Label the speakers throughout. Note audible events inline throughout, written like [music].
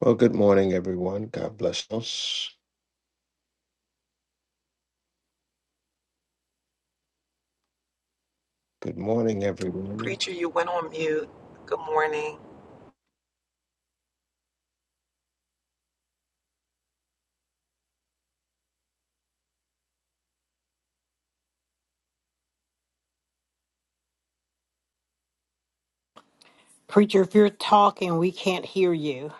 Speaker 1: Well, good morning, everyone. God bless us. Good morning, everyone.
Speaker 2: Preacher, you went on mute. Good morning.
Speaker 3: Preacher, if you're talking, we can't hear you.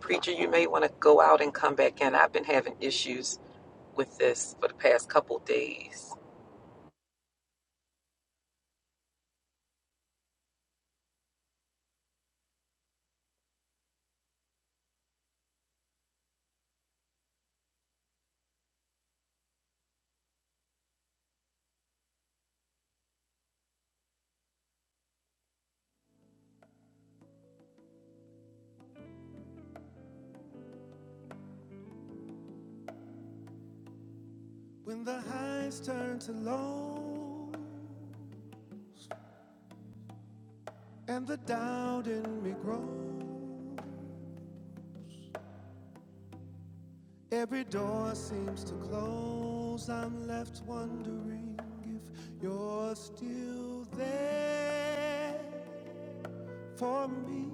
Speaker 2: Preacher, you may want to go out and come back in. I've been having issues with this for the past couple days.
Speaker 4: When the highs turn to low and the doubt in me grows, every door seems to close. I'm left wondering if you're still there for me.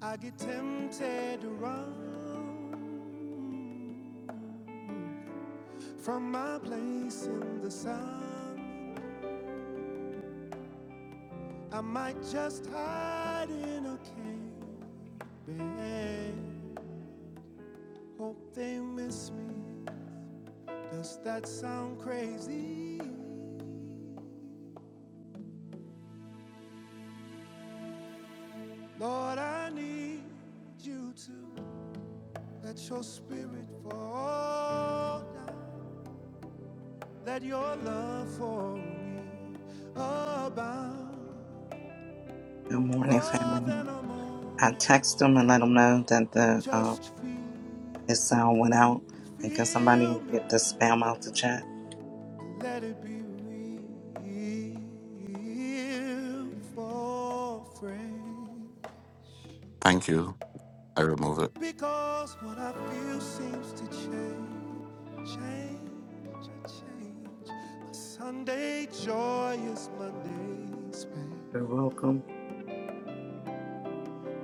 Speaker 4: I get tempted to run from my place in the sun. I might just hide in a cave. Hope they miss me. Does that sound crazy? Lord, I need you to let your spirit fall down. Let your love for me abound
Speaker 5: Good morning,
Speaker 4: more
Speaker 5: family.
Speaker 4: than a
Speaker 5: I text them
Speaker 4: moment.
Speaker 5: and let them know that
Speaker 4: I
Speaker 5: the uh,
Speaker 4: just feel,
Speaker 5: his sound went out, and can somebody
Speaker 4: feel me.
Speaker 5: get the spam out the chat?
Speaker 4: Let it be real for friends.
Speaker 6: Thank you. I remove it.
Speaker 4: Because what I feel seems to change, change, change. My Sunday joy is Monday's
Speaker 5: You're
Speaker 4: pain,
Speaker 5: welcome.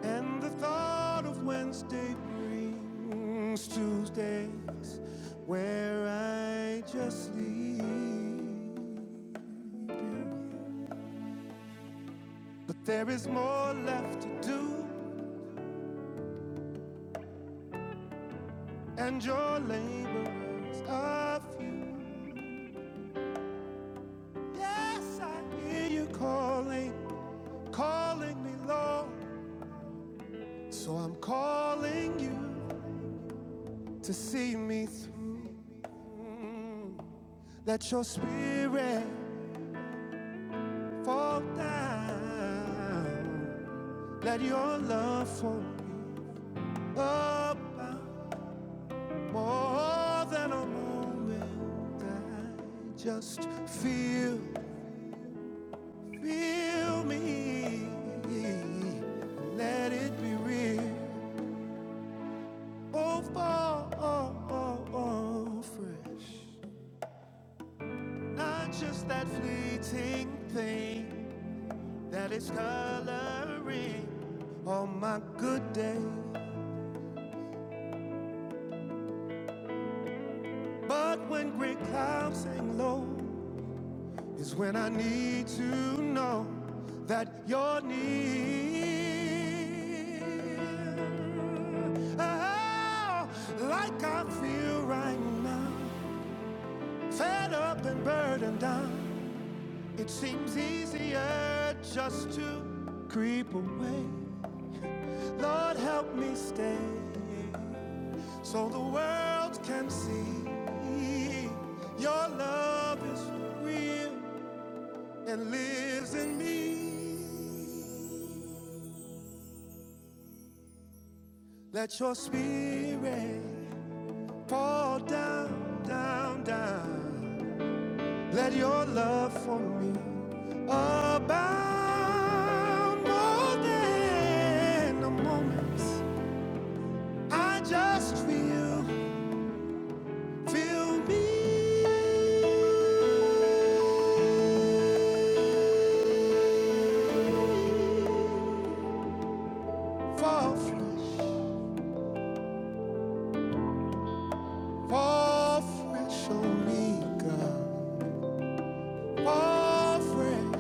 Speaker 4: and the thought of Wednesday brings Tuesdays where I just leave But there is more left to do, and your labor are few. Yes, I hear you calling. calling me Lord. So I'm calling you to see me through. Let your spirit fall down. Let your love for me abound more than a moment. I just feel, feel me. Let it be real. Oh, fall fresh. Not just that fleeting thing that is coloring on my good day. But when gray clouds hang low, is when I need to know that you're near. Oh, like I feel right now, fed up and burdened down. It seems easier just to creep away. Lord, help me stay so the world can see your love is real and lives in me. Let your spirit pour down, down, down. Let your love for me abound more than the moments. I just feel, feel me fall flesh. All fresh Omega. All fresh,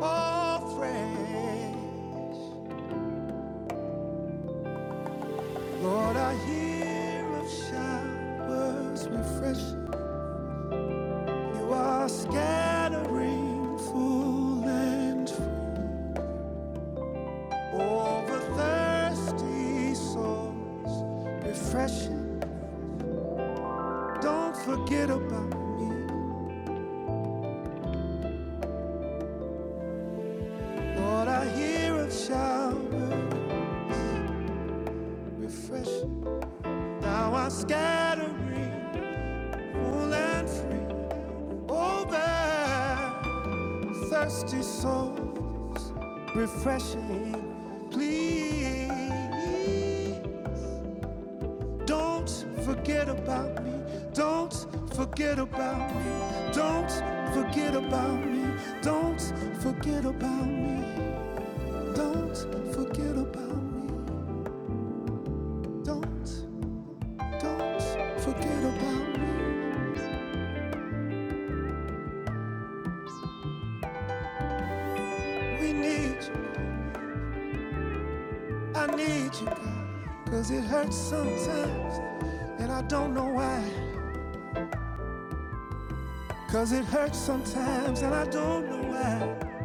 Speaker 4: all fresh. Lord, I hear of showers refresh. You are scattering full and free over thirsty souls. Refreshing. Don't forget about me. Lord, I hear of showers refreshing. Now I scattering, full and free, over thirsty souls, refreshing. Please don't forget about me. Don't forget about me. Don't forget about me. Don't forget about me. Don't forget about me. Don't, don't forget about me. We need you. I need you, God, cause it hurts sometimes, and I don't know why. Cause it hurts sometimes, and I don't know why.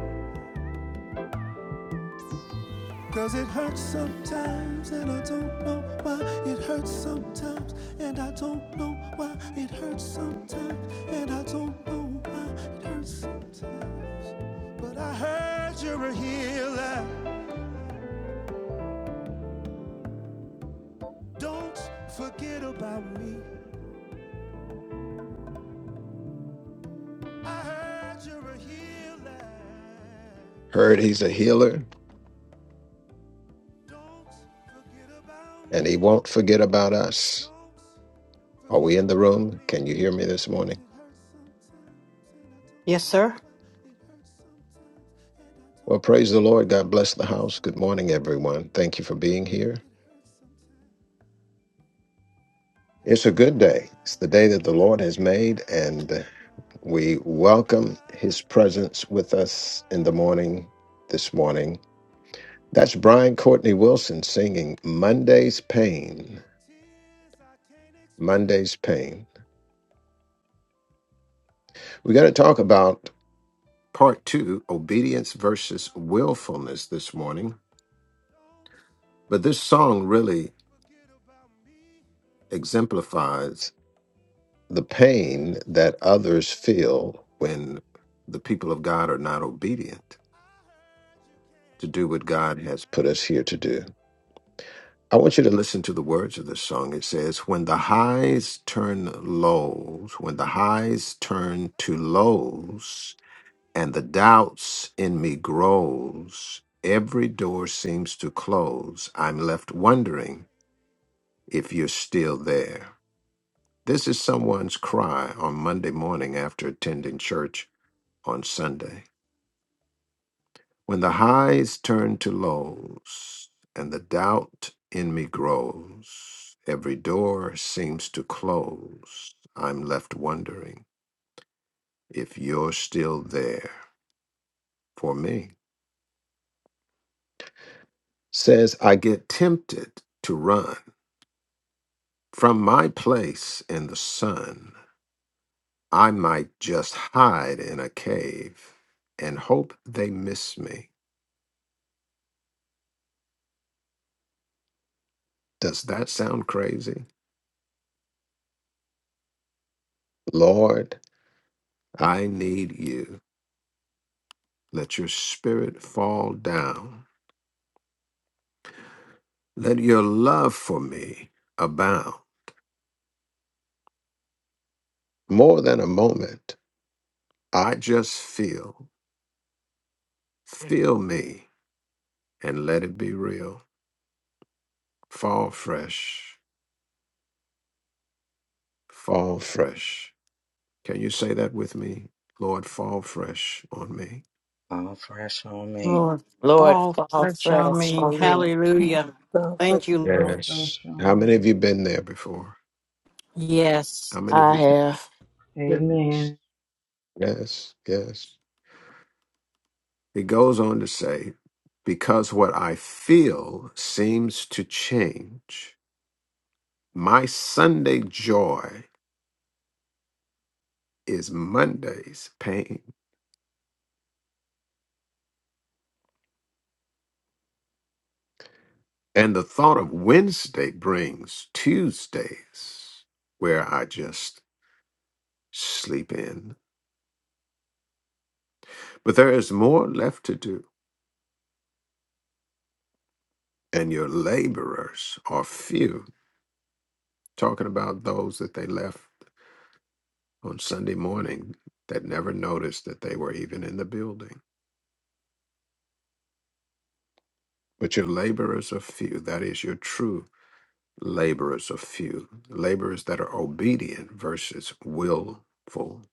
Speaker 4: Cause it hurts sometimes, and I don't know why. It hurts sometimes, and I don't know why. It hurts sometimes, and I don't know why. It hurts sometimes, but I heard you're a healer. Don't forget about me. I heard you're a healer.
Speaker 1: Heard he's a healer
Speaker 4: Don't forget about
Speaker 1: and he
Speaker 4: me.
Speaker 1: won't forget about us.
Speaker 4: Don't
Speaker 1: Are
Speaker 4: forget
Speaker 1: we in the
Speaker 4: about
Speaker 1: room?
Speaker 4: me.
Speaker 1: Can you hear me this
Speaker 4: 'Cause
Speaker 1: morning?
Speaker 4: it hurts sometimes and I don't
Speaker 3: Yes,
Speaker 4: know
Speaker 3: sir?
Speaker 4: why. It hurts sometimes and I
Speaker 1: Well,
Speaker 4: don't
Speaker 1: praise
Speaker 4: know
Speaker 1: the
Speaker 4: why.
Speaker 1: Lord. God
Speaker 4: It
Speaker 1: bless the
Speaker 4: hurts
Speaker 1: house. Good morning,
Speaker 4: sometimes.
Speaker 1: everyone. Thank you for being here.
Speaker 4: It hurts sometimes. And
Speaker 1: It's
Speaker 4: I
Speaker 1: a good day.
Speaker 4: cry
Speaker 1: It's the
Speaker 4: and
Speaker 1: day that the
Speaker 4: cry
Speaker 1: Lord
Speaker 4: and
Speaker 1: has made,
Speaker 4: cry
Speaker 1: and
Speaker 4: and cry.
Speaker 1: we welcome
Speaker 4: Cry
Speaker 1: his
Speaker 4: and
Speaker 1: presence
Speaker 4: cry and
Speaker 1: with us in the
Speaker 4: cry.
Speaker 1: morning this morning. That's Brian Courtney Wilson singing Monday's Pain.
Speaker 4: Tears I can't explain.
Speaker 1: Monday's Pain. We're going to
Speaker 4: Don't
Speaker 1: talk about part two obedience
Speaker 4: forget
Speaker 1: versus
Speaker 4: about me.
Speaker 1: willfulness this morning.
Speaker 4: Don't
Speaker 1: But this song really
Speaker 4: Forget about me.
Speaker 1: exemplifies the
Speaker 4: I
Speaker 1: pain
Speaker 4: heard you're
Speaker 1: that
Speaker 4: a
Speaker 1: others
Speaker 4: savior.
Speaker 1: feel when the people of God are not obedient
Speaker 4: I heard you can
Speaker 1: to do what
Speaker 4: deliver.
Speaker 1: God has put us here to do. I want you to listen to the words of this
Speaker 4: Save
Speaker 1: song. It says, When the highs turn lows, when the highs turn to
Speaker 4: me,
Speaker 1: lows,
Speaker 4: save me.
Speaker 1: and the doubts in me grows every door
Speaker 4: I'm
Speaker 1: seems to
Speaker 4: drowning and
Speaker 1: close
Speaker 4: I
Speaker 1: i'm
Speaker 4: need
Speaker 1: left
Speaker 4: you to
Speaker 1: wondering
Speaker 4: save me.
Speaker 1: if you're still there this is someone's cry on monday morning after attending church on sunday when the highs turn to lows and the doubt in me grows every door seems to close i'm left wondering if you're still there for me says i get tempted to run From my place in the sun, I might just hide in a cave and hope they miss me. Does that sound crazy? Lord, I need you. Let your spirit fall down. Let your love for me abound. more than a moment. I just feel, feel me, and let it be real. Fall fresh, fall fresh. Can you say that with me? Lord, fall fresh on me.
Speaker 5: All fresh on me.
Speaker 3: Lord,
Speaker 7: Lord,
Speaker 3: fall
Speaker 7: fall
Speaker 3: fresh on
Speaker 7: fresh
Speaker 3: me.
Speaker 7: on me.
Speaker 3: Hallelujah.
Speaker 8: So for
Speaker 3: Thank
Speaker 8: some
Speaker 3: you.
Speaker 8: reason,
Speaker 9: All
Speaker 1: Yes.
Speaker 9: fresh
Speaker 1: How
Speaker 9: on me.
Speaker 1: many of you been there before?
Speaker 3: Yes,
Speaker 1: How many of
Speaker 7: I
Speaker 1: you? [laughs] been?
Speaker 7: have.
Speaker 1: Yes.
Speaker 9: Amen.
Speaker 1: Yes. Yes. He goes on to say, because what I feel seems to change. My Sunday joy is Monday's pain. And the thought of Wednesday brings Tuesdays where I just sleep in. But there is more left to do. and your laborers are few. Talking about those that they left on Sunday morning that never noticed that they were even in the building. But your laborers are few. That is, your true laborers are few. Laborers that are obedient versus willful.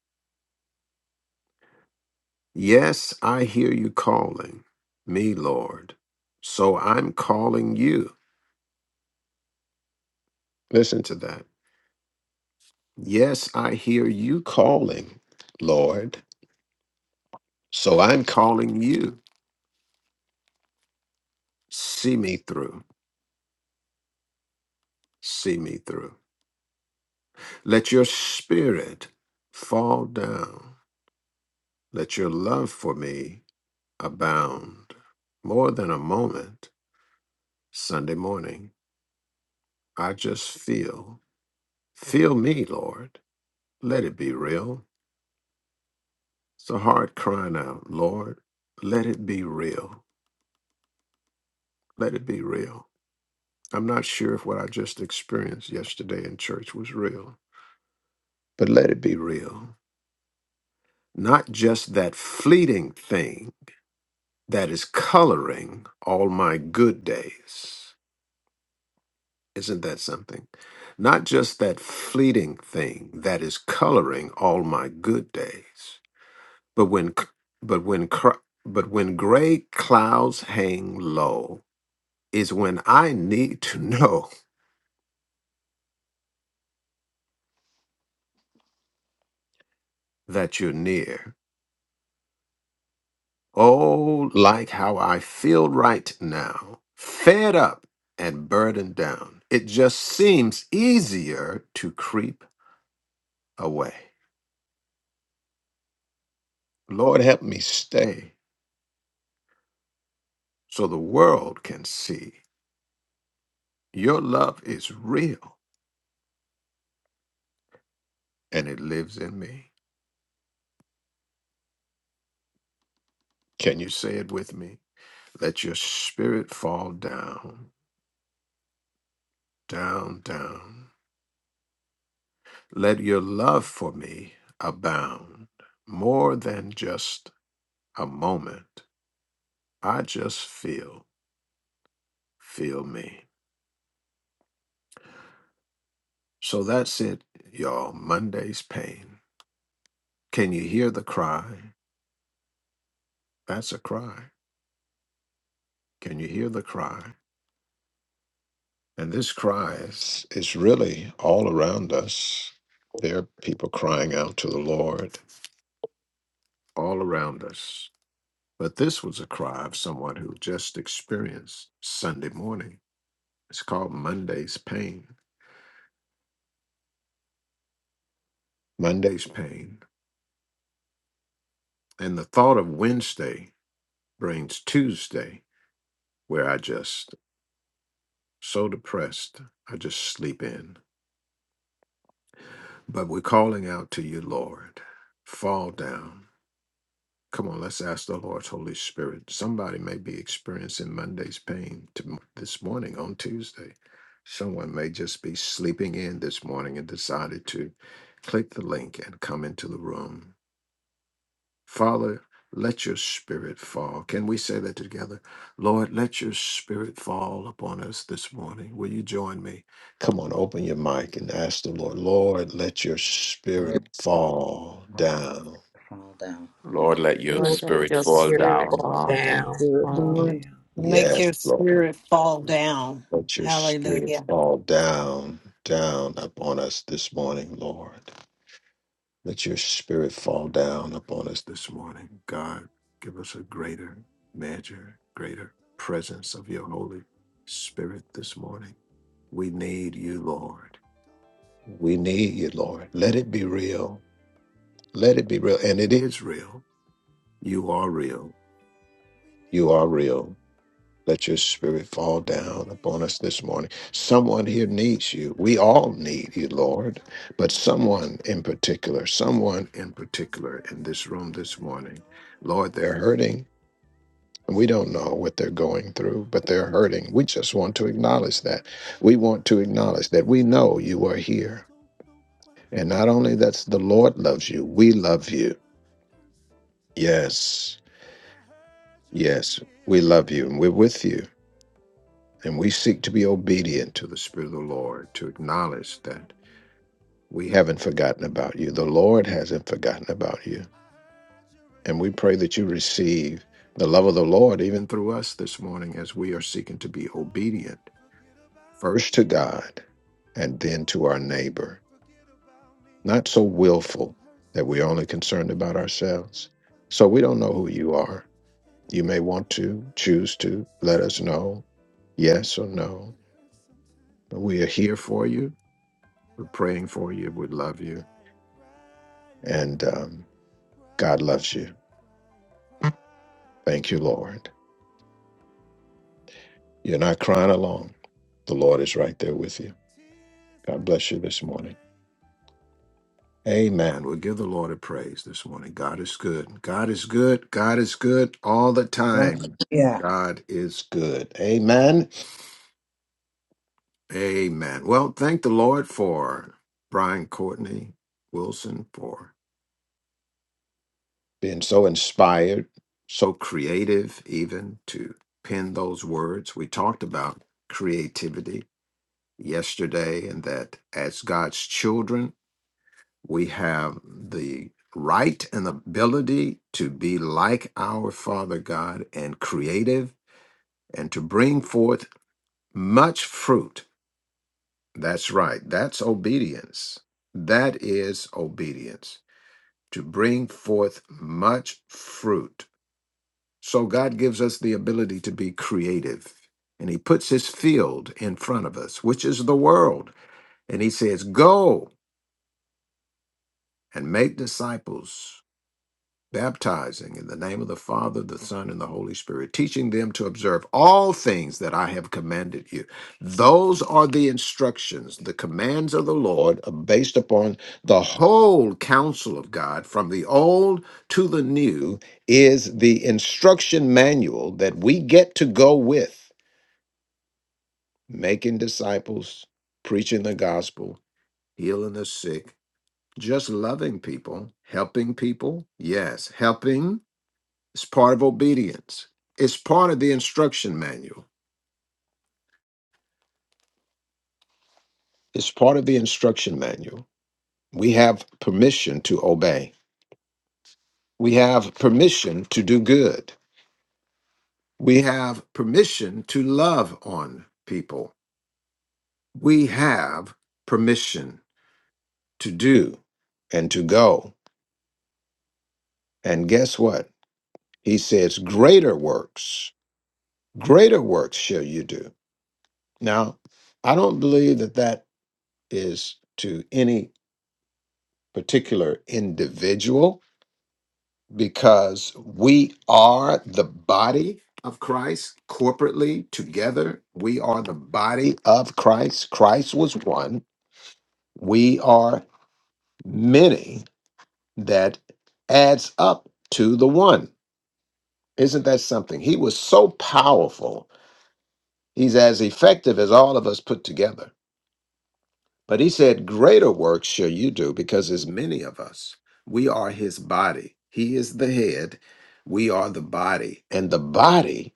Speaker 1: Yes, I hear you calling me, Lord. So I'm calling you. Listen to that. Yes, I hear you calling, Lord. So I'm calling you. See me through. See me through. Let your spirit fall down. Let your love for me abound. More than a moment, Sunday morning, I just feel. Feel me, Lord. Let it be real. It's a heart crying out, Lord, let it be real. Let it be real. I'm not sure if what I just experienced yesterday in church was real, but let it be real. Not just that fleeting thing that is coloring all my good days. Isn't that something? Not just that fleeting thing that is coloring all my good days, but when c- but when cr- but when gray clouds hang low is when I need to know [laughs] that you're near. Oh, like how I feel right now, fed up and burdened down. It just seems easier to creep away. Lord, help me stay so the world can see your love is real and it lives in me. Can you say it with me? Let your spirit fall down, down, down. Let your love for me abound more than just a moment. I just feel, feel me. So that's it, y'all. Monday's pain. Can you hear the cry? That's a cry. Can you hear the cry? And this cry is, is really all around us. There are people crying out to the Lord all around us. But this was a cry of someone who just experienced Sunday morning. It's called Monday's pain. Monday's pain. And the thought of Wednesday brings Tuesday, where I just so depressed, I just sleep in. But we're calling out to you, Lord. Fall down. Come on, let's ask the Lord's Holy Spirit. Somebody may be experiencing Monday's pain to, this morning on Tuesday. Someone may just be sleeping in this morning and decided to click the link and come into the room. Father, let your spirit fall. Can we say that together? Lord, let your spirit fall upon us this morning. Will you join me? Come on, open your mic and ask the Lord, Lord, let your spirit fall
Speaker 5: All
Speaker 1: down.
Speaker 5: down.
Speaker 6: Lord, let your
Speaker 7: Lord,
Speaker 2: Lord, let
Speaker 7: let
Speaker 6: spirit
Speaker 7: your
Speaker 2: this
Speaker 6: fall
Speaker 2: spirit
Speaker 7: spirit
Speaker 6: down.
Speaker 2: fall
Speaker 9: Lord,
Speaker 7: fall
Speaker 9: let your
Speaker 7: down
Speaker 2: down.
Speaker 9: spirit
Speaker 7: on
Speaker 9: fall
Speaker 7: me.
Speaker 3: Lord.
Speaker 9: down.
Speaker 3: Make
Speaker 1: Yes,
Speaker 3: your
Speaker 1: Lord.
Speaker 3: spirit fall down.
Speaker 1: Let your spirit
Speaker 3: Hallelujah.
Speaker 1: fall down, down upon us this morning, Lord. Let your spirit fall down upon us this morning. God, give
Speaker 4: Don't
Speaker 1: us a
Speaker 4: forget
Speaker 1: greater
Speaker 4: about me. Don't
Speaker 1: measure, greater
Speaker 4: forget
Speaker 1: presence of your
Speaker 4: about me.
Speaker 1: Holy
Speaker 4: Don't,
Speaker 1: Spirit this morning. We
Speaker 4: don't
Speaker 1: need you, Lord.
Speaker 4: forget about me.
Speaker 1: We need you,
Speaker 4: We need
Speaker 1: Lord.
Speaker 4: you.
Speaker 1: Let it be real. Let it be real. And it is real. You are real. You are real. Let your spirit fall
Speaker 4: I
Speaker 1: down
Speaker 4: need
Speaker 1: upon
Speaker 4: you.
Speaker 1: us this morning.
Speaker 4: Cause it
Speaker 1: Someone
Speaker 4: hurts
Speaker 1: here needs you.
Speaker 4: sometimes.
Speaker 1: We all
Speaker 4: And
Speaker 1: need
Speaker 4: I
Speaker 1: you,
Speaker 4: don't know
Speaker 1: Lord,
Speaker 4: why.
Speaker 1: but someone in particular, someone in
Speaker 4: Cause it
Speaker 1: particular
Speaker 4: hurts
Speaker 1: in this room
Speaker 4: sometimes
Speaker 1: this
Speaker 4: and I
Speaker 1: morning.
Speaker 4: don't know
Speaker 1: Lord,
Speaker 4: why.
Speaker 1: they're
Speaker 4: 'Cause
Speaker 1: hurting. We don't know what they're going through, but they're
Speaker 4: it hurts
Speaker 1: hurting. We just want to
Speaker 4: sometimes and
Speaker 1: acknowledge
Speaker 4: I
Speaker 1: that.
Speaker 4: don't know
Speaker 1: We want
Speaker 4: why.
Speaker 1: to
Speaker 4: It
Speaker 1: acknowledge
Speaker 4: hurts
Speaker 1: that we know
Speaker 4: sometimes
Speaker 1: you are
Speaker 4: and I
Speaker 1: here.
Speaker 4: don't know why.
Speaker 1: And
Speaker 4: It
Speaker 1: not
Speaker 4: hurts
Speaker 1: only that's the
Speaker 4: sometimes
Speaker 1: Lord loves
Speaker 4: and
Speaker 1: you,
Speaker 4: I
Speaker 1: we
Speaker 4: don't
Speaker 1: love
Speaker 4: know
Speaker 1: you.
Speaker 4: why. It hurts sometimes.
Speaker 1: Yes,
Speaker 4: But I heard you're a
Speaker 1: yes, we
Speaker 4: healer.
Speaker 1: love you and we're with you And we seek to be obedient to the Spirit of the
Speaker 4: Don't
Speaker 1: Lord, to
Speaker 4: forget
Speaker 1: acknowledge
Speaker 4: about
Speaker 1: that
Speaker 4: me.
Speaker 1: we haven't forgotten about you. The Lord hasn't forgotten about you.
Speaker 4: I heard you're a
Speaker 1: And we pray that you
Speaker 4: healer.
Speaker 1: receive the love of the Lord even through us this morning as we are seeking to be
Speaker 4: Don't
Speaker 1: obedient
Speaker 4: forget about
Speaker 1: first to
Speaker 4: me.
Speaker 1: God and then
Speaker 4: Don't
Speaker 1: to our neighbor.
Speaker 4: forget about me.
Speaker 1: Not so
Speaker 4: Cause
Speaker 1: willful
Speaker 4: it hurts
Speaker 1: that we're only
Speaker 4: sometimes,
Speaker 1: concerned
Speaker 4: and
Speaker 1: about
Speaker 4: I
Speaker 1: ourselves.
Speaker 4: don't
Speaker 1: So we
Speaker 4: know
Speaker 1: don't know who you
Speaker 4: why.
Speaker 1: are.
Speaker 4: It
Speaker 1: You may
Speaker 4: hurts sometimes, and I
Speaker 1: want
Speaker 4: don't know
Speaker 1: to choose to
Speaker 4: why.
Speaker 1: let us know, yes or no.
Speaker 4: It hurts sometimes, it hurts sometimes.
Speaker 1: But we are here for you
Speaker 4: And
Speaker 1: We're
Speaker 4: I
Speaker 1: praying for you.
Speaker 4: cry
Speaker 1: We
Speaker 4: and
Speaker 1: love you.
Speaker 4: cry and cry
Speaker 1: And um,
Speaker 4: and cry,
Speaker 1: God loves
Speaker 4: cry
Speaker 1: you.
Speaker 4: and cry and cry.
Speaker 1: Thank you, Lord. You're not crying alone. The Lord is right there with you.
Speaker 4: Tears I
Speaker 1: God bless you
Speaker 4: can't
Speaker 1: this morning.
Speaker 4: explain.
Speaker 1: Amen. We'll give the Lord a praise this
Speaker 4: Don't
Speaker 1: morning. God is good. God is good. God is good all the time.
Speaker 5: Yeah.
Speaker 1: God is good. Amen. Amen. Well, thank the Lord for Brian Courtney Wilson for Being so inspired, so creative, even to pen those words. We talked about creativity yesterday, and that as God's children, we have the right and ability to be like our Father God and creative and to bring forth much fruit. That's right. That's obedience. That is obedience to bring forth much fruit So God gives us the ability to be creative. And he puts his field in front of us, which is the world. And he says, Go and make disciples baptizing in the name of the Father, the Son, and the Holy Spirit, teaching them to observe all things that I have commanded you. Those are the instructions, the commands of the Lord, are based upon the whole counsel of God, from the old to the new, is the instruction manual that we get to go with, making disciples, preaching the gospel, healing the sick. Just loving people, helping people, yes, helping it's part of obedience. It's part of the instruction manual. It's part of the instruction manual. We have permission to obey. We have permission to do good. We have permission to love on people. We have permission to do and to go. And guess what? He says, Greater works, greater works shall you do. Now, I don't believe that that is to any particular individual. because we are the body of Christ corporately together. We are the body of Christ. Christ was one. We are many. That adds up to the one. Isn't that something? He was so powerful. He's as effective as all of us put together. But he said, Greater works shall you do because there's many of us. We are his body. He is the head. We are the body. And the body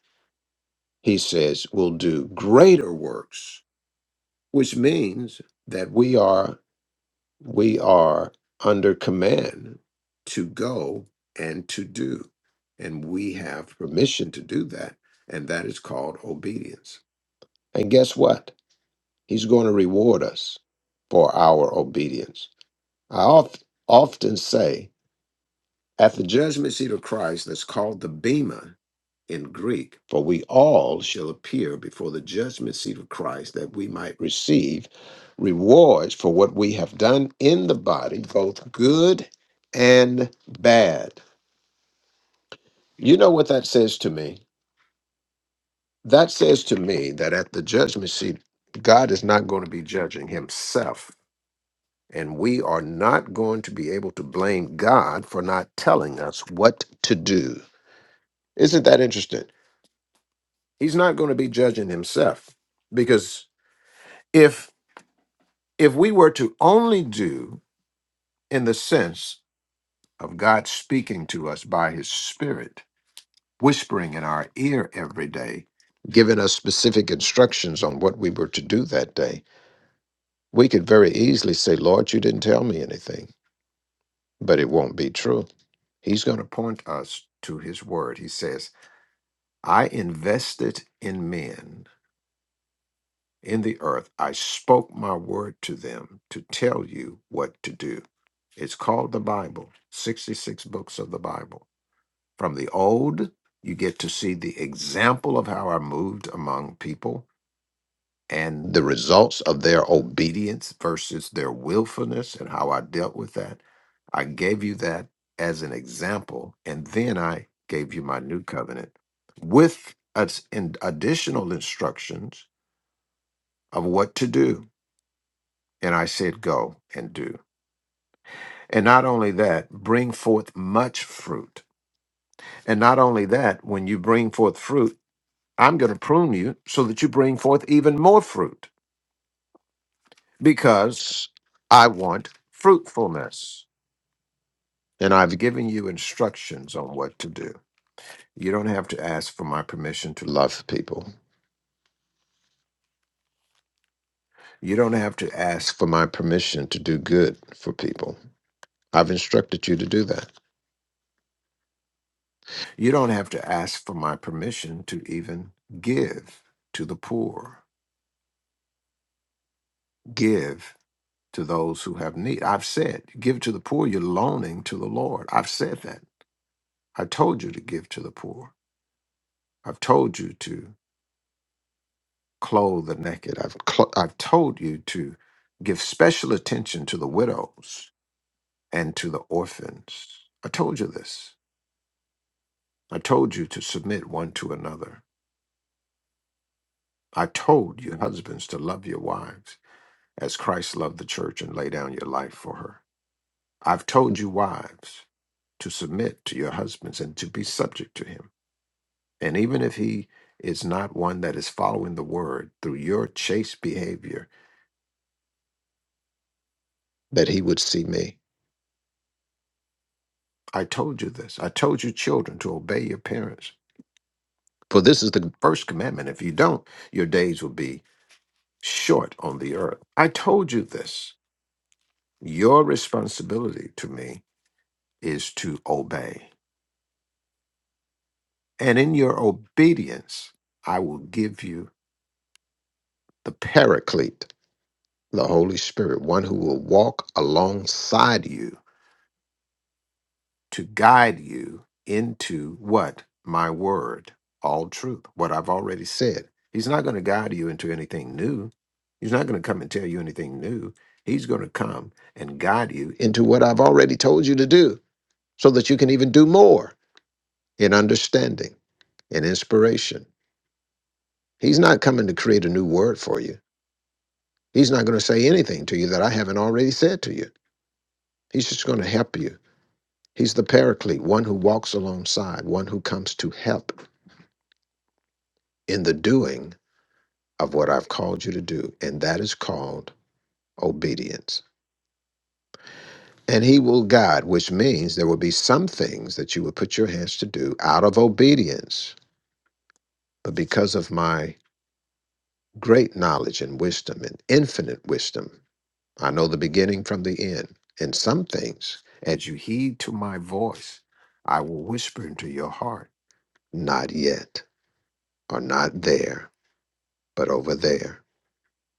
Speaker 1: he says, will do greater works, which means that we are we are under command to go and to do. And we have permission to do that. And that is called obedience. And guess what? He's going to reward us for our obedience. I oft, often say at the judgment seat of Christ, that's called the Bema, in Greek. For we all shall appear before the judgment seat of Christ that we might receive rewards for what we have done in the body, both good and bad. You know what that says to me? That says to me that at the judgment seat, God is not going to be judging himself. And we are not going to be able to blame God for not telling us what to do. Isn't that interesting? He's not going to be judging himself because if if we were to only do in the sense of God speaking to us by his spirit, whispering in our ear every day, giving us specific instructions on what we were to do that day, we could very easily say, Lord, you didn't tell me anything, but it won't be true. He's going to point us to his word. He says, I invested in men in the earth. I spoke my word to them to tell you what to do. It's called the Bible, 66 books of the Bible. From the old, you get to see the example of how I moved among people and the results of their obedience versus their willfulness and how I dealt with that. I gave you that as an example. And then I gave you my new covenant with us in additional instructions of what to do. And I said, go and do. And not only that, bring forth much fruit And not only that, when you bring forth fruit, I'm going to prune you so that you bring forth even more fruit because I want fruitfulness. And I've given you instructions on what to do. You don't have to ask for my permission to love people. You don't have to ask for my permission to do good for people. I've instructed you to do that. You don't have to ask for my permission to even give to the poor, give to those who have need. I've said, give to the poor, you're loaning to the Lord. I've said that. I told you to give to the poor. I've told you to clothe the naked. I've, cl- I've told you to give special attention to the widows and to the orphans. I told you this. I told you to submit one to another. I told you, husbands, to love your wives as Christ loved the church and lay down your life for her. I've told you, wives, to submit to your husbands and to be subject to him. And even if he is not one that is following the word through your chase behavior, that he would see me. I told you this. I told you, children, to obey your parents. For this is the first commandment. If you don't, your days will be short on the earth. I told you this. Your responsibility to me is to obey. And in your obedience, I will give you the paraclete, the Holy Spirit, one who will walk alongside you to guide you into what? My word, all truth, what I've already said. He's not going to guide you into anything new. He's not going to come and tell you anything new. He's going to come and guide you into what I've already told you to do so that you can even do more in understanding and inspiration. He's not coming to create a new word for you. He's not going to say anything to you that I haven't already said to you. He's just going to help you. He's the paraclete, one who walks alongside, one who comes to help in the doing of what I've called you to do. And that is called obedience. And he will guide, which means there will be some things that you will put your hands to do out of obedience. But because of my great knowledge and wisdom and infinite wisdom, I know the beginning from the end. And some things, as you heed to my voice, I will whisper into your heart, not yet, or not there, but over there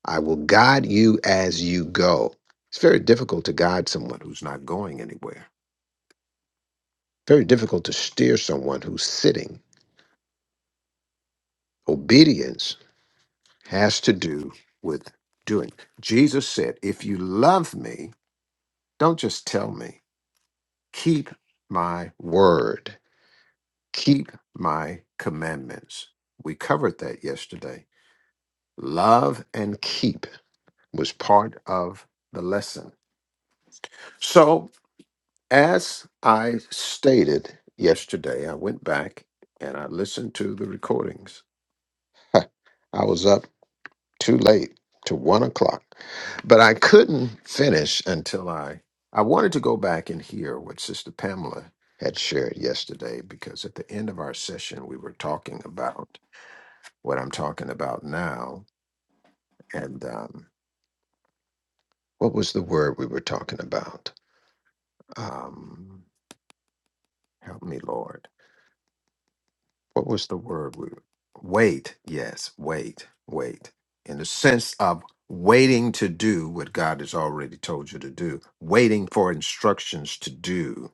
Speaker 1: I will guide you as you go. It's very difficult to guide someone who's not going anywhere, very difficult to steer someone who's sitting. Obedience has to do with doing. Jesus said, If you love me, don't just tell me, keep my word, keep my commandments. We covered that yesterday. Love and keep was part of the lesson. So As I stated yesterday, I went back and I listened to the recordings. [laughs] I was up too late to one o'clock, but I couldn't finish until I I wanted to go back and hear what Sister Pamela had shared yesterday because at the end of our session we were talking about what I'm talking about now and um, what was the word we were talking about? Um, help me, Lord. what was the word? we- Wait. Yes, wait, wait. In the sense of waiting to do what God has already told you to do, waiting for instructions to do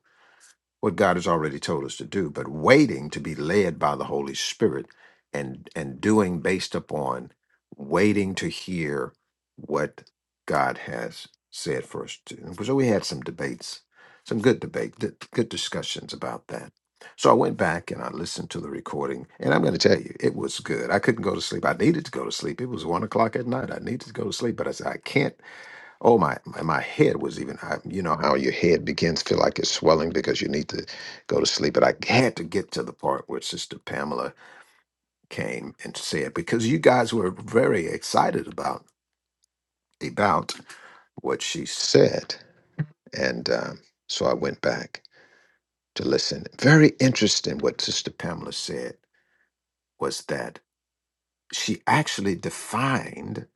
Speaker 1: what God has already told us to do, but waiting to be led by the Holy Spirit and and doing based upon waiting to hear what God has said for us to. do. So we had some debates, some good debate, good good discussions about that. So I went back and I listened to the recording, and I'm going to tell you, it was good. I couldn't go to sleep. I needed to go to sleep. It was one o'clock at night. I needed to go to sleep, but I said I can't. Oh my, my, my head was even. I, you know how your head begins to feel like it's swelling because you need to go to sleep. But I had to get to the part where Sister Pamela came and said because you guys were very excited about about what she said, and um, so I went back to listen. Very interesting. What Sister Pamela said was that she actually defined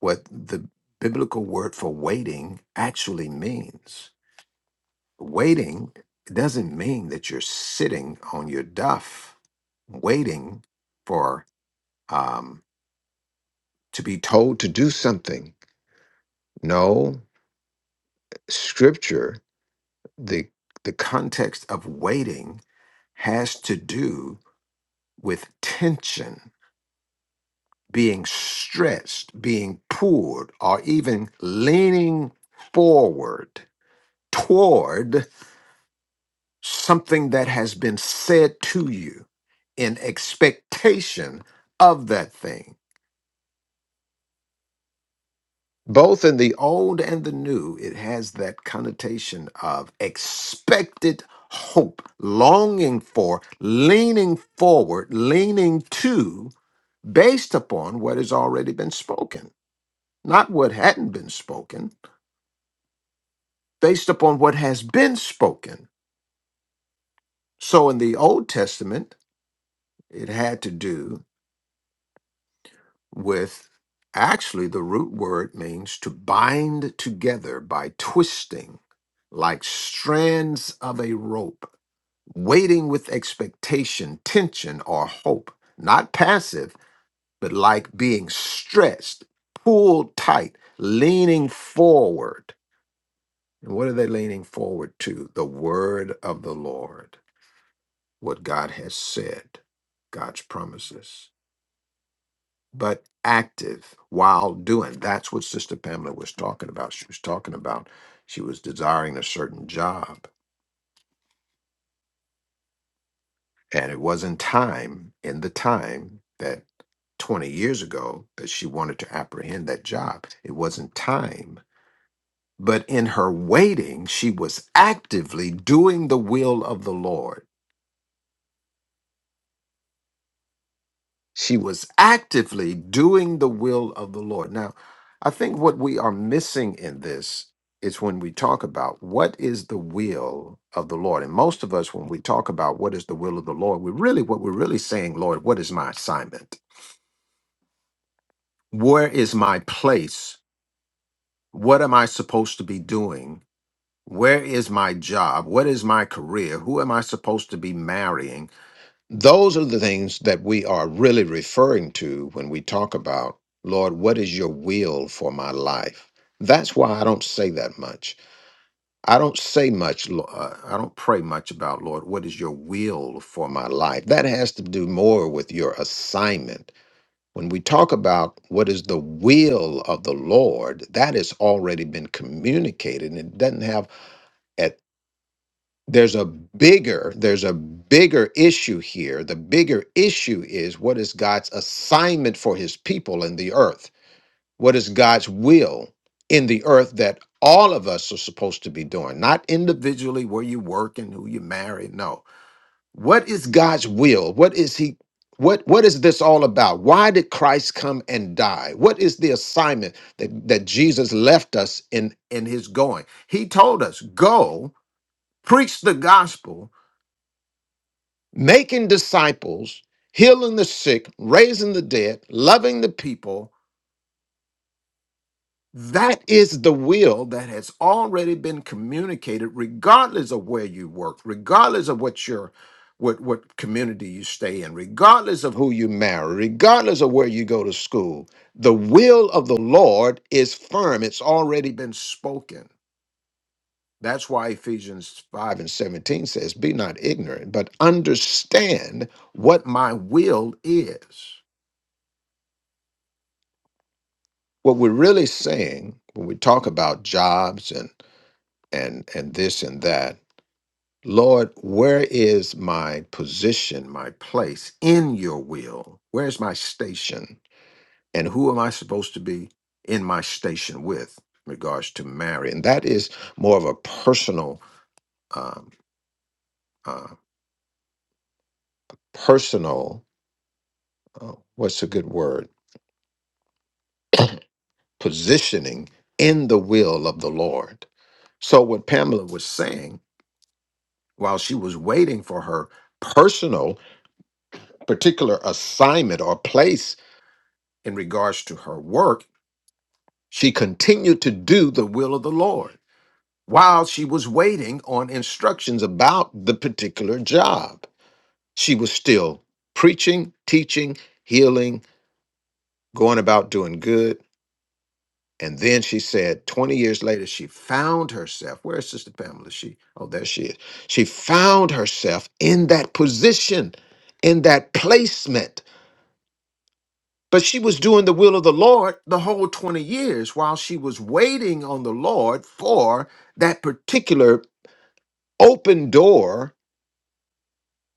Speaker 1: what the biblical word for waiting actually means Waiting doesn't mean that you're sitting on your duff waiting for um, to be told to do something. No, scripture, the the context of waiting has to do with tension, being stretched, being pulled, or even leaning forward toward something that has been said to you in expectation of that thing. Both in the old and the new, it has that connotation of expected hope, longing for, leaning forward, leaning to, based upon what has already been spoken, not what hadn't been spoken, based upon what has been spoken. So in the Old Testament, it had to do with actually the root word means to bind together by twisting like strands of a rope, waiting with expectation, tension, or hope, not passive, but like being stretched, pulled tight, leaning forward. And what are they leaning forward to? The word of the Lord, what God has said, God's promises. but active while doing. That's what Sister Pamela was talking about. She was talking about she was desiring a certain job. And it wasn't time in the time that 20 years ago that she wanted to apprehend that job. It wasn't time. But in her waiting, she was actively doing the will of the Lord She was actively doing the will of the Lord. Now, I think what we are missing in this is when we talk about what is the will of the Lord. And most of us, when we talk about what is the will of the Lord, we really, what we're really saying, Lord, what is my assignment? Where is my place? What am I supposed to be doing? Where is my job? What is my career? Who am I supposed to be marrying? Those are the things that we are really referring to when we talk about, Lord, what is your will for my life? That's why I don't say that much. I don't say much, Lo- uh, I don't pray much about, Lord, what is your will for my life? That has to do more with your assignment. When we talk about what is the will of the Lord, that has already been communicated and it doesn't have there's a bigger there's a bigger issue here the bigger issue is what is god's assignment for his people in the earth what is god's will in the earth that all of us are supposed to be doing not individually where you work and who you marry no what is god's will what is he what what is this all about why did christ come and die what is the assignment that that jesus left us in in his going he told us go preach the gospel making disciples, healing the sick, raising the dead, loving the people. That is the will that has already been communicated, regardless of where you work, regardless of what your what what community you stay in, regardless of who you marry, regardless of where you go to school. The will of the Lord is firm. It's already been spoken. That's why Ephesians 5 and 17 says, Be not ignorant, but understand what my will is. What we're really saying when we talk about jobs and and and this and that, Lord, where is my position, my place in your will? Where's my station? And who am I supposed to be in my station with in regards to marry? And that is more of a personal um, uh, personal uh, what's a good word? Positioning in the will of the Lord. So, what Pamela was saying while she was waiting for her personal, particular assignment or place in regards to her work, she continued to do the will of the Lord while she was waiting on instructions about the particular job. She was still preaching, teaching, healing, going about doing good And then she said, 20 years later, she found herself. Where is Sister Pamela? She, oh, there she is. She found herself in that position, in that placement. But she was doing the will of the Lord the whole 20 years while she was waiting on the Lord for that particular open door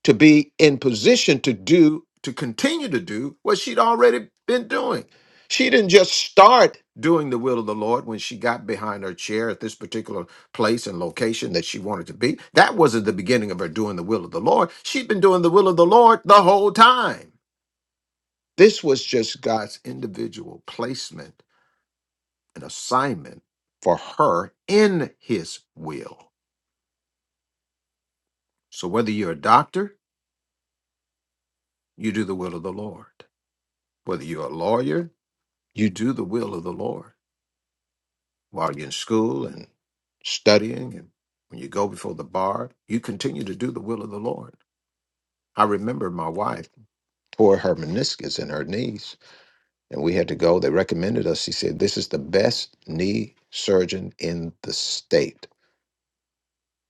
Speaker 1: to be in position to do to continue to do what she'd already been doing she didn't just start doing the will of the lord when she got behind her chair at this particular place and location that she wanted to be that wasn't the beginning of her doing the will of the lord she'd been doing the will of the lord the whole time this was just god's individual placement and assignment for her in his will so whether you're a doctor you do the will of the lord whether you're a lawyer you do the will of the Lord while you're in school and studying and when you go before the bar, you continue to do the will of the Lord. I remember my wife tore her meniscus in her knees, and we had to go. They recommended us. She said, This is the best knee surgeon in the state.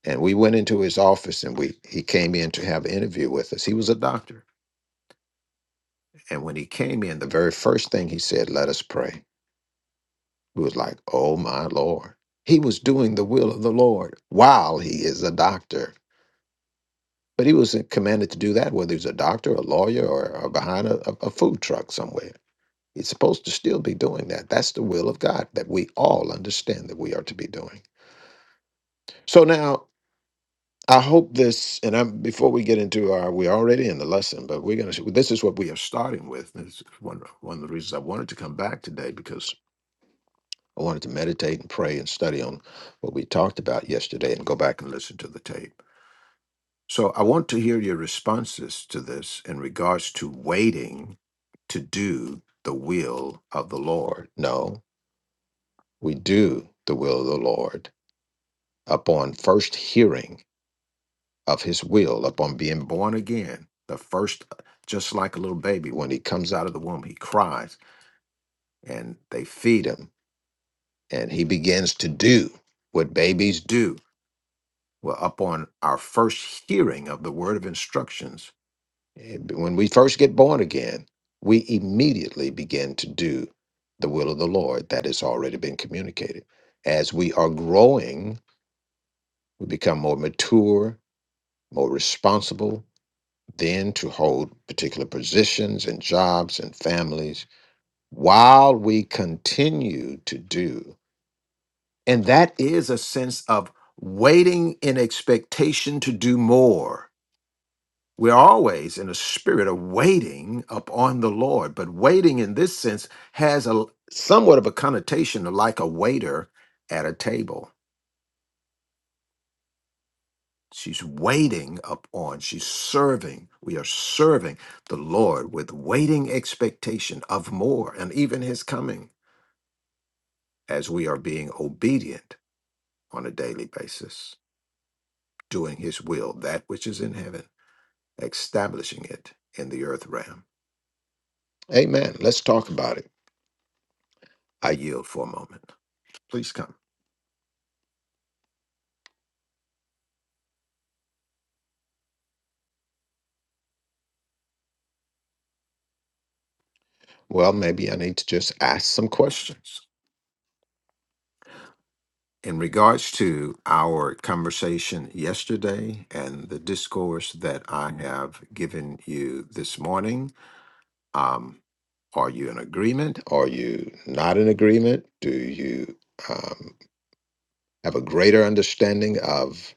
Speaker 1: And we went into his office and we he came in to have an interview with us. He was a doctor. And when he came in, the very first thing he said, Let us pray. It was like, oh my Lord. He was doing the will of the Lord while he is a doctor. But he wasn't commanded to do that, whether he's a doctor, a lawyer, or, or behind a, a a food truck somewhere. He's supposed to still be doing that. That's the will of God that we all understand that we are to be doing. So now, I hope this, and I'm before we get into our, we're already in the lesson, but we're gonna. This is what we are starting with. This is one one of the reasons I wanted to come back today because I wanted to meditate and pray and study on what we talked about yesterday and go back and listen to the tape. So I want to hear your responses to this in regards to waiting to do the will of the Lord. No, we do the will of the Lord upon first hearing of his will, upon being born again. The first, just like a little baby, when he comes out of the womb, he cries and they feed him and he begins to do what babies do Well, upon our first hearing of the word of instructions, eh, when we first get born again, we immediately begin to do the will of the Lord that has already been communicated. As we are growing, we become more mature, more responsible, then to hold particular positions and jobs and families while we continue to do. And that is a sense of waiting in expectation to do more We're always in a spirit of waiting upon the Lord, but waiting in this sense has a somewhat of a connotation of like a waiter at a table. She's waiting upon, she's serving. We are serving the Lord with waiting expectation of more and even his coming as we are being obedient on a daily basis, doing his will, that which is in heaven, establishing it in the earth realm. Amen. Let's talk about it. I yield for a moment. Please come. Well, maybe I need to just ask some questions in regards to our conversation yesterday and the discourse that I have given you this morning. Um, are you in agreement? Are you not in agreement? Do you um, have a greater understanding of?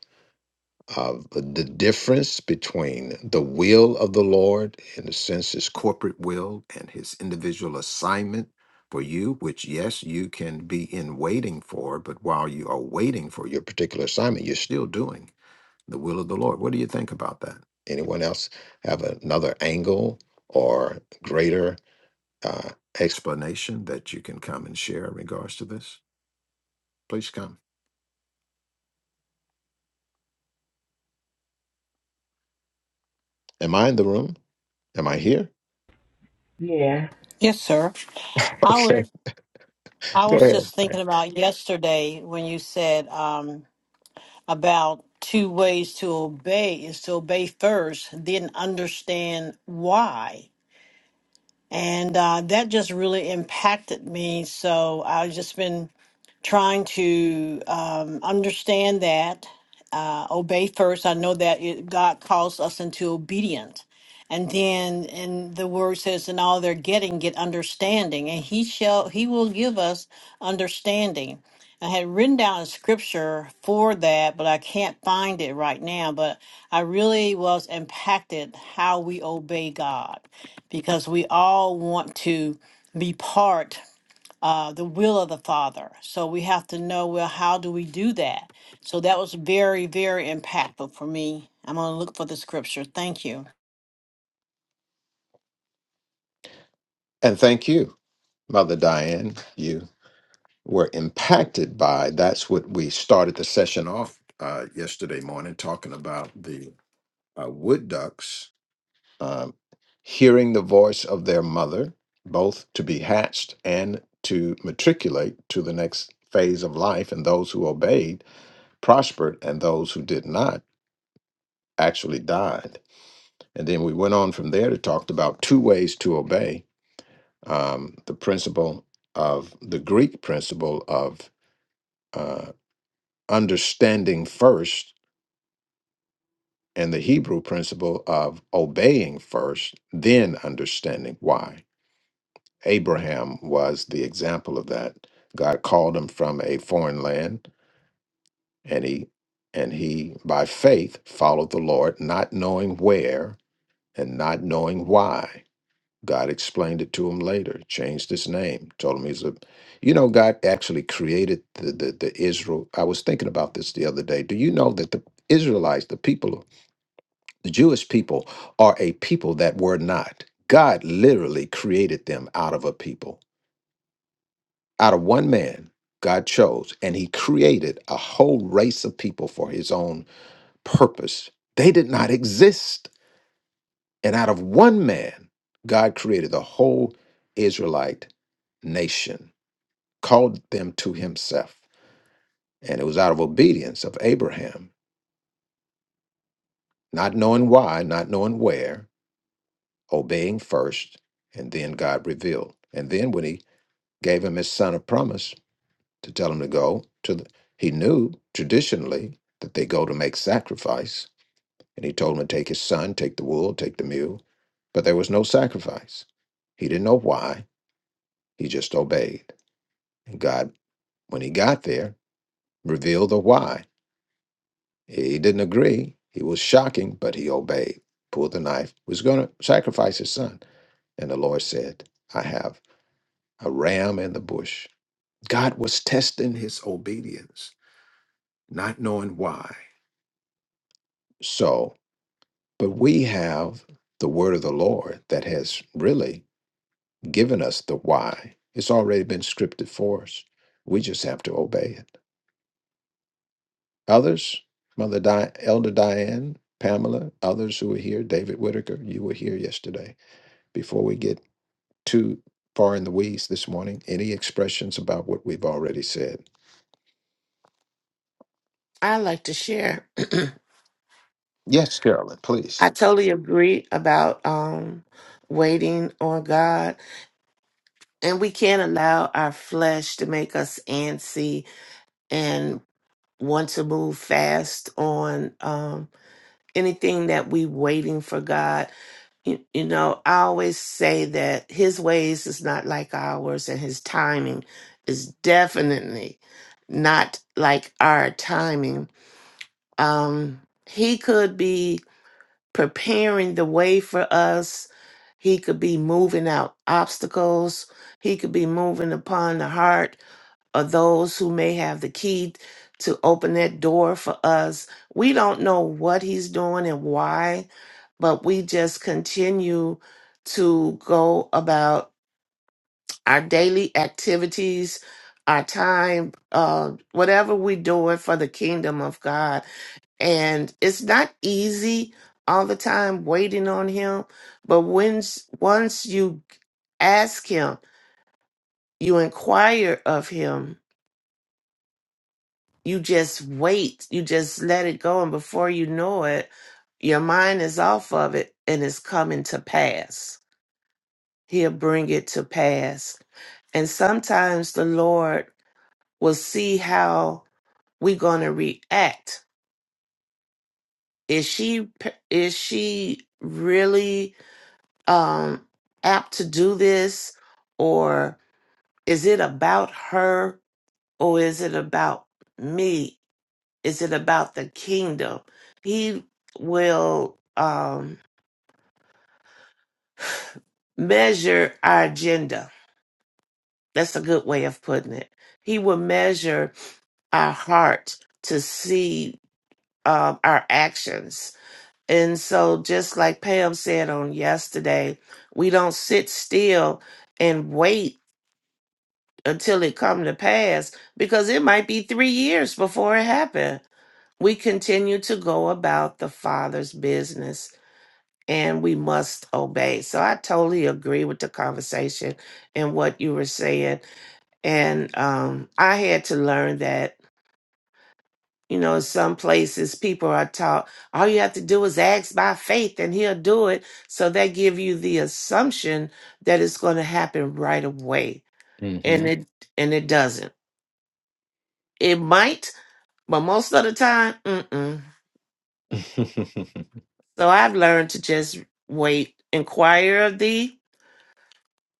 Speaker 1: of the difference between the will of the Lord, in a sense, his corporate will and his individual assignment for you, which, yes, you can be in waiting for, but while you are waiting for your particular assignment, you're still doing the will of the Lord. What do you think about that? Anyone else have another angle or greater uh, explanation that you can come and share in regards to this? Please come. Am I in the room? Am I here?
Speaker 9: Yeah.
Speaker 3: Yes, sir. I
Speaker 1: Okay,
Speaker 3: would. I
Speaker 1: [laughs] go
Speaker 3: was
Speaker 1: ahead.
Speaker 3: just thinking about yesterday when you said um, about two ways to obey is to obey first, then understand why. And uh, that just really impacted me. So I've just been trying to um, understand that, uh, obey first. I know that it, God calls us into obedience. And then, and the word says, in all they're getting, get understanding, and he shall, he will give us understanding. I had written down a scripture for that, but I can't find it right now. But I really was impacted how we obey God because we all want to be part uh, the will of the Father. So we have to know well, how do we do that? So that was very, very impactful for me. I'm going to look for the scripture. Thank you.
Speaker 1: And thank you. Mother Diane, you were impacted by. That's what we started the session off uh, yesterday morning talking about the uh, wood ducks um, hearing the voice of their mother, both to be hatched and to matriculate to the next phase of life. And those who obeyed prospered, and those who did not actually died. And then we went on from there to talk about two ways to obey um, the principle of the Greek principle of uh, understanding first and the Hebrew principle of obeying first, then understanding why. Abraham was the example of that. God called him from a foreign land and he and he by faith followed the Lord not knowing where and not knowing why. God explained it to him later, changed his name, told him he's a, you know, God actually created the, the, the Israel. I was thinking about this the other day. Do you know that the Israelites, the people, the Jewish people, are a people that were not? God literally created them out of a people, out of one man. God chose, and he created a whole race of people for his own purpose. They did not exist And out of one man, God created the whole Israelite nation, called them to himself. And it was out of obedience of Abraham, not knowing why, not knowing where, obeying first, and then God revealed. And then when he gave him his son of promise to tell him to go to the, he knew traditionally that they go to make sacrifice. And he told him to take his son, take the wool, take the mule. But there was no sacrifice. He didn't know why. He just obeyed. And God, when he got there, revealed the why. He didn't agree. He was shocking, but he obeyed, pulled the knife, was going to sacrifice his son. And the Lord said, I have a ram in the bush. God was testing his obedience, not knowing why. So, but we have the word of the Lord that has really given us the why. It's already been scripted for us. We just have to obey it. Others, Mother Di- Elder Diane, Pamela, others who were here, David Whitaker, you were here yesterday. Before we get too far in the weeds this morning, any expressions about what we've already said?
Speaker 7: I like to share.
Speaker 1: Yes, Carolyn, please.
Speaker 7: I totally agree about um waiting on God. And we can't allow our flesh to make us antsy and want to move fast on um anything that we waiting for God. You, you know, I always say that his ways is not like ours, and his timing is definitely not like our timing. Um, he could be preparing the way for us, he could be moving out obstacles, he could be moving upon the heart or those who may have the key to open that door for us. We don't know what he's doing and why, but we just continue to go about our daily activities, our time, uh, whatever we're doing for the kingdom of God. And it's not easy all the time waiting on him, but when once you ask him, you inquire of him you just wait you just let it go and before you know it your mind is off of it and it's coming to pass he'll bring it to pass and sometimes the lord will see how we're going to react is she is she really um apt to do this or is it about her or is it about me Is it about the kingdom? He will um, measure our agenda. That's a good way of putting it. He will measure our heart to see um, our actions. And so, just like Pam said on yesterday, we don't sit still and wait until it come to pass because it might be three years before it happened. We continue to go about the Father's business and we must obey. So I totally agree with the conversation and what you were saying. And um, I had to learn that, you know, in some places people are taught all you have to do is ask by faith and he'll do it. So they give you the assumption that it's going to happen right away.
Speaker 1: hmm
Speaker 7: And it and it doesn't. It might, but most of the time, mm-mm.
Speaker 1: [laughs]
Speaker 7: So I've learned to just wait, inquire of thee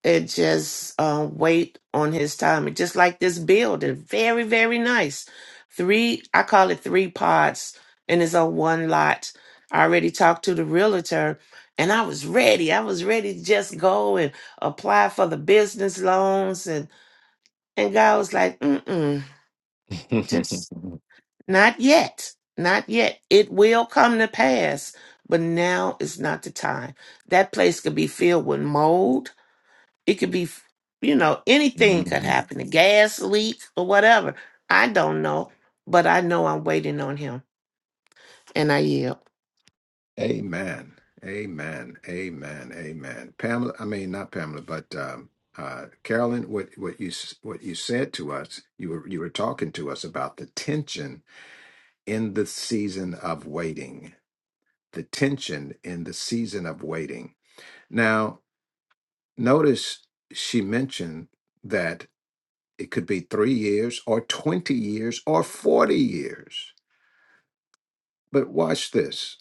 Speaker 7: and just uh, wait on his timing. Just like this building, very very nice. Three, I call it three pods, and it's on one lot. I already talked to the realtor, and I was ready. I was ready to just go and apply for the business loans, and and God was like, mm mm, just not yet, not yet. It will come to pass, but now is not the time. That place could be filled with mold it could be, you know, anything could happen. A gas leak or whatever. I don't know, but I know I'm waiting on him and I yield.
Speaker 1: Amen. Amen. Amen. Amen. Pamela, I mean not Pamela, but um, uh, Carolyn, what what you s- what you said to us, you were you were talking to us about the tension in the season of waiting, the tension in the season of waiting. Now, notice she mentioned that it could be three years or 20 years or 40 years. But watch this.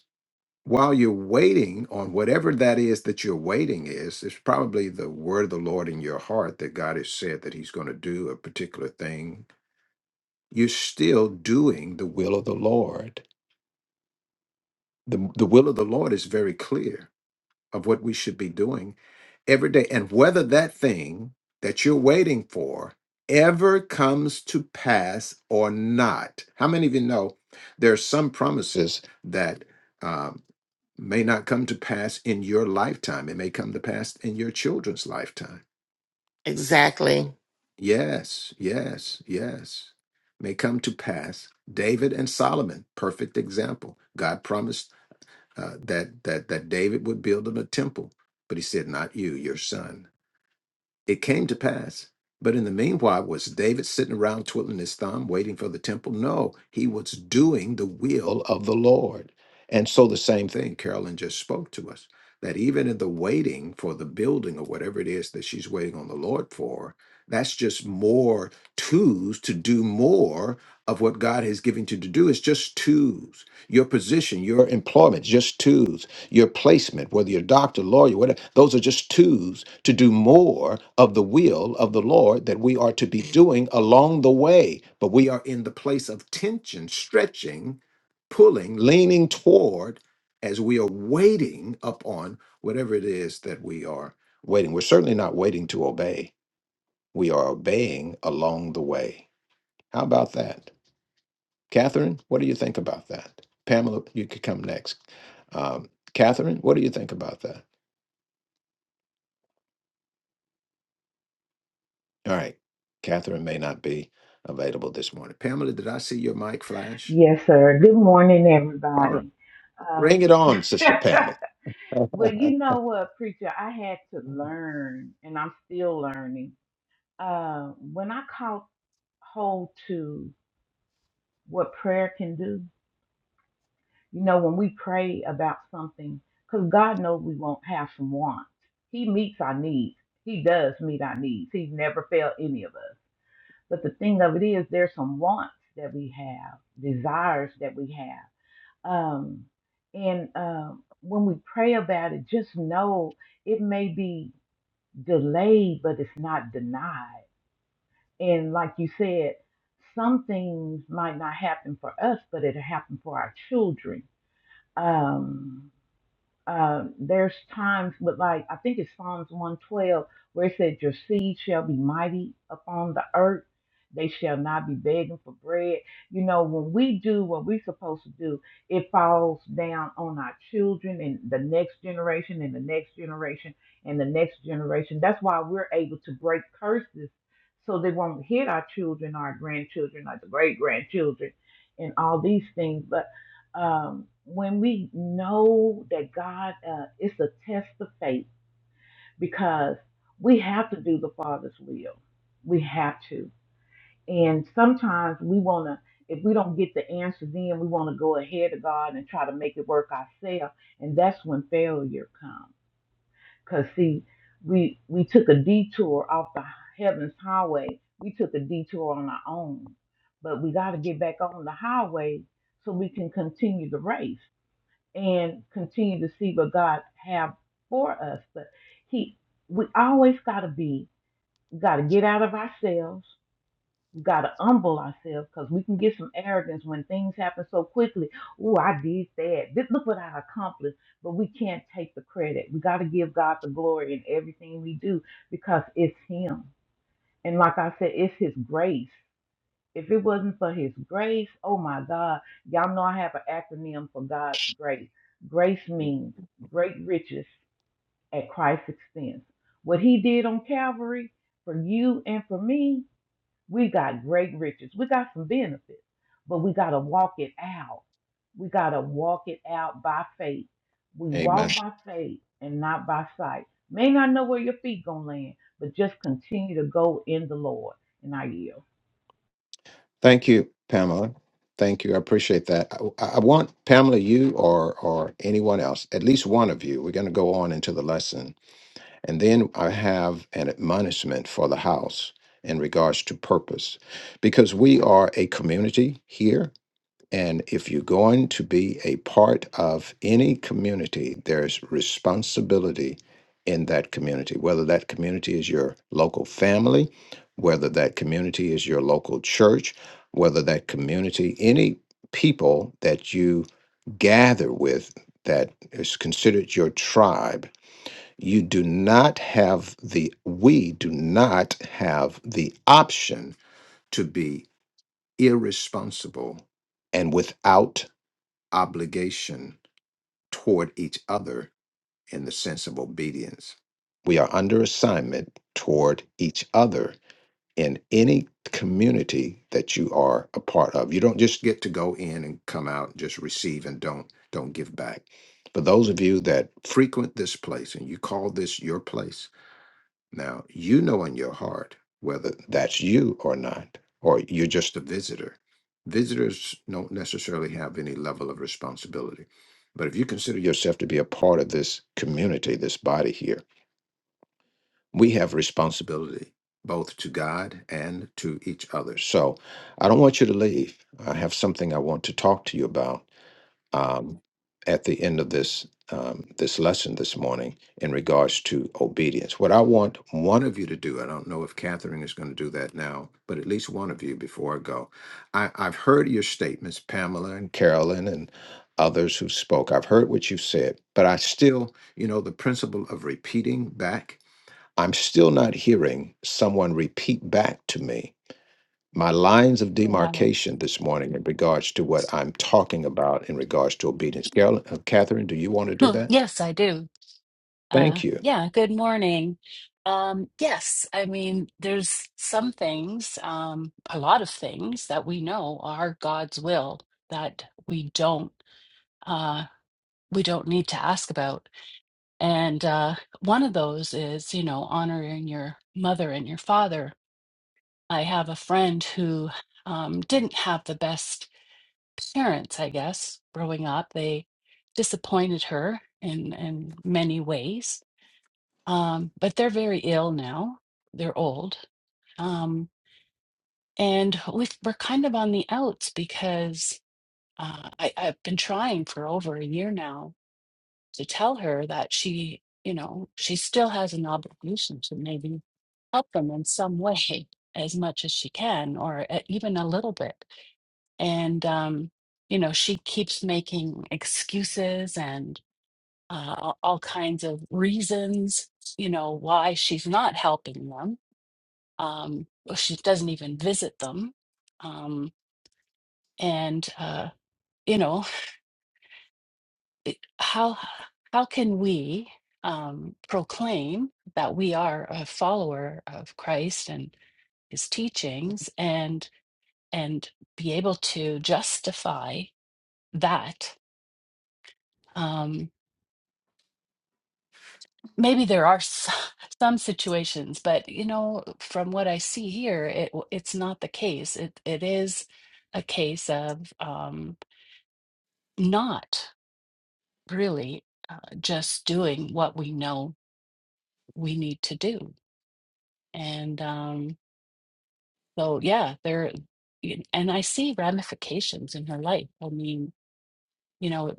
Speaker 1: While you're waiting on whatever that is that you're waiting is, it's probably the word of the Lord in your heart that God has said that He's going to do a particular thing. You're still doing the will of the Lord. The, the will of the Lord is very clear of what we should be doing every day. And whether that thing that you're waiting for ever comes to pass or not. How many of you know there are some promises that um, may not come to pass in your lifetime? It may come to pass in your children's lifetime.
Speaker 7: Exactly.
Speaker 1: Yes, yes, yes. May come to pass. David and Solomon, perfect example. God promised uh, that that that David would build him a temple, but he said, "Not you, your son." It came to pass. But in the meanwhile, was David sitting around twiddling his thumb, waiting for the temple? No, he was doing the will of the Lord. And so the same thing Carolyn just spoke to us that even in the waiting for the building or whatever it is that she's waiting on the Lord for, that's just more twos to do more of what God has given you to do. It's just twos. Your position, your employment, just twos your placement, whether you're a doctor, lawyer, whatever, those are just tools to do more of the will of the Lord that we are to be doing along the way. But we are in the place of tension, stretching, pulling, leaning toward as we are waiting upon whatever it is that we are waiting. We're certainly not waiting to obey, we are obeying along the way. How about that? Catherine, what do you think about that? Pamela, you could come next. Um, Catherine, what do you think about that? All right. Catherine may not be available this morning. Pamela, did I see your mic flash?
Speaker 9: yes, sir. Good morning,
Speaker 1: All right.
Speaker 9: everybody. Uh,
Speaker 1: Bring it on,
Speaker 9: [laughs]
Speaker 1: Sister Pamela.
Speaker 9: well,
Speaker 1: [laughs]
Speaker 9: you know what, preacher? I had to learn, and I'm still learning. Uh, when I caught hold to what prayer can do, you know, when we pray about something, because God knows we won't have some wants. He meets our needs. He does meet our needs. He's never failed any of us. But the thing of it is, there's some wants that we have, desires that we have. Um, and um, when we pray about it, just know it may be delayed, but it's not denied. And like you said, some things might not happen for us, but it'll happen for our children. Um, um, there's times, but like I think it's Psalms 112 where it said, Your seed shall be mighty upon the earth, they shall not be begging for bread. You know, when we do what we're supposed to do, it falls down on our children and the next generation and the next generation and the next generation. That's why we're able to break curses so they won't hit our children, our grandchildren, our great grandchildren, and all these things. But um, when we know that God, uh, it's a test of faith because we have to do the Father's will. We have to. And sometimes we want to, if we don't get the answer, then we want to go ahead of God and try to make it work ourselves. And that's when failure comes. Because, see, we, we took a detour off the heaven's highway, we took a detour on our own. But we got to get back on the highway so we can continue the race and continue to see what God have for us. But He, we always got to be, got to get out of ourselves. We got to humble ourselves because we can get some arrogance when things happen so quickly. Oh, I did that. This, look what I accomplished. But we can't take the credit. We got to give God the glory in everything we do because it's Him. And like I said, it's His grace. If it wasn't for his grace, oh my God, y'all know I have an acronym for God's grace. Grace means great riches at Christ's expense. What he did on Calvary for you and for me, we got great riches. We got some benefits, but we got to walk it out. We got to walk it out by faith. We
Speaker 1: Amen.
Speaker 9: walk by faith and not by sight. May not know where your feet going to land, but just continue to go in the Lord. And I yield.
Speaker 1: Thank you, Pamela. Thank you. I appreciate that. I, I want Pamela, you or or anyone else, at least one of you. We're going to go on into the lesson, and then I have an admonishment for the house in regards to purpose, because we are a community here And if you're going to be a part of any community, there's responsibility in that community, whether that community is your local family, whether that community is your local church, whether that community, any people that you gather with that is considered your tribe, you do not have the, we do not have the option to be irresponsible and without obligation toward each other in the sense of obedience. We are under assignment toward each other in any community that you are a part of. You don't just get to go in and come out and just receive and don't don't give back. For those of you that frequent this place and you call this your place, now, you know in your heart whether that's you or not, or you're just a visitor. Visitors don't necessarily have any level of responsibility. But if you consider yourself to be a part of this community, this body here, we have responsibility both to God and to each other. So I don't want you to leave. I have something I want to talk to you about um, at the end of this um, this lesson this morning in regards to obedience. What I want one of you to do, I don't know if Catherine is going to do that now, but at least one of you before I go. I, I've heard your statements, Pamela and Carolyn and others who spoke. I've heard what you've said, but I still, you know, the principle of repeating back. I'm still not hearing someone repeat back to me my lines of
Speaker 10: Wow. [laughs]
Speaker 1: demarcation this morning in regards to what I'm talking about in regards to obedience. Carolyn, uh, Catherine, do you want to do
Speaker 10: [clears throat]
Speaker 1: that?
Speaker 10: Yes, I do. Uh,
Speaker 1: Thank you.
Speaker 10: yeah, good morning. Um, yes, I mean, there's some things, um, a lot of things that we know are God's will that we don't uh, we don't need to ask about. And uh, one of those is, you know, honoring your mother and your father. I have a friend who um, didn't have the best parents, I guess, growing up. They disappointed her in in many ways. Um, but they're very ill now. They're old. Um, and we we're kind of on the outs because uh, I, I've been trying for over a year now to tell her that she, you know, she still has an obligation to maybe help them in some way [laughs] as much as she can, or uh, even a little bit and um, you know she keeps making excuses and uh, all kinds of reasons you know why she's not helping them um, well, she doesn't even visit them um, and uh, you know it, how how can we um, proclaim that we are a follower of christ and his teachings and and be able to justify that Um, maybe there are s- [laughs] some situations, but you know, from what I see here, it w- it's not the case. It it is a case of um, not really uh, just doing what we know we need to do, and um, so yeah, there. y- And I see ramifications in her life. I mean, you know,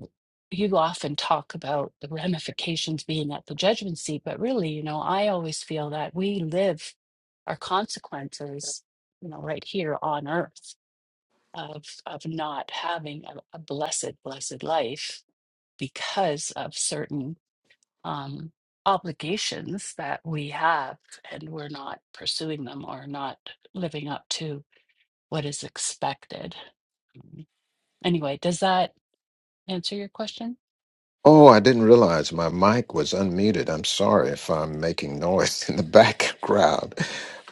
Speaker 10: you often talk about the ramifications being at the judgment seat, but really, you know, I always feel that we live our consequences, you know, right here on earth of of not having a, a blessed, blessed life because of certain um, obligations that we have, and we're not pursuing them or not living up to what is expected. Um, Anyway, does that? answer your question?
Speaker 1: Oh, I didn't realize my mic was unmuted. I'm sorry if I'm making noise [laughs] in the background.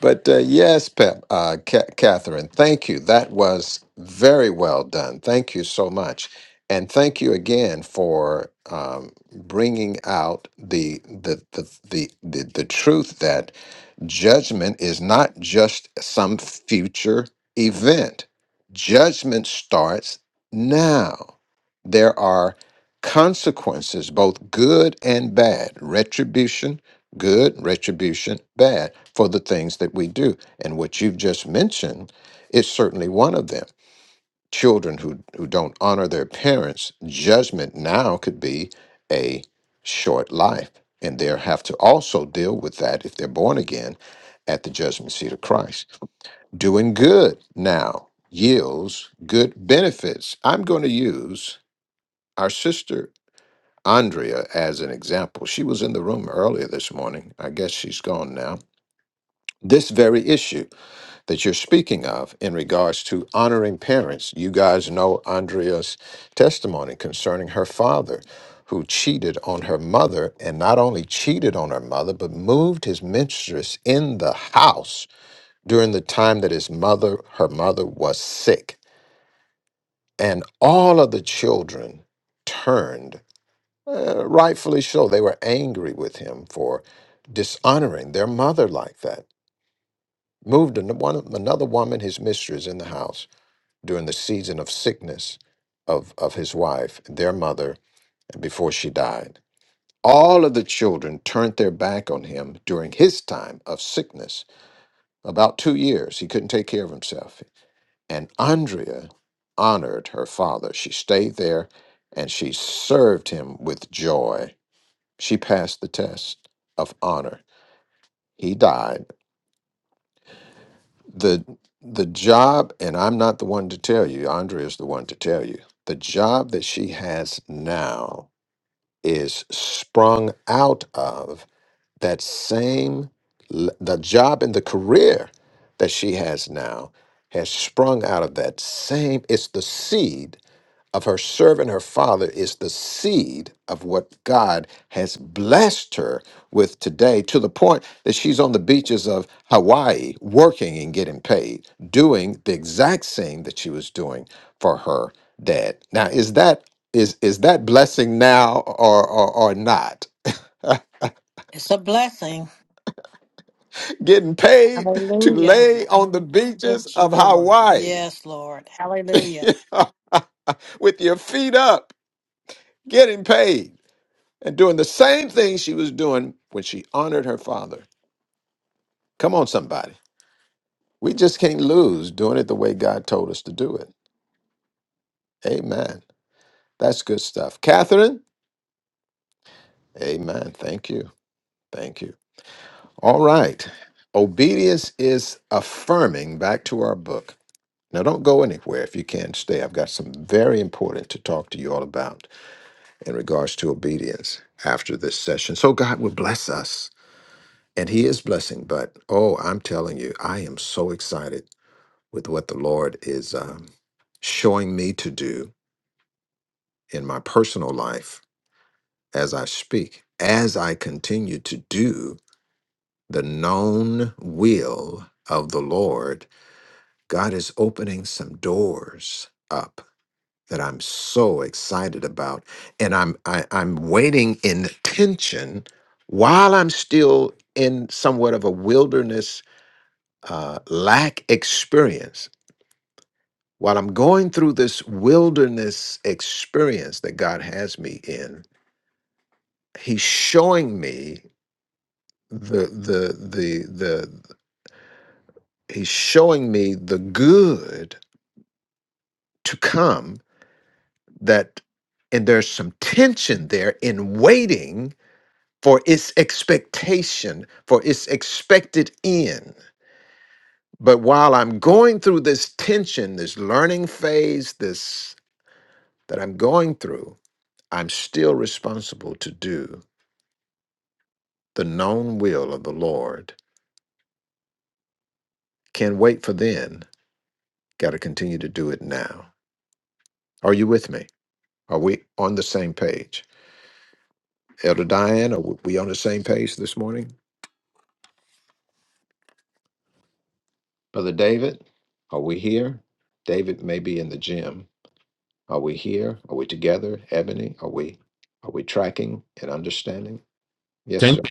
Speaker 1: But uh, yes, Pep, uh, Ca- Catherine, thank you. That was very well done. Thank you so much, and thank you again for um, bringing out the the the the the, the truth that Judgment is not just some future event, judgment starts now. There are consequences, both good and bad, retribution, good, retribution, bad, for the things that we do. And what you've just mentioned is certainly one of them children who who don't honor their parents, judgment now could be a short life, and they'll have to also deal with that if they're born again at the judgment seat of Christ. Doing good now yields good benefits. I'm going to use our sister Andrea as an example. She was in the room earlier this morning. I guess she's gone now. This very issue that you're speaking of in regards to honoring parents. You guys know Andrea's testimony concerning her father who cheated on her mother and not only cheated on her mother but moved his mistress in the house during the time that his mother her mother was sick and all of the children turned uh, rightfully so they were angry with him for dishonoring their mother like that moved an- one another woman his mistress in the house during the season of sickness of, of his wife, their mother, and before she died. All of the children turned their back on him during his time of sickness. About two years, he couldn't take care of himself. And Andrea honored her father. She stayed there and she served him with joy. She passed the test of honor. He died the the job and i'm not the one to tell you andrea is the one to tell you the job that she has now is sprung out of that same l- the job and the career that she has now has sprung out of that same it's the seed of her serving her father is the seed of what God has blessed her with today to the point that she's on the beaches of Hawaii working and getting paid, doing the exact same that she was doing for her dad. Now, is that is is that blessing now or or, or not?
Speaker 3: It's a blessing.
Speaker 1: [laughs] Getting paid to
Speaker 3: Hallelujah.
Speaker 1: lay on the
Speaker 3: Thank
Speaker 1: beaches
Speaker 3: you,
Speaker 1: of
Speaker 3: Lord.
Speaker 1: Hawaii
Speaker 3: Yes, Lord. Hallelujah.
Speaker 1: [laughs] with your feet up, getting paid. and doing the same thing she was doing when she honored her father. Come on, somebody. We just can't lose doing it the way God told us to do it. Amen. That's good stuff. Catherine, amen. Thank you. Thank you. All right. Obedience is affirming. Back to our book. Now, don't go anywhere if you can stay. I've got some very important to talk to you all about in regards to obedience after this session. So, God will bless us. And He is blessing, but oh, I'm telling you, I am so excited with what the Lord is um, showing me to do in my personal life as I speak, as I continue to do the known will of the Lord, God is opening some doors up that I'm so excited about, and I'm I, I'm waiting in tension while I'm still in somewhat of a wilderness uh, lack experience. While I'm going through this wilderness experience that God has me in, He's showing me the the the the He's showing me the good to come that and there's some tension there in waiting for its expectation, for its expected end. But while I'm going through this tension, this learning phase, this that I'm going through, I'm still responsible to do The known will of the Lord can wait for then. Got to continue to do it now. Are you with me? Are we on the same page? Elder Diane, are we on the same page this morning? Brother David, are we here? David may be in the gym. Are we here? Are we together? Ebony, are we are we tracking and understanding? Yes,
Speaker 11: Ten-
Speaker 1: sir.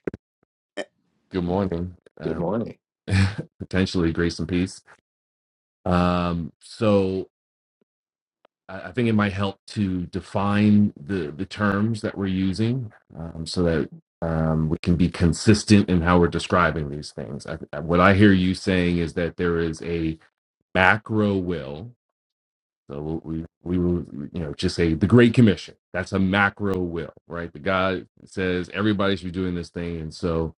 Speaker 11: Good morning.
Speaker 1: Good
Speaker 11: Uh,
Speaker 1: morning.
Speaker 11: [laughs] potentially grace and peace. Um, so I, I think it might help to define the, the terms that we're using um, so that um, we can be consistent in how we're describing these things. I, I- what I hear you saying is that there is a macro will So we'll- we we will you know just say the Great Commission. That's a macro will, right? The God says everybody should be doing this thing, and so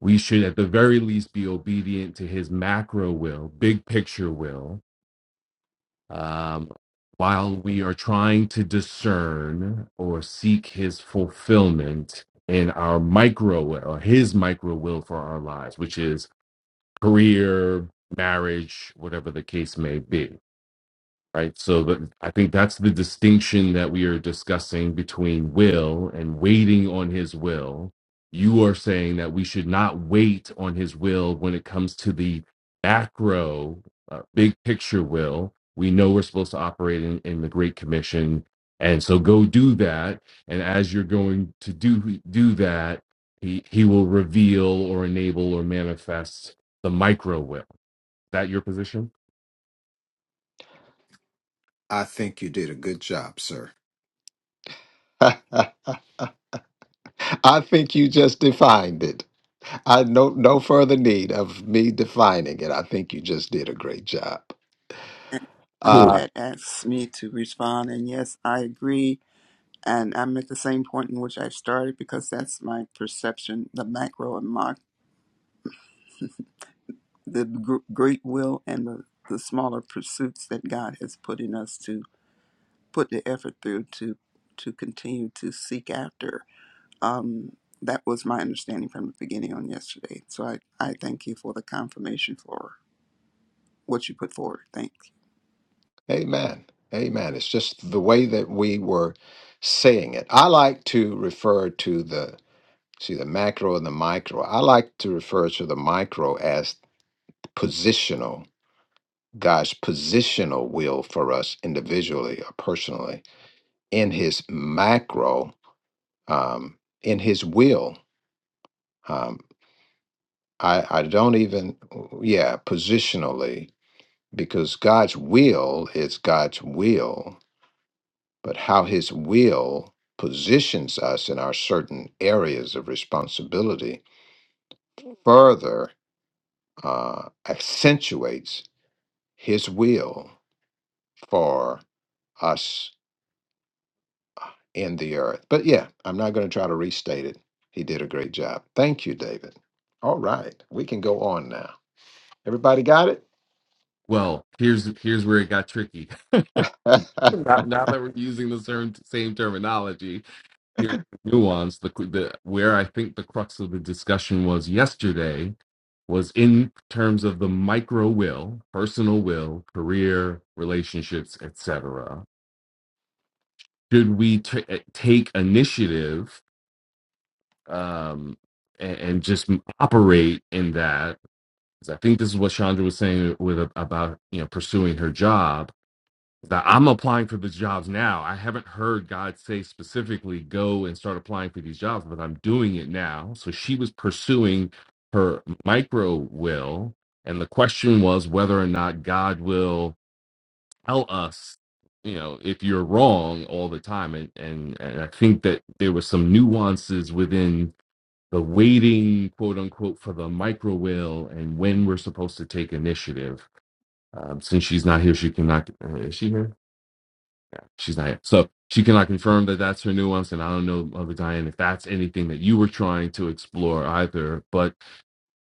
Speaker 11: we should at the very least be obedient to His macro will, big picture will, um, while we are trying to discern or seek His fulfillment in our micro will or His micro will for our lives, which is career, marriage, whatever the case may be right so that i think that's the distinction that we are discussing between will and waiting on his will you are saying that we should not wait on his will when it comes to the macro uh, big picture will we know we're supposed to operate in, in the great commission and so go do that and as you're going to do do that he he will reveal or enable or manifest the micro will Is that your position
Speaker 1: I think you did a good job, sir. [laughs] I think you just defined it. I no no further need of me defining it. I think you just did a great job.
Speaker 12: And
Speaker 11: cool
Speaker 12: you
Speaker 1: Uh,
Speaker 12: had asked me to respond, and yes, I agree. And I'm at the same point in which I started because that's my perception the macro and mock, the gr- great will and the, the smaller pursuits that God has put in us to put the effort through to, to continue to seek after. Um, that was my understanding from the beginning on yesterday. So I, I thank you for the confirmation for what you put forward. Thank
Speaker 1: amen. Amen. It's just the way that we were saying it. I like to refer to the see the macro and the micro. I like to refer to the micro as positional God's positional will for us individually or personally in his macro, um, in his will. Um, I, I don't even, yeah, positionally, because God's will is God's will, but how his will positions us in our certain areas of responsibility further uh, accentuates his will for us in the earth. But yeah, I'm not going to try to restate it. He did a great job. Thank you, David. All right, we can go on now. Everybody got it?
Speaker 11: Well, here's here's where it got tricky. [laughs] now, now that we're using the same, same terminology, here's the nuance. The, the where I think the crux of the discussion was yesterday was in terms of the micro will, personal will, career, relationships, etc. Should we t- eh, take initiative um, and, and just operate in that? 'Cause I think this is what Chandra was saying with about you know pursuing her job that I'm applying for these jobs now. I haven't heard God say specifically, go and start applying for these jobs, but I'm doing it now. So she was pursuing her micro will. And the question was whether or not God will tell us, you know, if you're wrong all the time. And, and, and I think that there were some nuances within the waiting, quote unquote, for the micro will and when we're supposed to take initiative. Um, since she's not here, she cannot. Uh, is she here? She's not here. So she cannot confirm that that's her nuance. And I don't know, Mother Diane, if that's anything that you were trying to explore either, but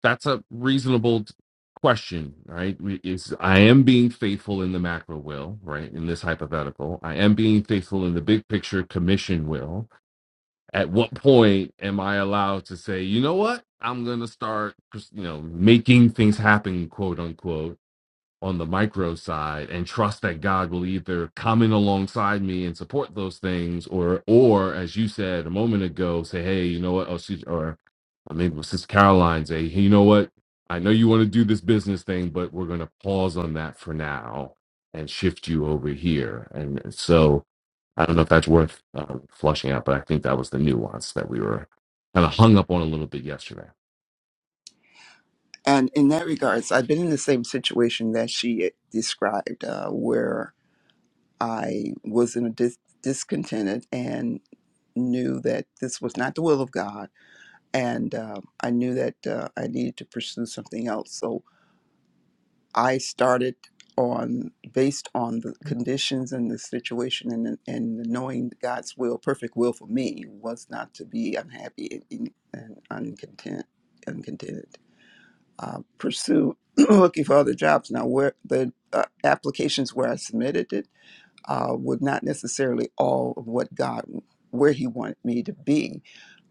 Speaker 11: that's a reasonable t- question, right? We- Is I am being faithful in the macro will, right? In this hypothetical, I am being faithful in the big picture commission will. At what point am I allowed to say, you know what? I'm going to start, you know, making things happen, quote unquote on the micro side and trust that God will either come in alongside me and support those things or or as you said a moment ago, say, hey, you know what? Oh, she or I mean well, Sister Caroline say, hey, you know what? I know you want to do this business thing, but we're gonna pause on that for now and shift you over here. And and so I don't know if that's worth um, flushing out, but I think that was the nuance that we were kind of hung up on a little bit yesterday.
Speaker 12: And in that regards, I've been in the same situation that she described, uh, where I was in a dis- discontented and knew that this was not the will of God, and uh, I knew that uh, I needed to pursue something else. So I started on based on the conditions and the situation and and knowing God's will, perfect will for me was not to be unhappy and, and uncontent, uncontented uh, pursue [clears throat] looking for other jobs. Now, where the uh, applications where I submitted it uh, was not necessarily all of what God, where He wanted me to be,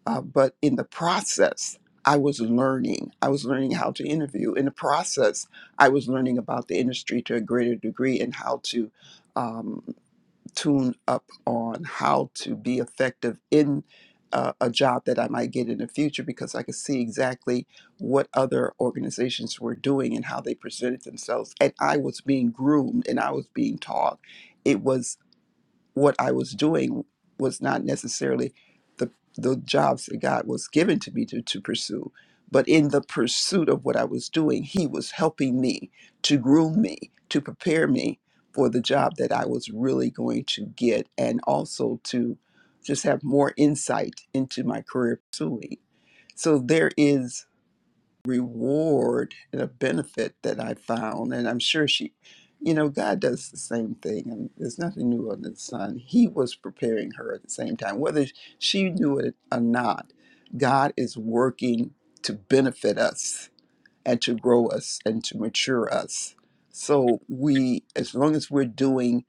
Speaker 12: uh, but in the process, I was learning. I was learning how to interview. In the process, I was learning about the industry to a greater degree and how to. um, tune up on how to be effective in uh, a job that I might get in the future because I could see exactly what other organizations were doing and how they presented themselves. And I was being groomed and I was being taught. It was what I was doing was not necessarily the the jobs that God was given to me to, to pursue. But in the pursuit of what I was doing, he was helping me to groom me, to prepare me for the job that I was really going to get and also to just have more insight into my career pursuing. So there is reward and a benefit that I found. And I'm sure she, you know, God does the same thing. And there's nothing new under the sun. He was preparing her at the same time, whether she knew it or not. God is working to benefit us and to grow us and to mature us. So we, as long as we're doing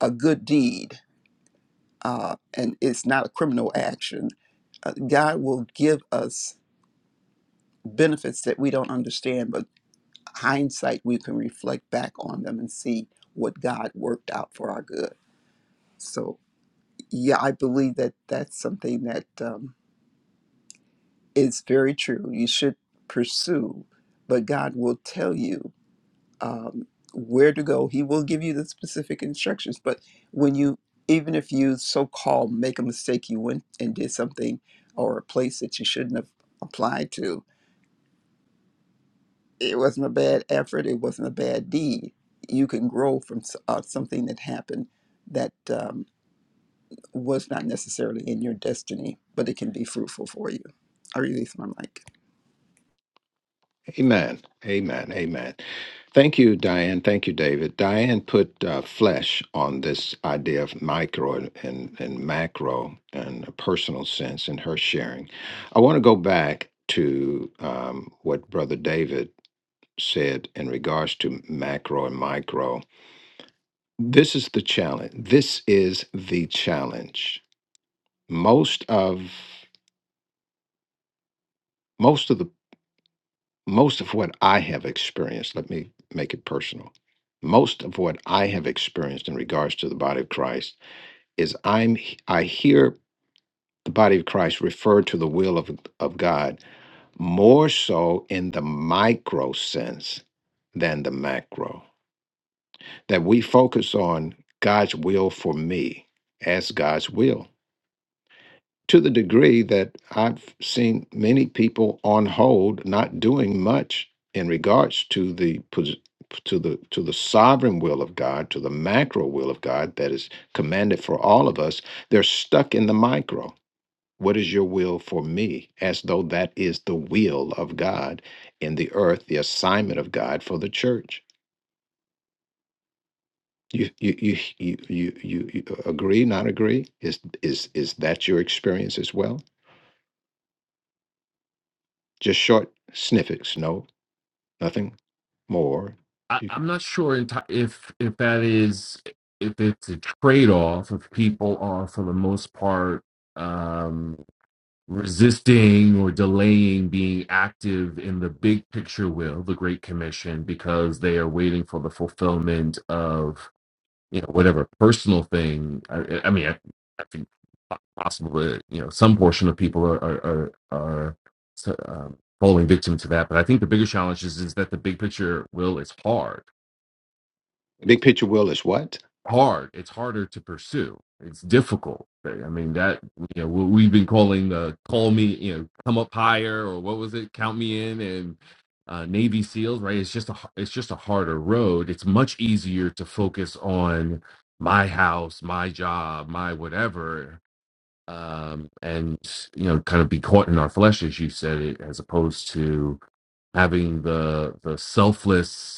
Speaker 12: a good deed, uh, and it's not a criminal action, uh, God will give us benefits that we don't understand, but hindsight, we can reflect back on them and see what God worked out for our good. So, yeah, I believe that that's something that um, is very true. You should pursue, but God will tell you um, where to go. He will give you the specific instructions. But when you, even if you so called make a mistake, you went and did something or a place that you shouldn't have applied to, it wasn't a bad effort. It wasn't a bad deed. You can grow from s- uh, something that happened that um, was not necessarily in your destiny, but it can be fruitful for you. I release my mic.
Speaker 1: [laughs] Amen. Amen. Amen. Thank you, Diane. Thank you, David. Diane put uh, flesh on this idea of micro and, and, and macro and a personal sense in her sharing. I want to go back to um, what Brother David said in regards to macro and micro This is the challenge. This is the challenge. Most of most of the most of what I have experienced, let me make it personal. Most of what I have experienced in regards to the body of Christ is I'm I hear the body of Christ referred to the will of, of God more so in the micro sense than the macro. That we focus on God's will for me as God's will to the degree that I've seen many people on hold not doing much in regards to the pos- to the to the sovereign will of God, to the macro will of God that is commanded for all of us. They're stuck in the micro. What is your will for me? As though that is the will of God in the earth, the assignment of God for the church. You you you you you, you you uh, agree? Not agree? Is is is that your experience as well? Just short snippets. No, nothing more.
Speaker 11: I,
Speaker 1: You can
Speaker 11: I'm not sure enti- if if that is if it's a trade off if people are for the most part um, resisting or delaying being active in the big picture will the Great Commission because they are waiting for the fulfillment of you know whatever personal thing. I, I mean, I, I think po- possibly you know some portion of people are are are, are so, um, falling victim to that, but I think the bigger challenge is is that the big picture will is hard
Speaker 1: big
Speaker 11: it's
Speaker 1: picture will is what?
Speaker 11: hard it's harder to pursue it's difficult eh, i mean that you know what we've been calling the call me you know come up higher or what was it count me in and uh, navy seals right it's just a it's just a harder road it's much easier to focus on my house my job my whatever um and you know kind of be caught in our flesh as you said it as opposed to having the the selfless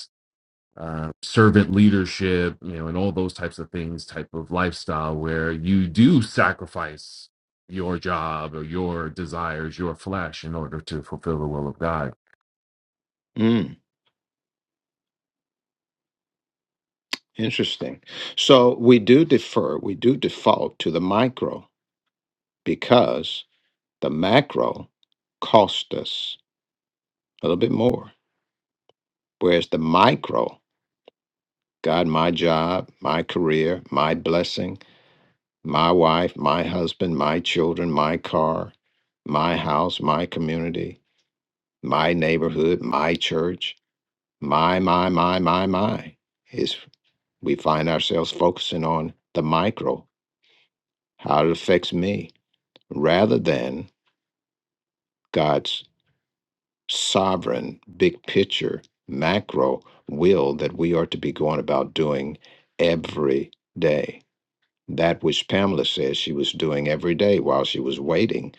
Speaker 11: uh, servant leadership, you know, and all those types of things, type of lifestyle where you do sacrifice your job or your desires, your flesh, in order to fulfill the will of God.
Speaker 1: Mm, interesting. So we do defer, we do default to the micro because the macro cost us a little bit more. Whereas the micro, God, my job, my career, my blessing, my wife, my husband, my children, my car, my house, my community, my neighborhood, my church My, my, my, my, my. Is we find ourselves focusing on the micro, how it affects me, rather than God's sovereign, big picture, macro will that we are to be going about doing every day. That which Pamela says she was doing every day while she was waiting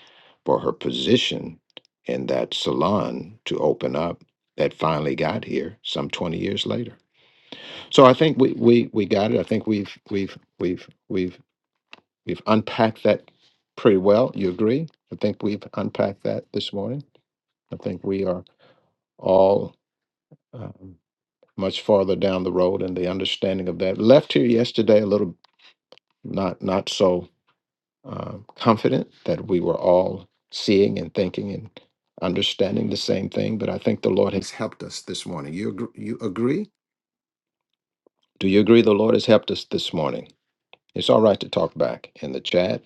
Speaker 1: for her position in that salon to open up that finally got here some 20 years later. So I think we we we got it. I think we've we've we've we've we've unpacked that pretty well. You agree? I think we've unpacked that this morning. I think we are all um, much farther down the road in the understanding of that. Left here yesterday a little not not so um, confident that we were all seeing and thinking and understanding the same thing. But I think the Lord has helped us this morning. You agree? You agree? Do you agree? The Lord has helped us this morning. It's all right to talk back in the chat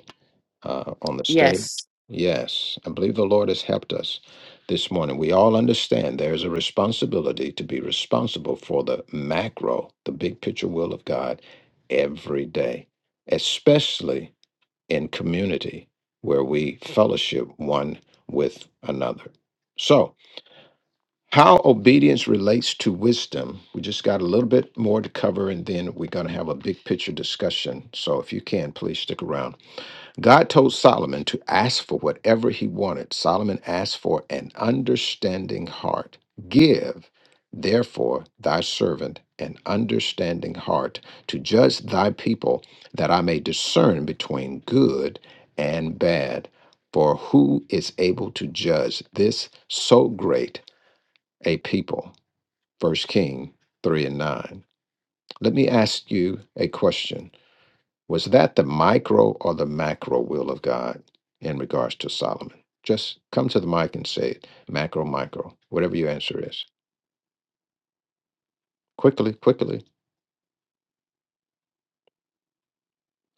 Speaker 1: uh, on the stage.
Speaker 7: Yes.
Speaker 1: Yes, I believe the Lord has helped us this morning. We all understand there is a responsibility to be responsible for the macro, the big picture will of God every day, especially in community where we fellowship one with another. So, how obedience relates to wisdom, we just got a little bit more to cover, and then we're going to have a big picture discussion. So, if you can, please stick around. God told Solomon to ask for whatever he wanted. Solomon asked for an understanding heart. Give, therefore, thy servant an understanding heart to judge thy people, that I may discern between good and bad. For who is able to judge this so great a people? First King 3 and 9. Let me ask you a question. Was that the micro or the macro will of God in regards to Solomon? Just come to the mic and say it macro, micro, whatever your answer is. Quickly, quickly.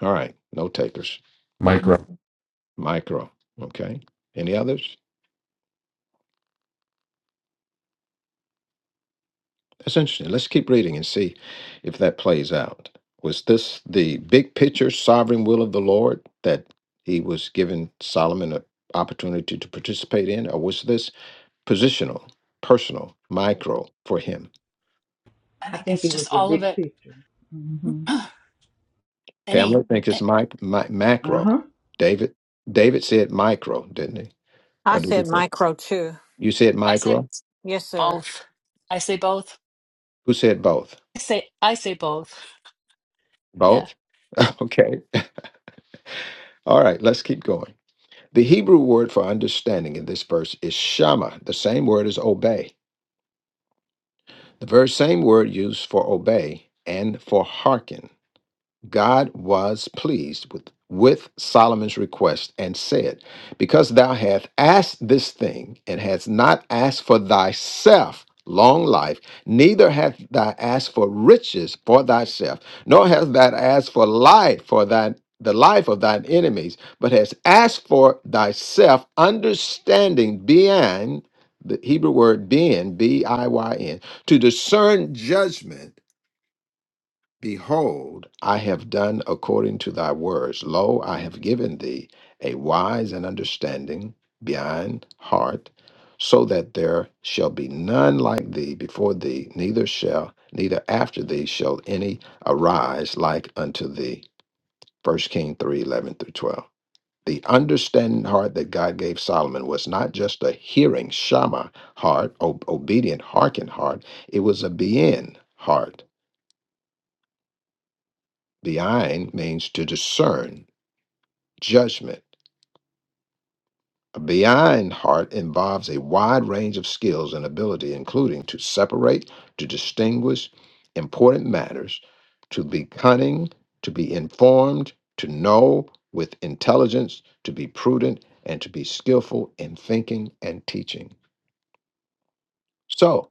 Speaker 1: All right, no takers. Mhm.
Speaker 11: Micro,
Speaker 1: Micro, okay. Any others? That's interesting. Let's keep reading and see if that plays out. Was this the big picture sovereign will of the Lord that he was giving Solomon an opportunity to participate in, or was this positional, personal, micro for him?
Speaker 10: I
Speaker 9: I
Speaker 10: think
Speaker 9: think
Speaker 10: it's
Speaker 9: it was
Speaker 10: just
Speaker 9: a
Speaker 10: all of
Speaker 9: big
Speaker 10: it.
Speaker 9: picture. hmm
Speaker 10: [clears throat] Any.
Speaker 1: Pamela I think
Speaker 10: eh,
Speaker 1: it's mic, mi-
Speaker 9: Uh
Speaker 1: macro.
Speaker 9: huh.
Speaker 1: David David said micro, didn't he?
Speaker 3: I
Speaker 1: Or did he
Speaker 3: said
Speaker 1: say
Speaker 3: micro too.
Speaker 1: you said
Speaker 10: I say
Speaker 1: micro?
Speaker 3: Yes, sir.
Speaker 10: both. I say both.
Speaker 1: Who said both?
Speaker 10: I say I say both. Yeah.
Speaker 1: Both? [laughs] Okay. All right, let's keep going. The Hebrew word for understanding in this verse is shama, the same word as obey. The very same word used for obey and for hearken. God was pleased with, with Solomon's request and said, Because thou hast asked this thing, and hast not asked for thyself long life, neither hast thou asked for riches for thyself, nor hast thou asked for life for thine the life of thine enemies, but hast asked for thyself understanding beyond the Hebrew word being, B I Y N, to discern judgment Behold, I have done according to thy words. Lo, I have given thee a wise and understanding behind heart, so that there shall be none like thee before thee, neither shall neither after thee shall any arise like unto thee. First King 3 11 through 12. The understanding heart that God gave Solomon was not just a hearing, Shama heart, o- obedient, hearken heart. It was a being heart Behind means to discern, judgment. A behind heart involves a wide range of skills and ability, including to separate, to distinguish important matters, to be cunning, to be informed, to know with intelligence, to be prudent, and to be skillful in thinking and teaching. So,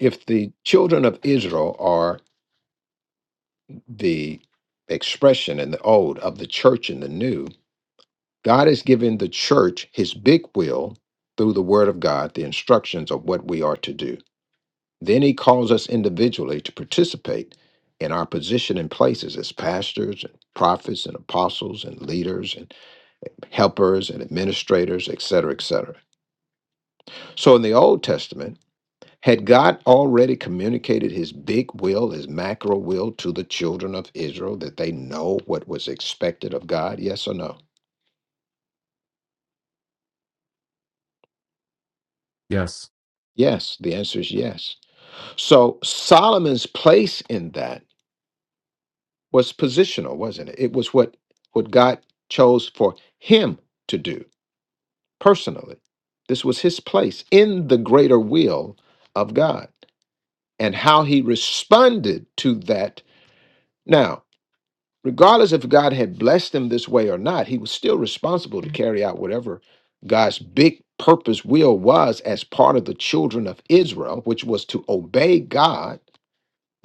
Speaker 1: if the children of Israel are the expression in the old of the church in the new, God has given the church his big will through the word of God, the instructions of what we are to do. Then he calls us individually to participate in our position and places as pastors and prophets and apostles and leaders and helpers and administrators, etc., etc. So in the Old Testament, had God already communicated his big will, his macro will to the children of Israel that they know what was expected of God? Yes or no?
Speaker 11: yes,
Speaker 1: Yes. The answer is yes. So Solomon's place in that was positional, wasn't it? It was what what God chose for him to do personally. This was his place in the greater will of God and how he responded to that. Now, regardless if God had blessed him this way or not, he was still responsible to carry out whatever God's big purpose will was as part of the children of Israel, which was to obey God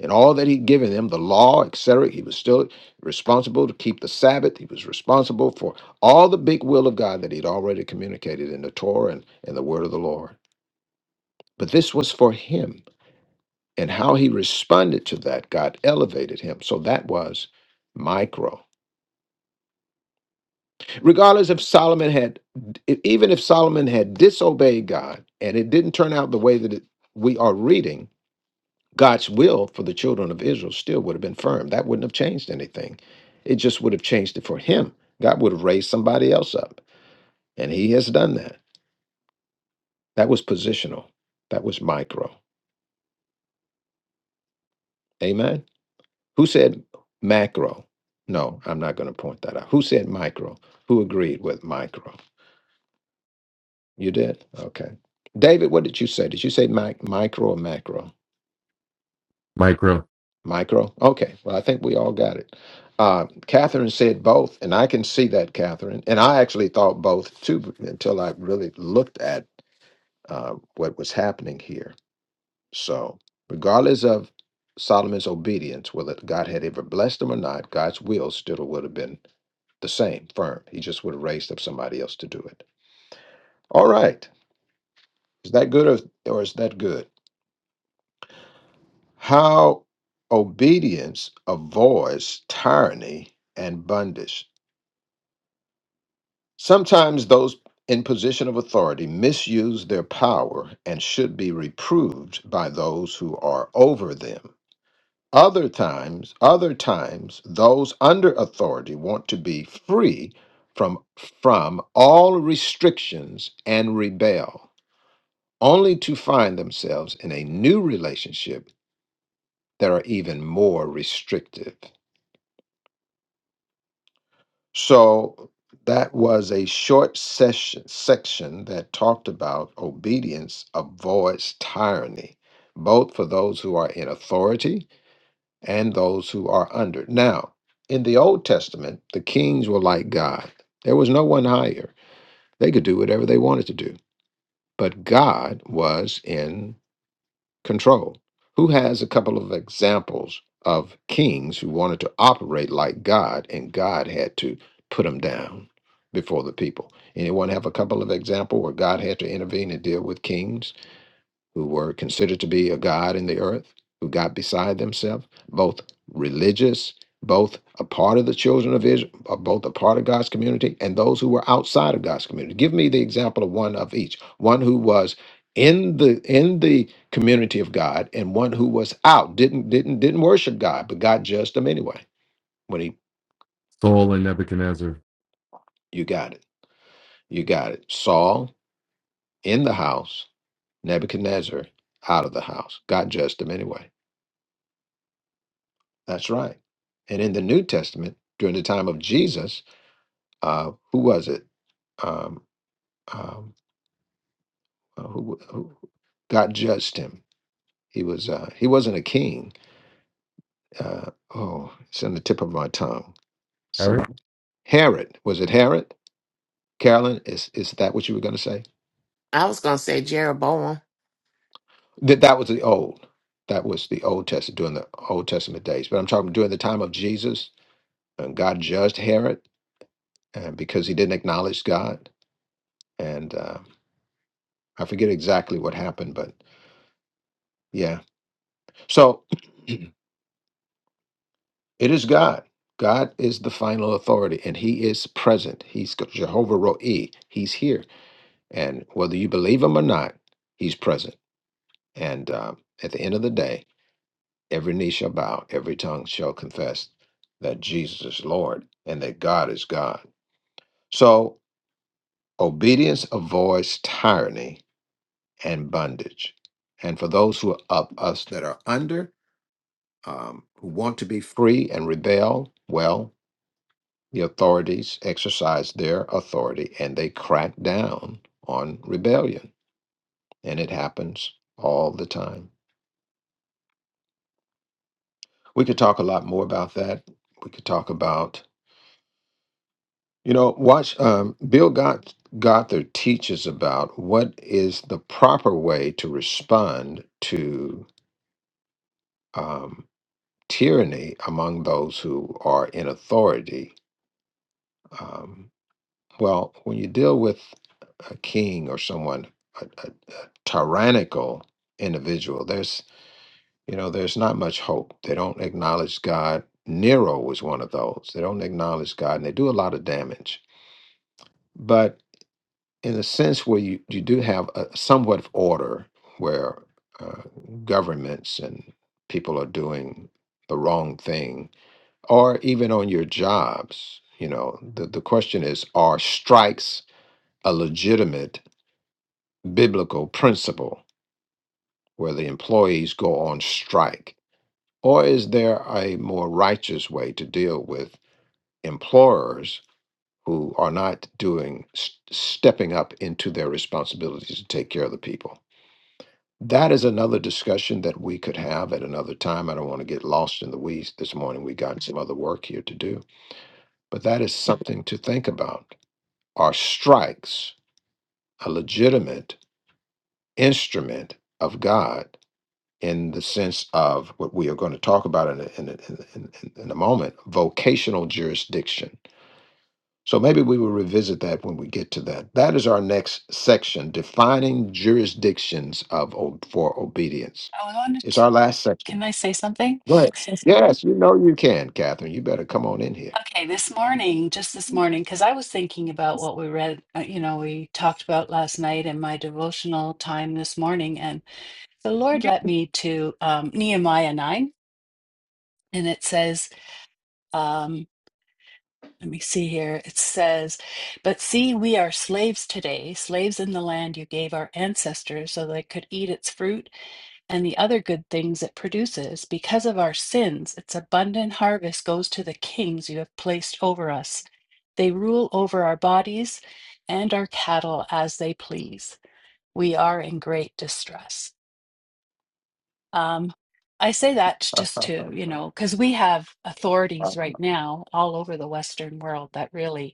Speaker 1: and all that he'd given them, the law, etc. He was still responsible to keep the Sabbath. He was responsible for all the big will of God that he'd already communicated in the Torah and, and the word of the Lord. But this was for him. And how he responded to that, God elevated him. So that was micro. Regardless if Solomon had, e, even if Solomon had disobeyed God and it didn't turn out the way that it, we are reading, God's will for the children of Israel still would have been firm. That wouldn't have changed anything. It just would have changed it for him. God would have raised somebody else up. And he has done that. That was positional. That was micro. Amen. Who said macro? No, I'm not going to point that out. Who said micro? Who agreed with micro? You did? Okay. David, what did you say? Did you say mic- micro or macro?
Speaker 11: micro,
Speaker 1: Micro? Okay. Well, I think we all got it. Uh, Catherine said both, and I can see that, Catherine. And I actually thought both too until I really looked at uh, what was happening here. So, regardless of Solomon's obedience, whether God had ever blessed him or not, God's will still would have been the same, firm. He just would have raised up somebody else to do it. All right. Is that good or, or is that good? How obedience avoids tyranny and bondage. Sometimes those in position of authority misuse their power and should be reproved by those who are over them. Other times, other times those under authority want to be free from from all restrictions and rebel, only to find themselves in a new relationship that are even more restrictive. So that was a short session section that talked about obedience avoids tyranny, both for those who are in authority and those who are under. Now, in the Old Testament, the kings were like God. There was no one higher. They could do whatever they wanted to do. But God was in control. Who has a couple of examples of kings who wanted to operate like God and God had to put them down before the people? Anyone have a couple of examples where God had to intervene and deal with kings? who were considered to be a god in the earth, who got beside themselves, both religious, both a part of the children of Israel, uh, both a part of God's community, and those who were outside of God's community. Give me the example of one of each. One who was in the in the community of God and one who was out, didn't didn't didn't worship God, but God judged them anyway. When he
Speaker 11: Saul and Nebuchadnezzar.
Speaker 1: you got it. You got it. Saul in the house, Nebuchadnezzar out of the house. God judged them anyway. That's right. And in the New Testament, during the time of Jesus, uh, who was it? Um, um, uh, who, who God judged him? He was uh, he wasn't a king. Uh, oh, it's on the tip of my tongue.
Speaker 11: Harry?
Speaker 1: Someone Herod was it Herod? Carolyn, is is that what you were going to say?
Speaker 7: I was going to say Jeroboam.
Speaker 1: That that was the old. That was the Old Testament during the Old Testament days. But I'm talking during the time of Jesus, and God judged Herod, and because he didn't acknowledge God, and. uh, I forget exactly what happened, but yeah. So [clears throat] it is God. God is the final authority and he is present. He's Jehovah Roi. He's here. And whether you believe him or not, he's present. And um, at the end of the day, every knee shall bow, every tongue shall confess that Jesus is Lord and that God is God. So obedience avoids tyranny and bondage. And for those who are up, us that are under, um, who want to be free and rebel, well, the authorities exercise their authority and they crack down on rebellion. And it happens all the time. We could talk a lot more about that. We could talk about, you know, watch um, Bill Got- Gothard teaches about what is the proper way to respond to um, tyranny among those who are in authority. Um, Well, when you deal with a king or someone, a, a, a tyrannical individual, there's you know there's not much hope. They don't acknowledge God. Nero was one of those. They don't acknowledge God, and they do a lot of damage. But in a sense, where you you do have a somewhat of order, where uh, governments and people are doing the wrong thing, or even on your jobs, you know, the, the question is, are strikes a legitimate biblical principle where the employees go on strike? Or is there a more righteous way to deal with employers who are not doing, s- stepping up into their responsibilities to take care of the people? That is another discussion that we could have at another time. I don't want to get lost in the weeds this morning. We got some other work here to do, but that is something to think about. Are strikes a legitimate instrument of God? in the sense of what we are going to talk about in a, in a, in, a- in, in in a moment vocational jurisdiction. So maybe we will revisit that when we get to that. That is our next section defining jurisdictions of o- for obedience.
Speaker 10: I wanted.
Speaker 1: It's
Speaker 10: To,
Speaker 1: our last section.
Speaker 10: Can I say something?
Speaker 1: Go ahead. Yes, Yes, you know you can, Catherine. You better come on in here.
Speaker 10: Okay, this morning, just this morning, because I was thinking about what we read, uh, you know, we talked about last night in my devotional time this morning, and the Lord led me to um, Nehemiah 9, and it says, um, let me see here, it says, But see, we are slaves today, slaves in the land you gave our ancestors so they could eat its fruit and the other good things it produces. Because of our sins, its abundant harvest goes to the kings you have placed over us. They rule over our bodies and our cattle as they please. We are in great distress. Um, I say that just to, you know, because we have authorities right now all over the Western world that really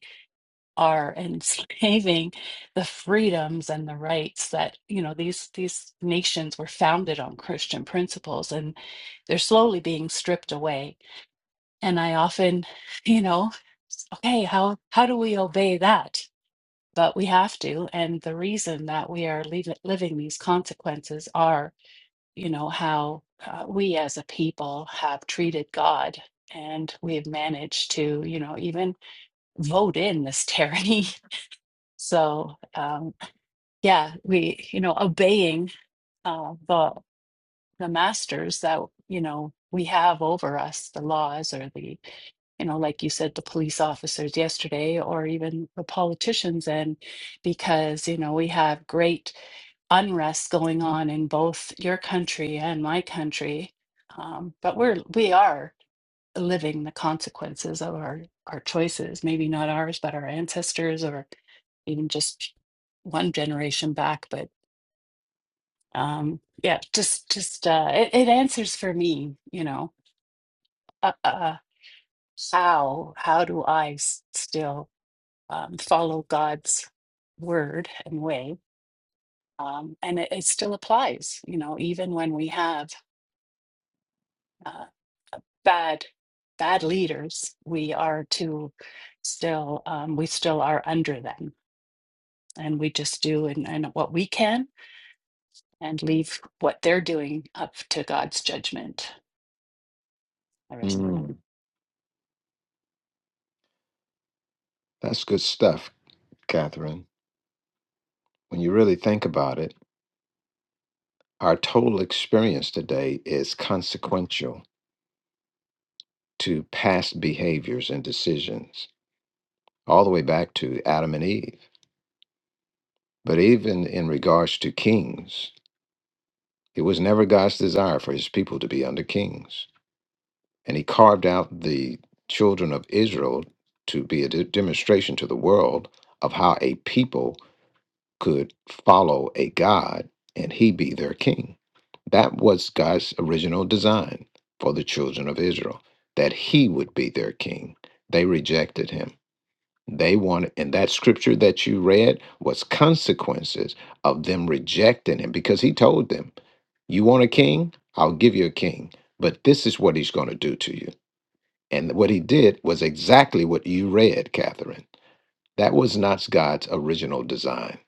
Speaker 10: are enslaving [laughs] the freedoms and the rights that you know these these nations were founded on Christian principles and they're slowly being stripped away and I often [laughs] you know s- okay how how do we obey that but we have to and the reason that we are leav- living these consequences are you know how uh, we as a people have treated God and we've managed to you know even vote in this tyranny [laughs] So um, yeah, we you know obeying uh, the the masters that you know we have over us, the laws or the you know like you said the police officers yesterday or even the politicians and because you know we have great unrest going on in both your country and my country um, but we're we are living the consequences of our our choices maybe not ours but our ancestors or even just one generation back but um yeah just just uh it, it answers for me you know uh, uh how how do i s- still um, follow god's word and way um and it, it still applies you know even when we have uh, bad bad leaders we are to still um we still are under them and we just do and, and what we can and leave what they're doing up to God's judgment. I rest my mouth.
Speaker 1: Mm, that's good stuff, Catherine. When you really think about it, our total experience today is consequential to past behaviors and decisions. all the way back to Adam and Eve. But even in regards to kings, it was never God's desire for his people to be under kings. And he carved out the children of Israel to be a de- demonstration to the world of how a people could follow a God and he be their king. That was God's original design for the children of Israel, that he would be their king. They rejected him They wanted, and that scripture that you read was consequences of them rejecting him because he told them, You want a king? I'll give you a king, but this is what he's going to do to you. And what he did was exactly what you read, Catherine. That was not God's original design.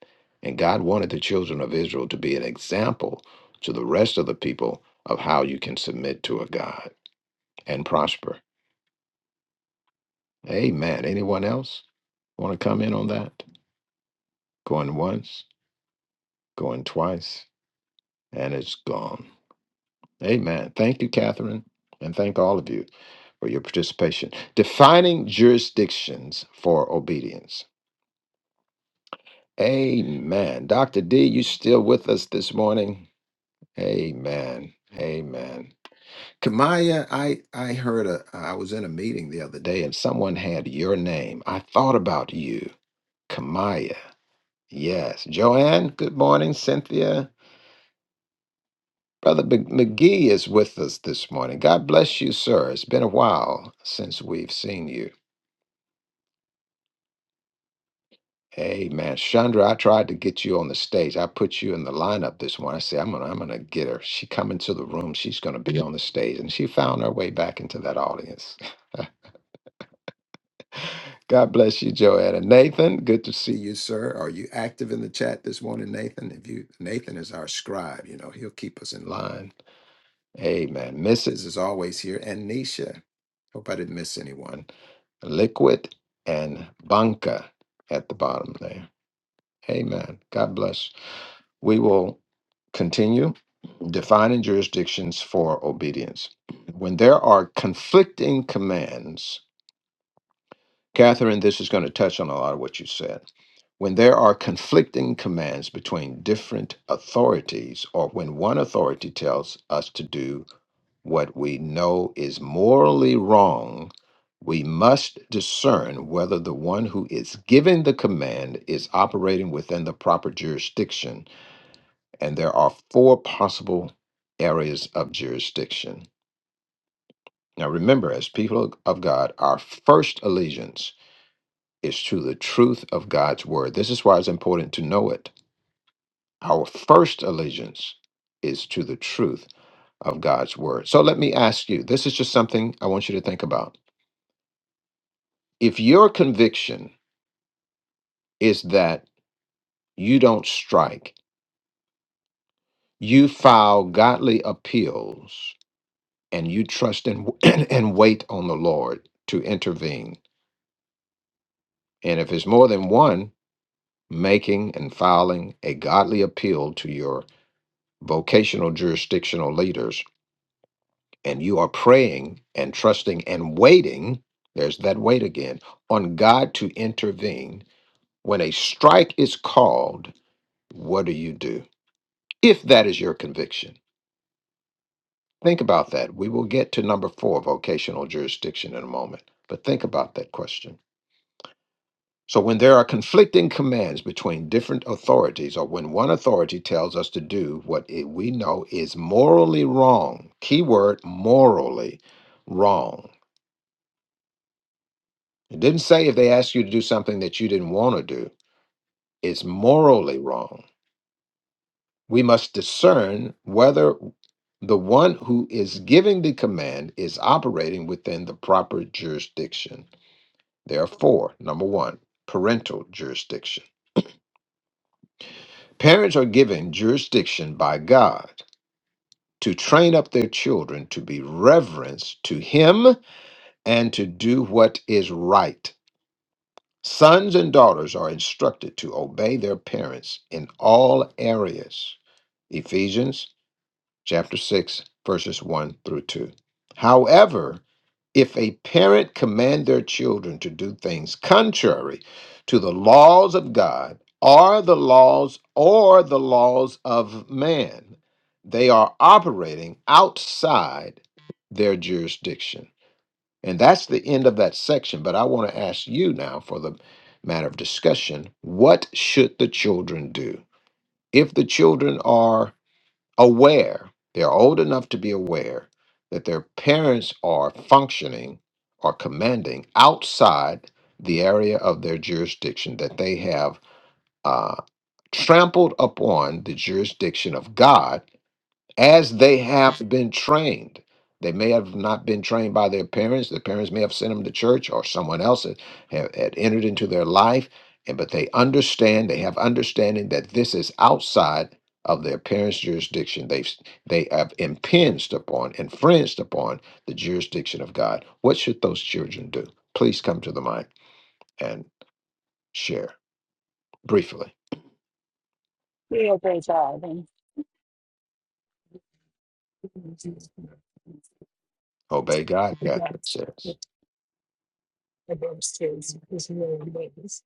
Speaker 1: And God wanted the children of Israel to be an example to the rest of the people of how you can submit to a God and prosper. Amen. Anyone else want to come in on that? Going once, going twice, and it's gone. Amen. Thank you, Catherine, and thank all of you for your participation. Defining jurisdictions for obedience. Amen. Dr. D, you still with us this morning? Amen. Amen. Kamaya, I, I heard a I was in a meeting the other day and someone had your name. I thought about you. Kamaya. Yes. Joanne, good morning. Cynthia. Brother Mc- McGee is with us this morning. God bless you, sir. It's been a while since we've seen you. Amen. Chandra, I tried to get you on the stage. I put you in the lineup this morning. I said, I'm gonna I'm gonna get her. She come into the room. She's gonna be on the stage. And she found her way back into that audience. [laughs] God bless you, Joanna. Nathan, good to see you, sir. Are you active in the chat this morning, Nathan? If you Nathan is our scribe, you know, he'll keep us in line. Amen. Mrs. is always here, and Nisha. Hope I didn't miss anyone. Liquid and Banca at the bottom there. Amen. God bless. We will continue defining jurisdictions for obedience. When there are conflicting commands, Catherine, this is going to touch on a lot of what you said. When there are conflicting commands between different authorities, or when one authority tells us to do what we know is morally wrong, we must discern whether the one who is giving the command is operating within the proper jurisdiction. And there are four possible areas of jurisdiction. Now, remember, as people of God, our first allegiance is to the truth of God's word. This is why it's important to know it. Our first allegiance is to the truth of God's word. So let me ask you this is just something I want you to think about. if your conviction is that you don't strike, you file godly appeals, and you trust and, [clears throat] and wait on the Lord to intervene. And if it's more than one, making and filing a godly appeal to your vocational jurisdictional leaders, and you are praying and trusting and waiting, there's that wait again, on God to intervene. When a strike is called, what do you do? If that is your conviction. Think about that. We will get to number four, vocational jurisdiction, in a moment, but think about that question. So, when there are conflicting commands between different authorities, or when one authority tells us to do what it, we know is morally wrong, keyword morally wrong. It didn't say if they asked you to do something that you didn't want to do, it's morally wrong. We must discern whether the one who is giving the command is operating within the proper jurisdiction. There are four. Number one, parental jurisdiction. Parents are given jurisdiction by God to train up their children to be reverence to Him and to do what is right. Sons and daughters are instructed to obey their parents in all areas. Ephesians chapter 6 verses 1 through 2. However, If a parent command their children to do things contrary to the laws of God or the laws or the laws of man, they are operating outside their jurisdiction. And that's the end of that section. But I want to ask you now for the matter of discussion what should the children do? If the children are aware, they're old enough to be aware that their parents are functioning or commanding outside the area of their jurisdiction, that they have uh, trampled upon the jurisdiction of God as they have been trained. They may have not been trained by their parents. Their parents may have sent them to church or someone else had, had had entered into their life. And but they understand, they have understanding that this is outside of their parents' jurisdiction. They've s- they have impinged upon, infringed upon the jurisdiction of God. What should those children do? Please come to the mic and share briefly.
Speaker 10: We obey God and
Speaker 1: Obey God, Catherine
Speaker 10: that's what
Speaker 1: says.
Speaker 10: the verse is, is really ways.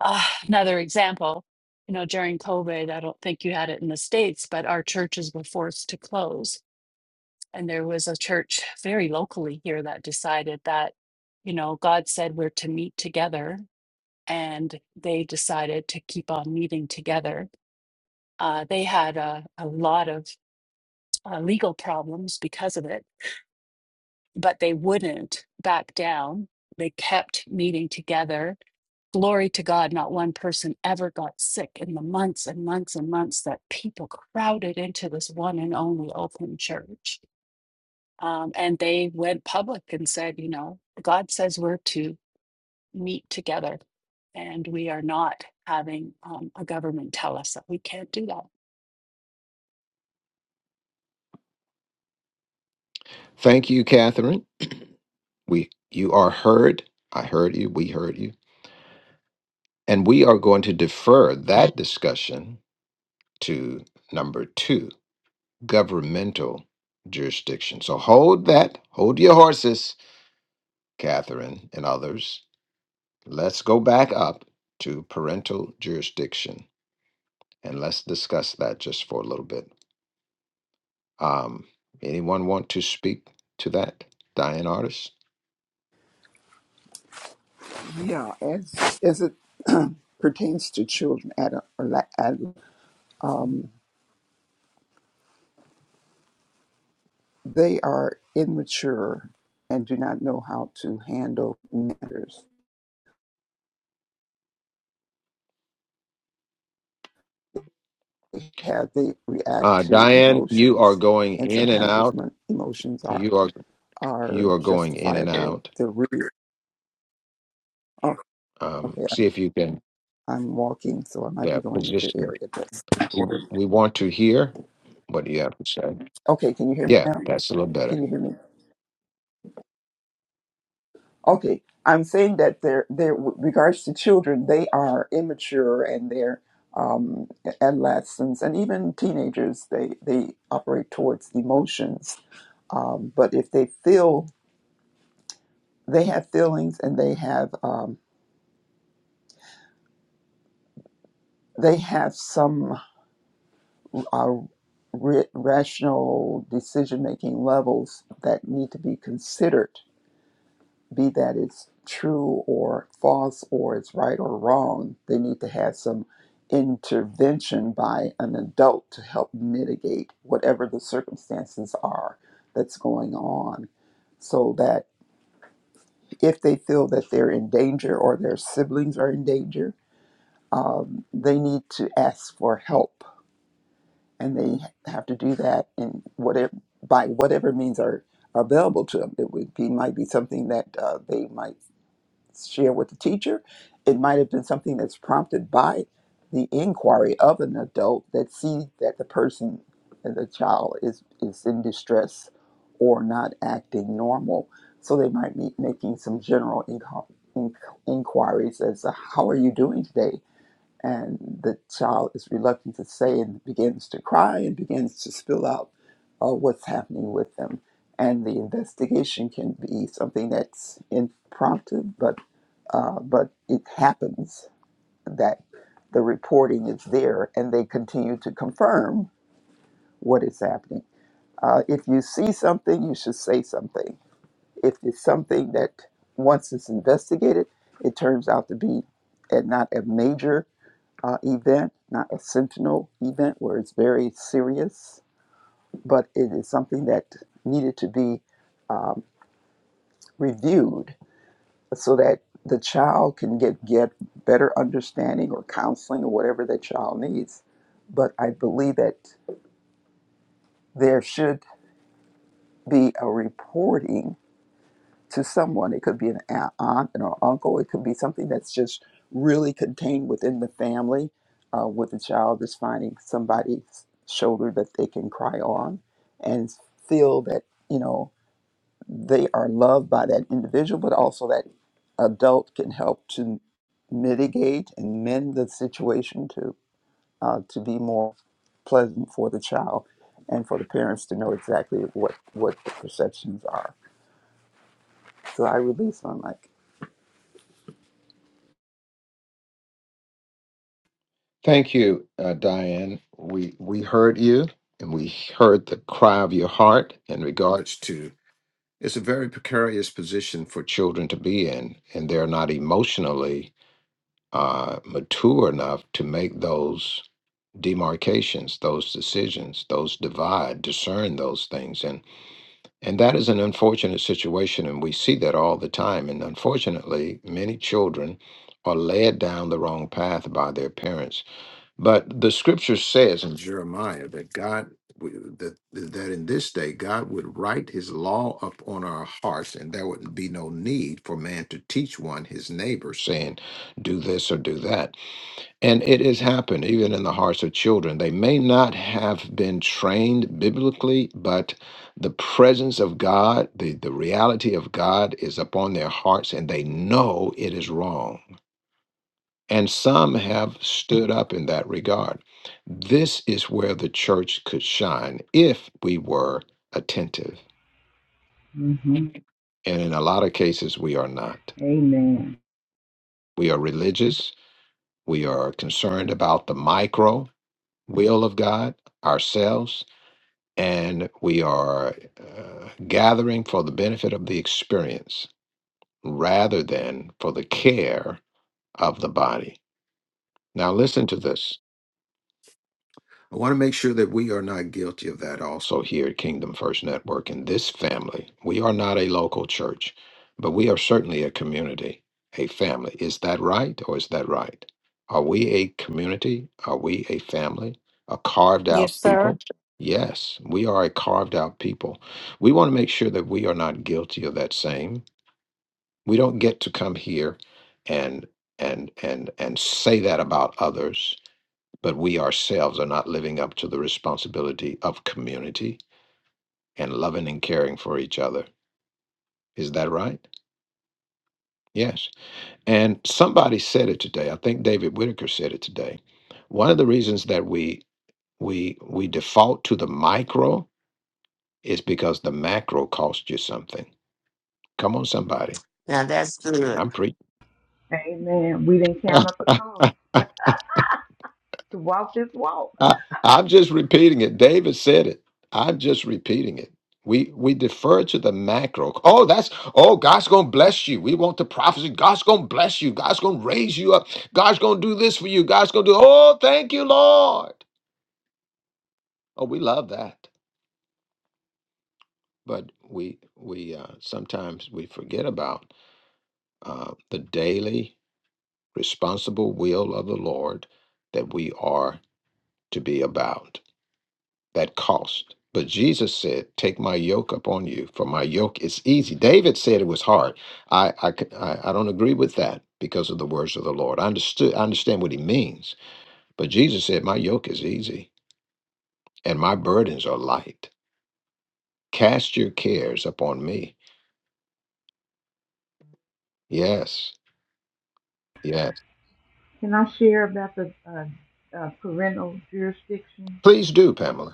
Speaker 10: Ah, another example, you know, during COVID, I don't think you had it in the States, but our churches were forced to close. And there was a church very locally here that decided that, you know, God said we're to meet together. And they decided to keep on meeting together. Uh, they had a, a lot of uh, legal problems because of it, but they wouldn't back down. They kept meeting together. Glory to God, not one person ever got sick in the months and months and months that people crowded into this one and only open church. Um, and they went public and said, you know, God says we're to meet together, and we are not having um, a government tell us that we can't do that.
Speaker 1: Thank you, Catherine. We you are heard. I heard you. We heard you. And we are going to defer that discussion to number two, governmental jurisdiction. So hold that, hold your horses, Catherine and others. Let's go back up to parental jurisdiction and let's discuss that just for a little bit. Um, anyone want to speak to that? Diane Artis?
Speaker 12: Yeah, as as it [clears throat] pertains to children, ad- or la- ad- um, they are immature and do not know how to handle matters. They have they react
Speaker 1: Uh,
Speaker 12: to
Speaker 1: Diane, you are
Speaker 12: emotions,
Speaker 1: going
Speaker 12: and
Speaker 1: in and
Speaker 12: sometimes those
Speaker 1: out.
Speaker 12: mon- emotions are
Speaker 1: You are
Speaker 12: are
Speaker 1: you are going in and
Speaker 12: justifiable.
Speaker 1: out.
Speaker 12: The root. Oh,
Speaker 1: Um,
Speaker 12: okay. I'm
Speaker 1: see if you can,
Speaker 12: I'm walking, so I might be
Speaker 1: yeah,
Speaker 12: going into
Speaker 1: position.
Speaker 12: area that's
Speaker 1: We
Speaker 12: important.
Speaker 1: we want to hear what you have to say.
Speaker 12: Okay, can you hear me
Speaker 1: Yeah,
Speaker 12: now?
Speaker 1: that's a little
Speaker 12: Can
Speaker 1: better.
Speaker 12: you hear me? Okay, I'm saying that they're they're with regards to children, they are immature and they're um, adolescents and even teenagers. They they operate towards emotions, um, but if they feel they have feelings and they have um, they have some uh, ra- rational decision making levels that need to be considered, be that it's true or false or it's right or wrong, they need to have some intervention by an adult to help mitigate whatever the circumstances are that's going on. So that if they feel that they're in danger or their siblings are in danger, um, they need to ask for help and they have to do that in whatever by whatever means are, are available to them. It would be might be something that uh, they might share with the teacher. It might have been something that's prompted by the inquiry of an adult that sees that the person, the child, is is in distress or not acting normal. So they might be making some general inco- in- inquiries as to how are you doing today and the child is reluctant to say and begins to cry and begins to spill out uh, what's happening with them. And the investigation can be something that's impromptu, but uh, but it happens that the reporting is there, and they continue to confirm what is happening. Uh, if you see something, you should say something. If it's something that once it's investigated, it turns out to be uh, not a major uh, event, not a sentinel event where it's very serious, but it is something that needed to be um, reviewed so that the child can get, get better understanding or counseling or whatever the child needs. But I believe that there should be a reporting to someone. It could be an aunt and an uncle. It could be something that's just really contained within the family, uh, where the child is finding somebody's shoulder that they can cry on and feel that you know they are loved by that individual, but also that adult can help to mitigate and mend the situation to uh, to be more pleasant for the child and for the parents to know exactly what what the perceptions are. So I release my mic.
Speaker 1: Thank you, uh, Diane. We we heard you, and we heard the cry of your heart in regards to. It's a very precarious position for children to be in, and they're not emotionally uh, mature enough to make those demarcations, those decisions, those divide, discern those things, and. And that is an unfortunate situation, and we see that all the time. And unfortunately, many children are led down the wrong path by their parents. But the scripture says in Jeremiah that God, w- that, that in this day, God would write his law upon our hearts, and there would be no need for man to teach one his neighbor, saying, Do this or do that and it has happened even in the hearts of children. They may not have been trained biblically, but the presence of God, the, the reality of God is upon their hearts and they know it is wrong. And some have stood up in that regard. This is where the church could shine if we were attentive.
Speaker 9: hmm
Speaker 1: And in a lot of cases, we are not.
Speaker 9: Amen.
Speaker 1: We are religious, we are concerned about the micro will of God ourselves and we are uh, gathering for the benefit of the experience rather than for the care of the body. Now, listen to this. I want to make sure that we are not guilty of that also here at Kingdom First Network in this family. We are not a local church, but we are certainly a community, a family. Is that right or is that right? Are we a community? Are we a family? A carved
Speaker 3: Yes,
Speaker 1: out
Speaker 3: sir.
Speaker 1: people? Yes, we are a carved out people. We want to make sure that we are not guilty of that same. We don't get to come here and and and and say that about others but we ourselves are not living up to the responsibility of community and loving and caring for each other. Is that right? Yes. And somebody said it today. I think David Whitaker said it today. One of the reasons that we we we default to the micro is because the macro cost you something. Come on, somebody.
Speaker 7: Now that's good.
Speaker 1: I'm preaching.
Speaker 9: Amen. We didn't count up the cost to walk this walk.
Speaker 1: I, I'm just repeating it. David said it. I'm just repeating it. We we defer to the macro. Oh, that's oh, God's gonna bless you. We want the prophecy. God's gonna bless you. God's gonna raise you up. God's gonna do this for you. God's gonna do. Oh, thank you, Lord. Oh, we love that, but we we uh, sometimes we forget about uh, the daily responsible will of the Lord that we are to be about. that cost. But Jesus said, Take my yoke upon you, for my yoke is easy. David said it was hard. I, I, c- I- I don't agree with that because of the words of the Lord. I understood I understand what he means. But Jesus said, My yoke is easy and my burdens are light. Cast your cares upon me. Yes, yes.
Speaker 9: Can I share about the uh, uh, parental jurisdiction?
Speaker 1: Please do, Pamela.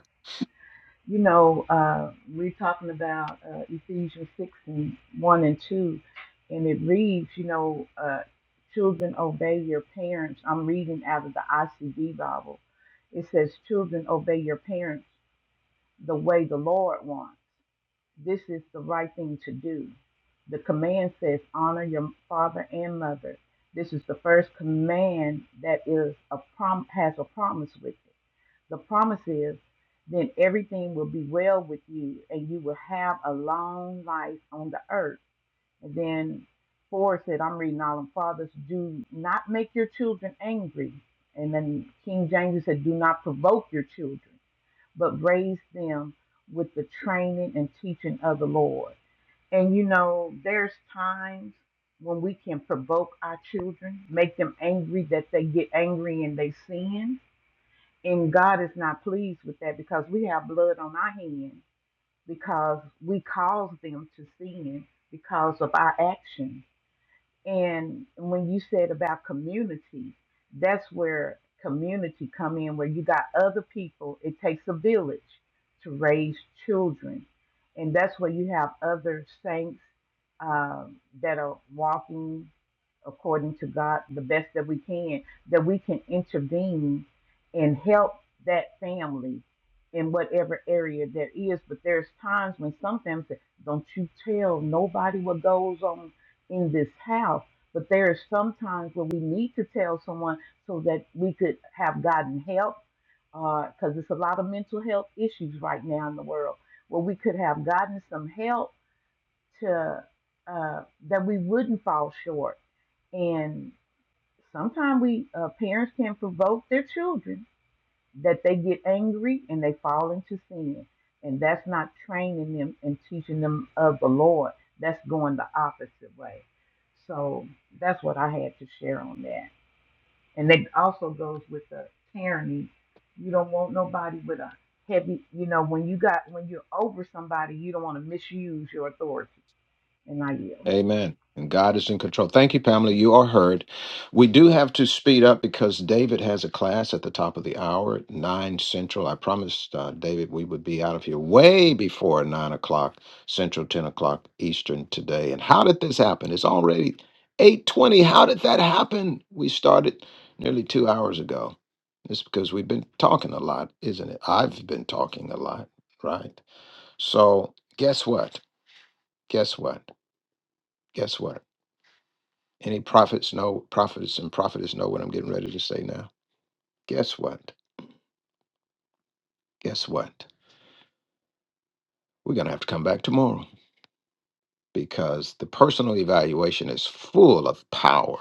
Speaker 9: You know, uh, we're talking about uh, Ephesians 6 and 1 and 2, and it reads, you know, uh, children obey your parents. I'm reading out of the ICB Bible. It says, children obey your parents the way the Lord wants This is the right thing to do. The command says, honor your father and mother. This is the first command that is a prom- has a promise with it. The promise is, then everything will be well with you and you will have a long life on the earth. And then four said, I'm reading all them fathers, do not make your children angry. And then King James said, do not provoke your children but raise them with the training and teaching of the Lord. And you know, there's times when we can provoke our children, make them angry that they get angry and they sin. And God is not pleased with that because we have blood on our hands because we cause them to sin because of our actions. And when you said about community, that's where community come in, where you got other people. It takes a village to raise children, and that's where you have other saints um, that are walking according to God the best that we can. That we can intervene and help that family in whatever area there is. But there's times when sometimes don't you tell nobody what goes on in this house. But there is sometimes where we need to tell someone so that we could have gotten help, because there's a lot of mental health issues right now in the world where we could have gotten some help to uh, that we wouldn't fall short. And sometimes we uh, parents can provoke their children that they get angry and they fall into sin. And that's not training them and teaching them of the Lord. That's going the opposite way. So that's what I had to share on that. And that also goes with the tyranny. You don't want nobody with a heavy, you know, when you got when you're over somebody, you don't want to misuse your authority. And I yield.
Speaker 1: Amen. And God is in control. Thank you, Pamela. You are heard. We do have to speed up because David has a class at the top of the hour, at nine central. I promised uh, David we would be out of here way before nine o'clock central, ten o'clock eastern today. And how did this happen? It's already eight twenty. How did that happen? We started nearly two hours ago. It's because we've been talking a lot, isn't it? I've been talking a lot, right? So guess what? Guess what? Guess what? Any prophets know, prophets and prophetess know what I'm getting ready to say now. Guess what? Guess what? We're going to have to come back tomorrow because the personal evaluation is full of power.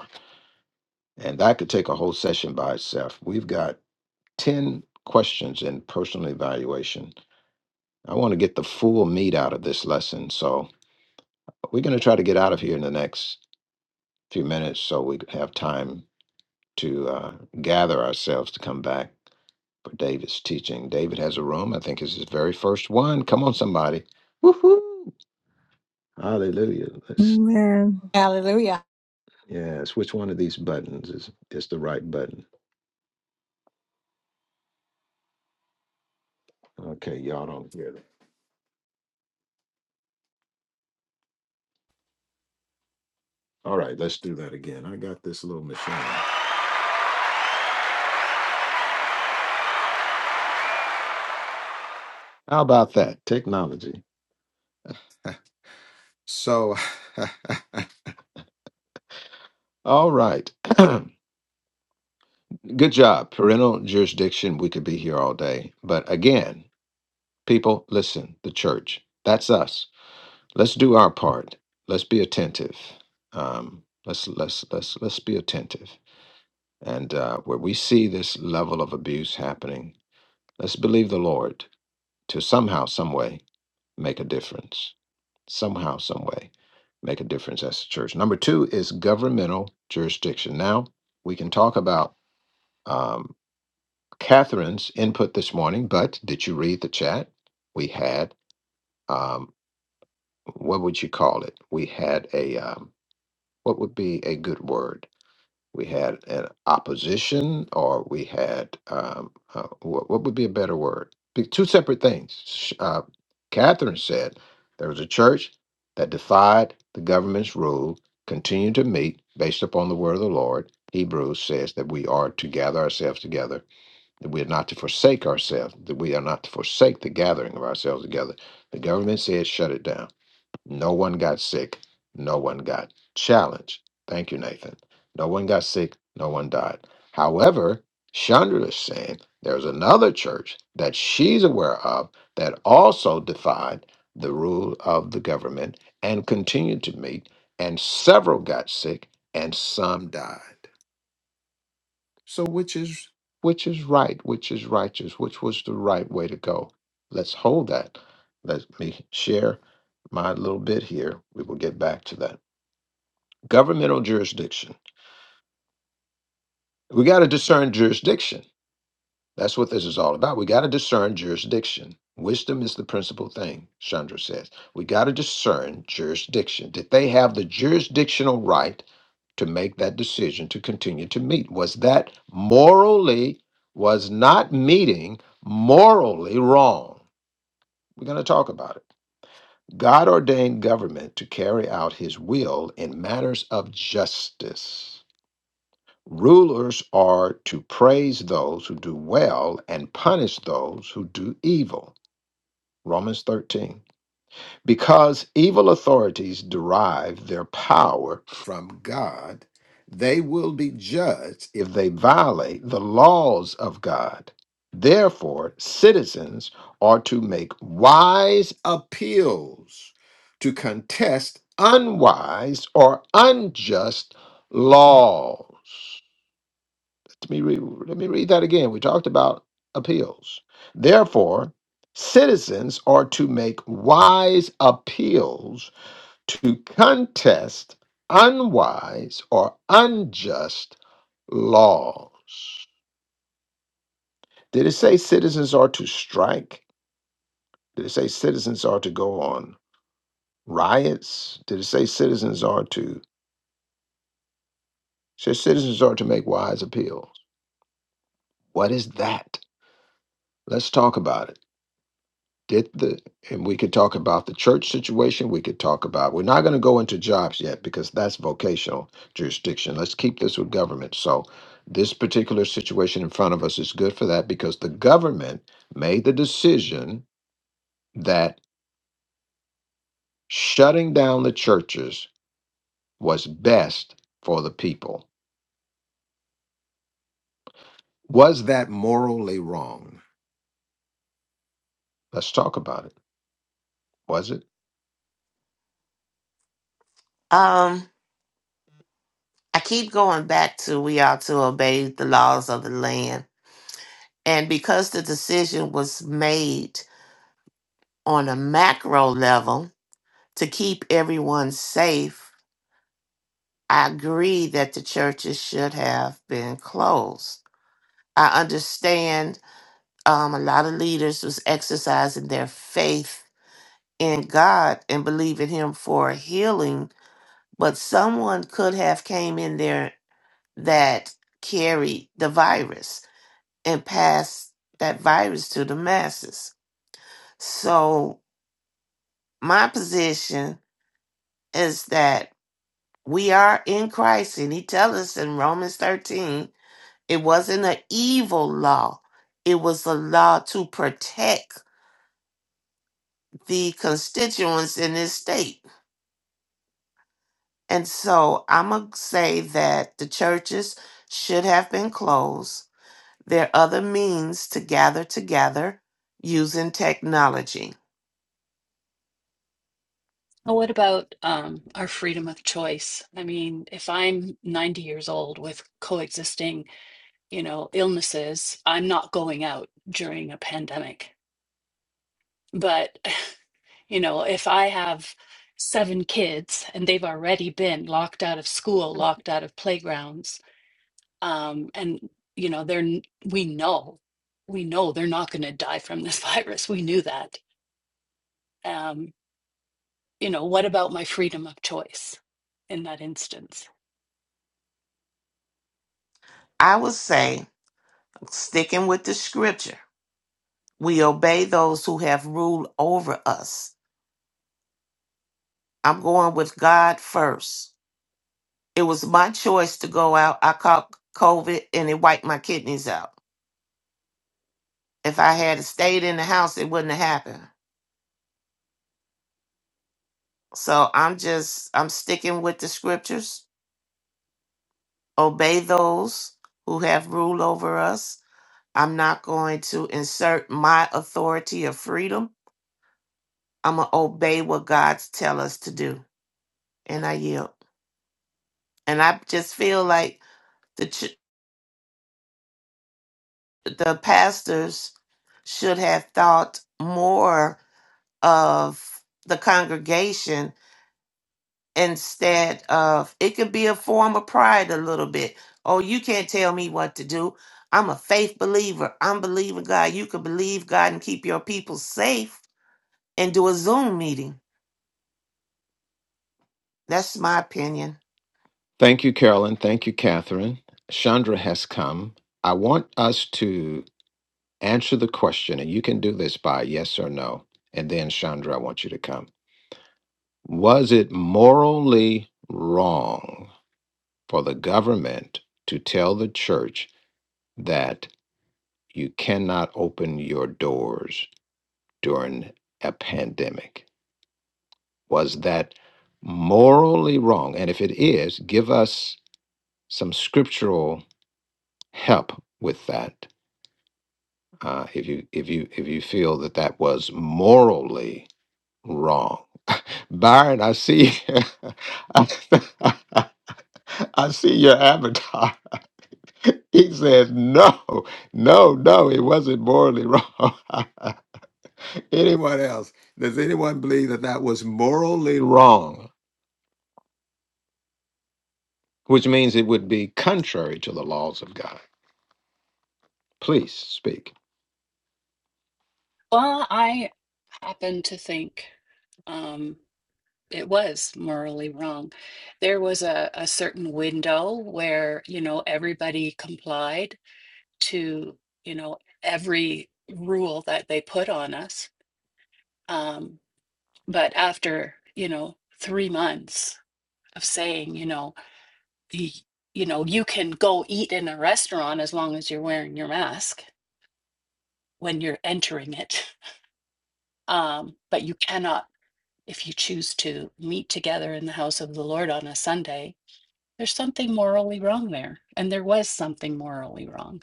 Speaker 1: And that could take a whole session by itself. We've got 10 questions in personal evaluation. I want to get the full meat out of this lesson. So we're going to try to get out of here in the next few minutes so we have time to uh, gather ourselves to come back. for David's teaching. David has a room. I think it's his very first one. Come on, somebody. Woohoo! Hallelujah. Let's
Speaker 8: Amen,
Speaker 3: Hallelujah.
Speaker 1: yes, which one of these buttons is is the right button? Okay, y'all don't hear it. All right, let's do that again. I got this little machine. How about that? Technology. So [laughs] all right. [clears throat] Good job. Parental jurisdiction. We could be here all day. But again, people, listen, the church. That's us. let's do our part. Let's be attentive. Um, let's let's let's let's be attentive. And uh, where we see this level of abuse happening, let's believe the Lord to somehow, some way, make a difference. Somehow, some way, make a difference as a church. Number two is governmental jurisdiction. Now we can talk about um, Catherine's input this morning, but did you read the chat? We had um, what would you call it? We had a um, What would be a good word? We had an opposition, or we had um, uh, what, what would be a better word? Be- Two separate things. Sh- Uh, Catherine said there was a church that defied the government's rule, continued to meet based upon the word of the Lord. Hebrews says that we are to gather ourselves together, that we are not to forsake ourselves, that we are not to forsake the gathering of ourselves together. The government said shut it down no one got sick. No one got challenged. Thank you, Nathan. No one got sick. No one died. However, Chandra is saying there's another church that she's aware of that also defied the rule of the government and continued to meet, and several got sick and some died. So which is which is right, which is righteous, which was the right way to go. Let's hold that. Let me share my little bit here. We will get back to that. Governmental jurisdiction. We got to discern jurisdiction. That's what this is all about. We got to discern jurisdiction. Wisdom is the principal thing, Chandra says. We got to discern jurisdiction. Did they have the jurisdictional right to make that decision to continue to meet? Was that morally, was not meeting morally wrong? We're going to talk about it. God ordained government to carry out his will in matters of justice. Rulers are to praise those who do well and punish those who do evil. Romans 13. Because evil authorities derive their power from God, they will be judged if they violate the laws of God. Therefore, citizens are to make wise appeals to contest unwise or unjust laws. Let me read, let me read that again. We talked about appeals. Therefore, citizens are to make wise appeals to contest unwise or unjust laws. Did it say citizens are to strike? Did it say citizens are to go on riots? Did it say citizens are to it says citizens are to make wise appeals? What is that? Let's talk about it. Did the and we could talk about the church situation. We could talk about we're not going to go into jobs yet because that's vocational jurisdiction. Let's keep this with government. So this particular situation in front of us is good for that because the government made the decision that shutting down the churches was best for the people. Was that morally wrong? Let's talk about it. Was it?
Speaker 7: Um, I keep going back to we ought to obey the laws of the land. And because the decision was made on a macro level to keep everyone safe, I agree that the churches should have been closed. I understand um, a lot of leaders was exercising their faith in God and believing Him for healing, but someone could have came in there that carried the virus and passed that virus to the masses. So my position is that we are in Christ, and He tells us in Romans thirteen, it wasn't an evil law; it was a law to protect the constituents in this state. And so I'm going to say that the churches should have been closed. There are other means to gather together using technology.
Speaker 10: Well, what about um, our freedom of choice? I mean, if I'm 90 years old with coexisting, you know, illnesses, I'm not going out during a pandemic. But, [laughs] you know, if I have seven kids and they've already been locked out of school, locked out of playgrounds, um, and, you know, they're, n- we know, we know they're not going to die from this [laughs] virus. We knew that. Um, you know, what about my freedom of choice in that instance?
Speaker 7: I would say, sticking with the scripture, we obey those who have ruled over us. I'm going with God first. It was my choice to go out. I caught COVID and it wiped my kidneys out. If I had stayed in the house, it wouldn't have happened. So I'm just, I'm sticking with the scriptures. Obey those who have rule over us. I'm not going to insert my authority or freedom. I'm going to obey what God's tell us to do. And I yield. And I just feel like the, ch- the pastors should have thought more of the congregation instead of it could be a form of pride a little bit. Oh, you can't tell me what to do. I'm a faith believer. I'm believing God. You can believe God and keep your people safe and do a Zoom meeting. That's my opinion.
Speaker 1: Thank you, Carolyn. Thank you, Catherine. Chandra has come. I want us to Answer the question, and you can do this by yes or no. And then, Chandra, I want you to come. Was it morally wrong for the government to tell the church that you cannot open your doors during a pandemic? Was that morally wrong? And if it is, give us some scriptural help with that. Uh, if you if you if you feel that that was morally wrong Byron, I see, [laughs] I, [laughs] I see your avatar. [laughs] He says, no, no, no, it wasn't morally wrong. [laughs] anyone else? Does anyone believe that that was morally wrong? Which means it would be contrary to the laws of God. Please speak.
Speaker 10: Well, I happen to think um, it was morally wrong. There was a, a certain window where, you know, everybody complied to, you know, every rule that they put on us. Um, but after, you know, three months of saying, you know, the, you know, you can go eat in a restaurant as long as you're wearing your mask when you're entering it. [laughs] Um, but you cannot if you choose to meet together in the house of the Lord on a Sunday, there's something morally wrong there. And there was something morally wrong.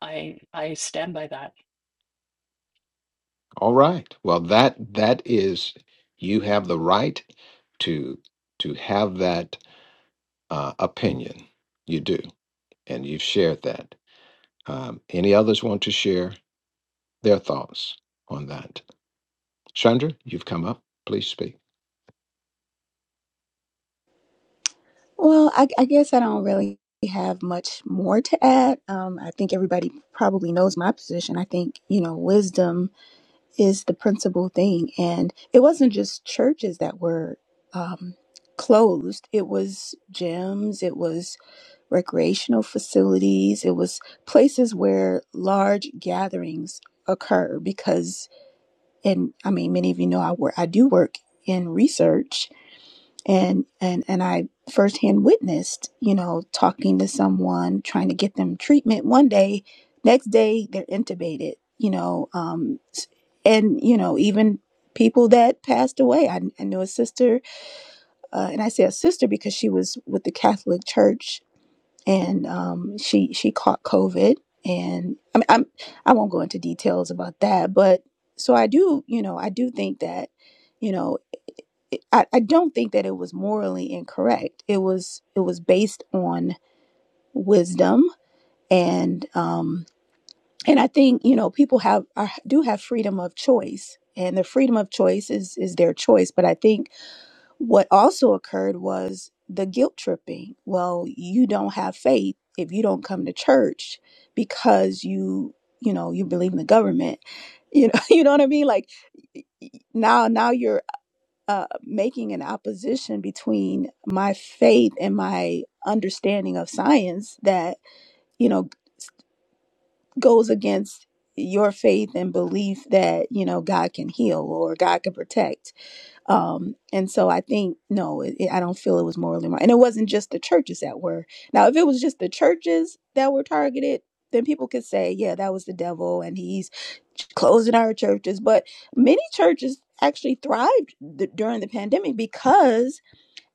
Speaker 10: I I stand by that.
Speaker 1: All right. Well, that that is, you have the right to to have that uh, opinion. You do, and you've shared that. Um, any others want to share their thoughts on that? Chandra, you've come up. Please speak.
Speaker 13: Well, I, I guess I don't really have much more to add. Um, I think everybody probably knows my position. I think, you know, wisdom is the principal thing. And it wasn't just churches that were um, closed, it was gyms, it was recreational facilities, it was places where large gatherings occur because, and I mean, many of you know I work, I do work in research and and and I firsthand witnessed, you know, talking to someone trying to get them treatment one day, next day they're intubated, you know, um, and you know even people that passed away. I, I knew a sister, uh, and I say a sister because she was with the Catholic Church, and um, she she caught COVID, and I mean, I'm I won't go into details about that, but so I do, you know, I do think that. you know it, I, I don't think that it was morally incorrect. It was it was based on wisdom and um and I think you know people have are, do have freedom of choice and the freedom of choice is is their choice. But I think what also occurred was the guilt tripping. Well, you don't have faith if you don't come to church because you you know you believe in the government. You know [laughs] you know what I mean like now now you're uh, making an opposition between my faith and my understanding of science that you know goes against your faith and belief that you know God can heal or God can protect. Um, and so I think no, it, it- I don't feel it was morally wrong, and it wasn't just the churches that were. Now, if it was just the churches that were targeted. Then people could say, yeah, that was the devil and he's closing our churches. But many churches actually thrived d- during the pandemic because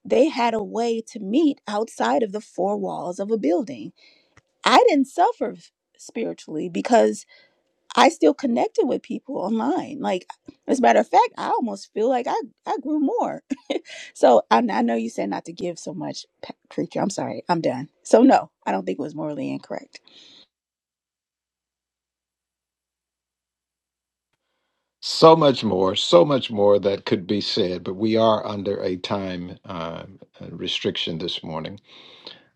Speaker 13: they had a way to meet outside of the four walls of a building. I didn't suffer spiritually because I still connected with people online. Like, as a matter of fact, I almost feel like I, I grew more. [laughs] So I, I know you said not to give so much, Pa- preacher. I'm sorry. I'm done. So, no, I don't think it was morally incorrect.
Speaker 1: So much more, so much more that could be said, but we are under a time uh, restriction this morning.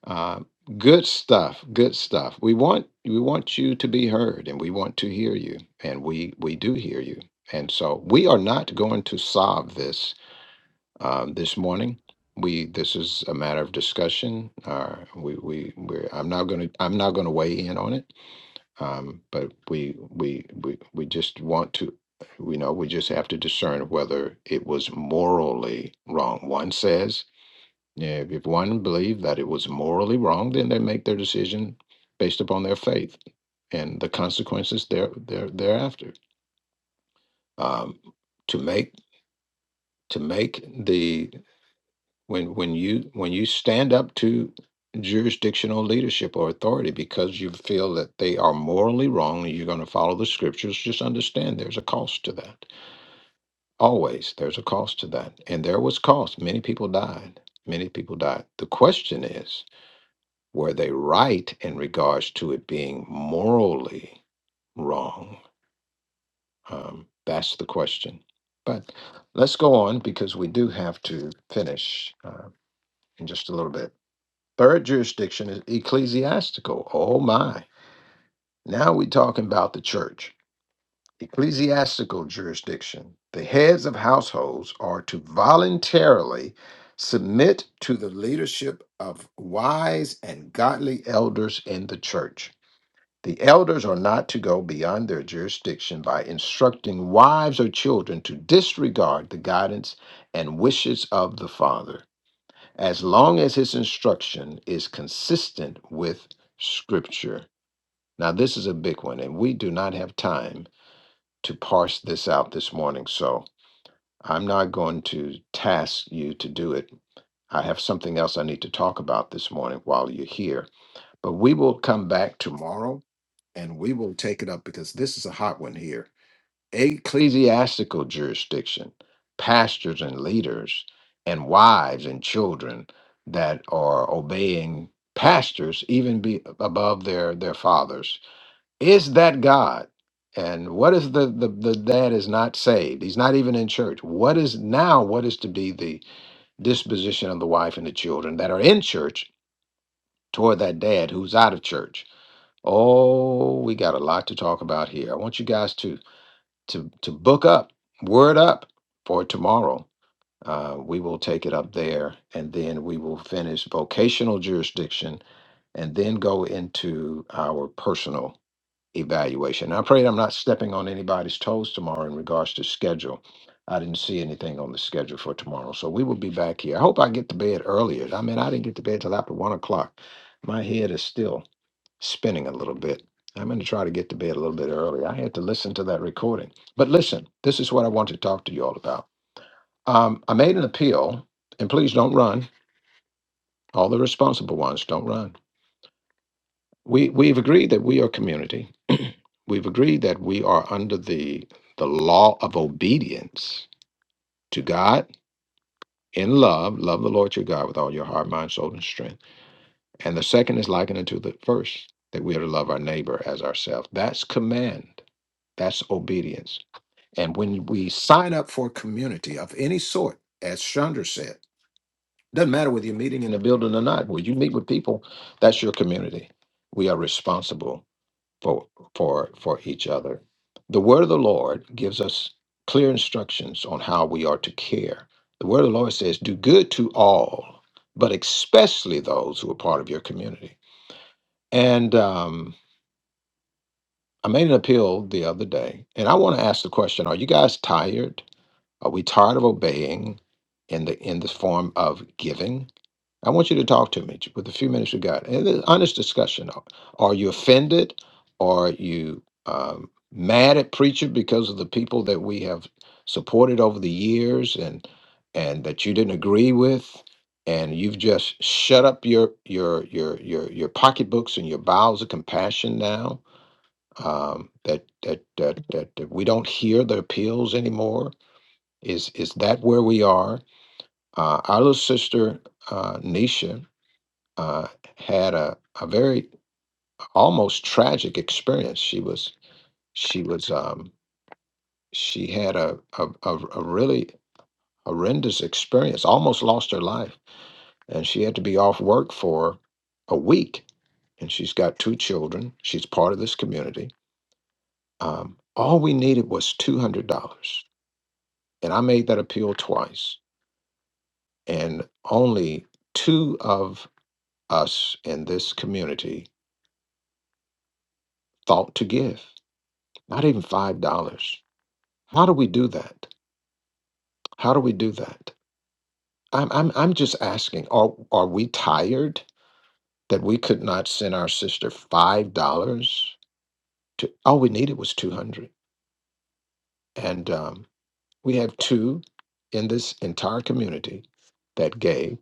Speaker 1: Uh, good stuff, good stuff. We want we want you to be heard, and we want to hear you, and we we do hear you. And so we are not going to solve this um, this morning. We this is a matter of discussion. Uh, we we we're, I'm not going to I'm not going to weigh in on it. Um, but we we we we just want to we know we just have to discern whether it was morally wrong. One says yeah, if one believed that it was morally wrong, then they make their decision based upon their faith and the consequences there there thereafter. Um, to make to make the when when you when you stand up to jurisdictional leadership or authority because you feel that they are morally wrong and you're going to follow the scriptures just understand there's a cost to that always there's a cost to that and there was cost many people died many people died the question is were they right in regards to it being morally wrong um, that's the question but let's go on because we do have to finish uh, in just a little bit Third jurisdiction is ecclesiastical. Oh my. Now we're talking about the church. Ecclesiastical jurisdiction. The heads of households are to voluntarily submit to the leadership of wise and godly elders in the church. The elders are not to go beyond their jurisdiction by instructing wives or children to disregard the guidance and wishes of the father as long as his instruction is consistent with Scripture. Now, this is a big one, and we do not have time to parse this out this morning, so I'm not going to task you to do it. I have something else I need to talk about this morning while you're here, but we will come back tomorrow and we will take it up because this is a hot one here ecclesiastical jurisdiction, pastors and leaders, and wives and children that are obeying pastors even be above their their fathers. Is that God? And what is the, the the dad is not saved? He's not even in church. What is now? What is to be the disposition of the wife and the children that are in church toward that dad who's out of church? Oh, we got a lot to talk about here. I want you guys to to to book up, word up for tomorrow. Uh, we will take it up there, and then we will finish vocational jurisdiction, and then go into our personal evaluation. I pray that I'm not stepping on anybody's toes tomorrow in regards to schedule. I didn't see anything on the schedule for tomorrow, so we will be back here. I hope I get to bed earlier. I mean, I didn't get to bed till after one o'clock. My head is still spinning a little bit. I'm going to try to get to bed a little bit early. I had to listen to that recording. But listen, this is what I want to talk to you all about. Um, I made an appeal, and please don't run. All the responsible ones don't run. We we've agreed that we are community. [clears throat] we've agreed that we are under the the law of obedience to God in love. Love the Lord your God with all your heart, mind, soul, and strength. And the second is likened unto the first, that we are to love our neighbor as ourselves. That's command. That's obedience And when we sign up for a community of any sort, as Chandra said, doesn't matter whether you're meeting in the building or not, when you meet with people, that's your community. We are responsible for for for each other. The word of the Lord gives us clear instructions on how we are to care. The word of the Lord says, do good to all, but especially those who are part of your community. And um, I made an appeal the other day, and I want to ask the question Are you guys tired? Are we tired of obeying in the in this form of giving? I want you to talk to me with a few minutes we got. And an honest discussion. Are are you offended? Are you um, mad at preacher because of the people that we have supported over the years and and that you didn't agree with? And you've just shut up your your your your your pocketbooks and your bowels of compassion now um, that, that that that that we don't hear the appeals anymore is is that where we are? Uh, our little sister uh, Nisha uh, had a, a very almost tragic experience. She was she was um, she had a, a a a really horrendous experience. Almost lost her life, and she had to be off work for a week. And she's got two children. She's part of this community. Um, all we needed was two hundred dollars, and I made that appeal twice, and only two of us in this community thought to give not even five dollars how do we do that how do we do that i'm i'm, I'm just asking are, are we tired that we could not send our sister five dollars to all we needed was 200 and um, we have two in this entire community that gave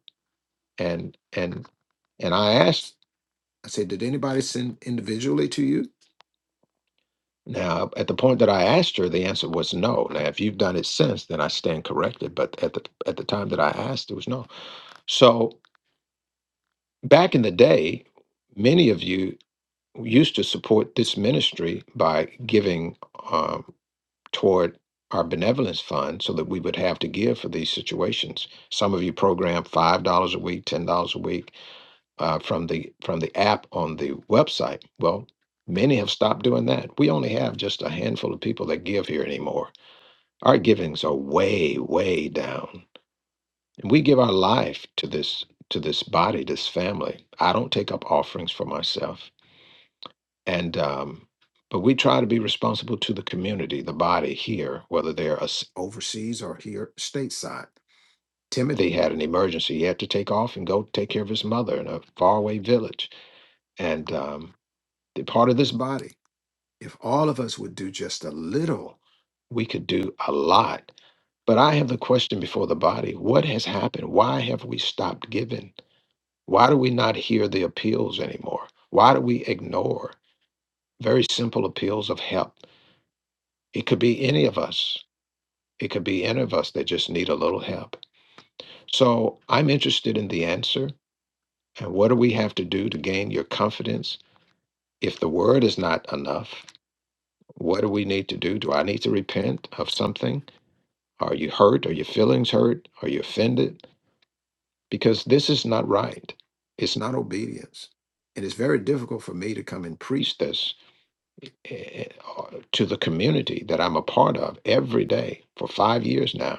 Speaker 1: and and and i asked i said did anybody send individually to you Now, at the point that I asked her, the answer was no. Now, if you've done it since, then I stand corrected. But at the at the time that I asked, it was no. So back in the day, many of you used to support this ministry by giving um, toward our benevolence fund, so that we would have to give for these situations. Some of you programmed five dollars a week, ten dollars a week uh, from the from the app on the website. Well, many have stopped doing that. We only have just a handful of people that give here anymore Our givings are way, way down. And we give our life to this to this body, this family. I don't take up offerings for myself. And um, but we try to be responsible to the community, the body here, whether they're us- overseas or here stateside. Timothy had an emergency. He had to take off and go take care of his mother in a faraway village. And um, they're part of this body. If all of us would do just a little, we could do a lot. But I have the question before the body what has happened? Why have we stopped giving? Why do we not hear the appeals anymore? Why do we ignore very simple appeals of help? It could be any of us. It could be any of us that just need a little help. So I'm interested in the answer. And what do we have to do to gain your confidence? If the word is not enough, what do we need to do? Do I need to repent of something? Are you hurt? Are your feelings hurt? Are you offended? Because this is not right. It's not obedience. And it's very difficult for me to come and preach this eh, eh, uh, to the community that I'm a part of every day for five years now,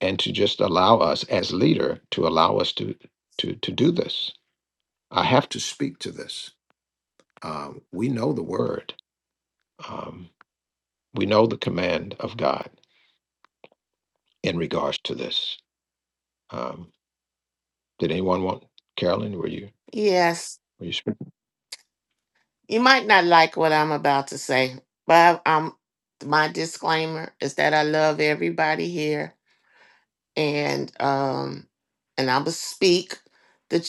Speaker 1: and to just allow us as leader to allow us to to to do this. I have to speak to this. Um, we know the word. Um, we know the command of God in regards to this. Um, did anyone want Carolyn? Were you?
Speaker 7: Yes,
Speaker 1: were you
Speaker 7: You might not like what I'm about to say, but I'm my disclaimer is that I love everybody here, and um, and I'm gonna speak the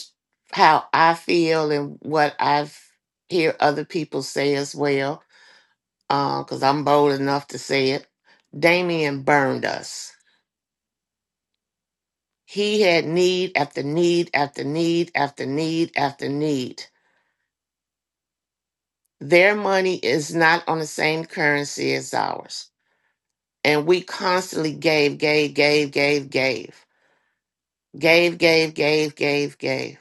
Speaker 7: how I feel and what I've hear other people say as well, because I'm bold enough to say it. Damien burned us. He had need after need after need after need after need. Their money is not on the same currency as ours and we constantly gave, gave, gave, gave, gave, gave, gave, gave, gave, gave.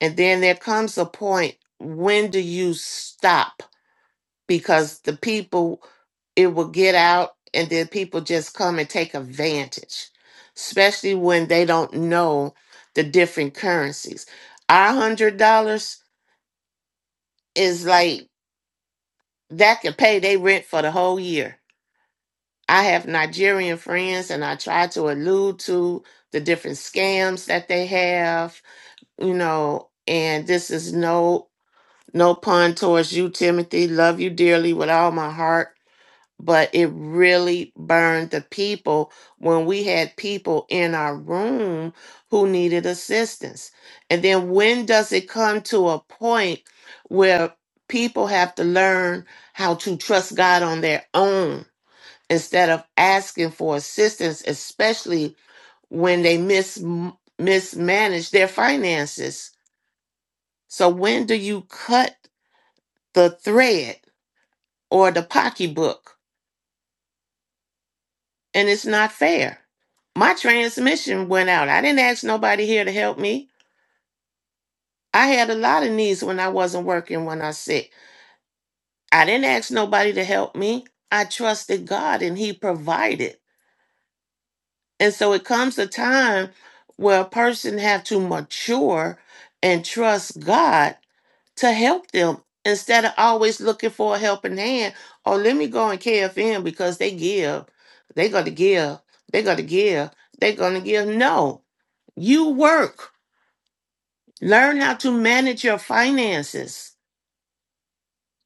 Speaker 7: And then there comes a point when do you stop? Because the people, it will get out, and then people just come and take advantage, especially when they don't know the different currencies. Our one hundred dollars is like that can pay their rent for the whole year I have Nigerian friends and I try to allude to the different scams that they have, you know, and this is no no pun towards you Timothy, love you dearly with all my heart, but it really burned the people when we had people in our room who needed assistance. And then when does it come to a point where people have to learn how to trust God on their own? instead of asking for assistance, especially when they mis- mismanage their finances. So, when do you cut the thread or the pocketbook? And it's not fair. My transmission went out. I didn't ask nobody here to help me. I had a lot of needs when I wasn't working when I was sick. I didn't ask nobody to help me. I trusted God and He provided. And so it comes a time where a person have to mature and trust God to help them instead of always looking for a helping hand. Or let me go and KFM because they give. They gotta give. They gotta give. They gonna give. No. You work. Learn how to manage your finances.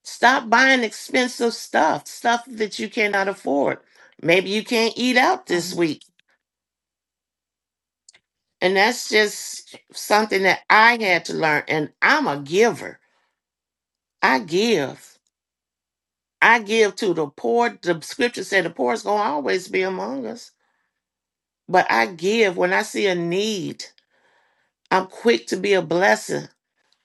Speaker 7: Stop buying expensive stuff, stuff that you cannot afford. Maybe you can't eat out this
Speaker 10: Um,
Speaker 7: week And that's just something that I had to learn. And I'm a giver. I give. I give to the poor. The scripture said the poor is going to always be among us. But I give when I see a need. I'm quick to be a blessing.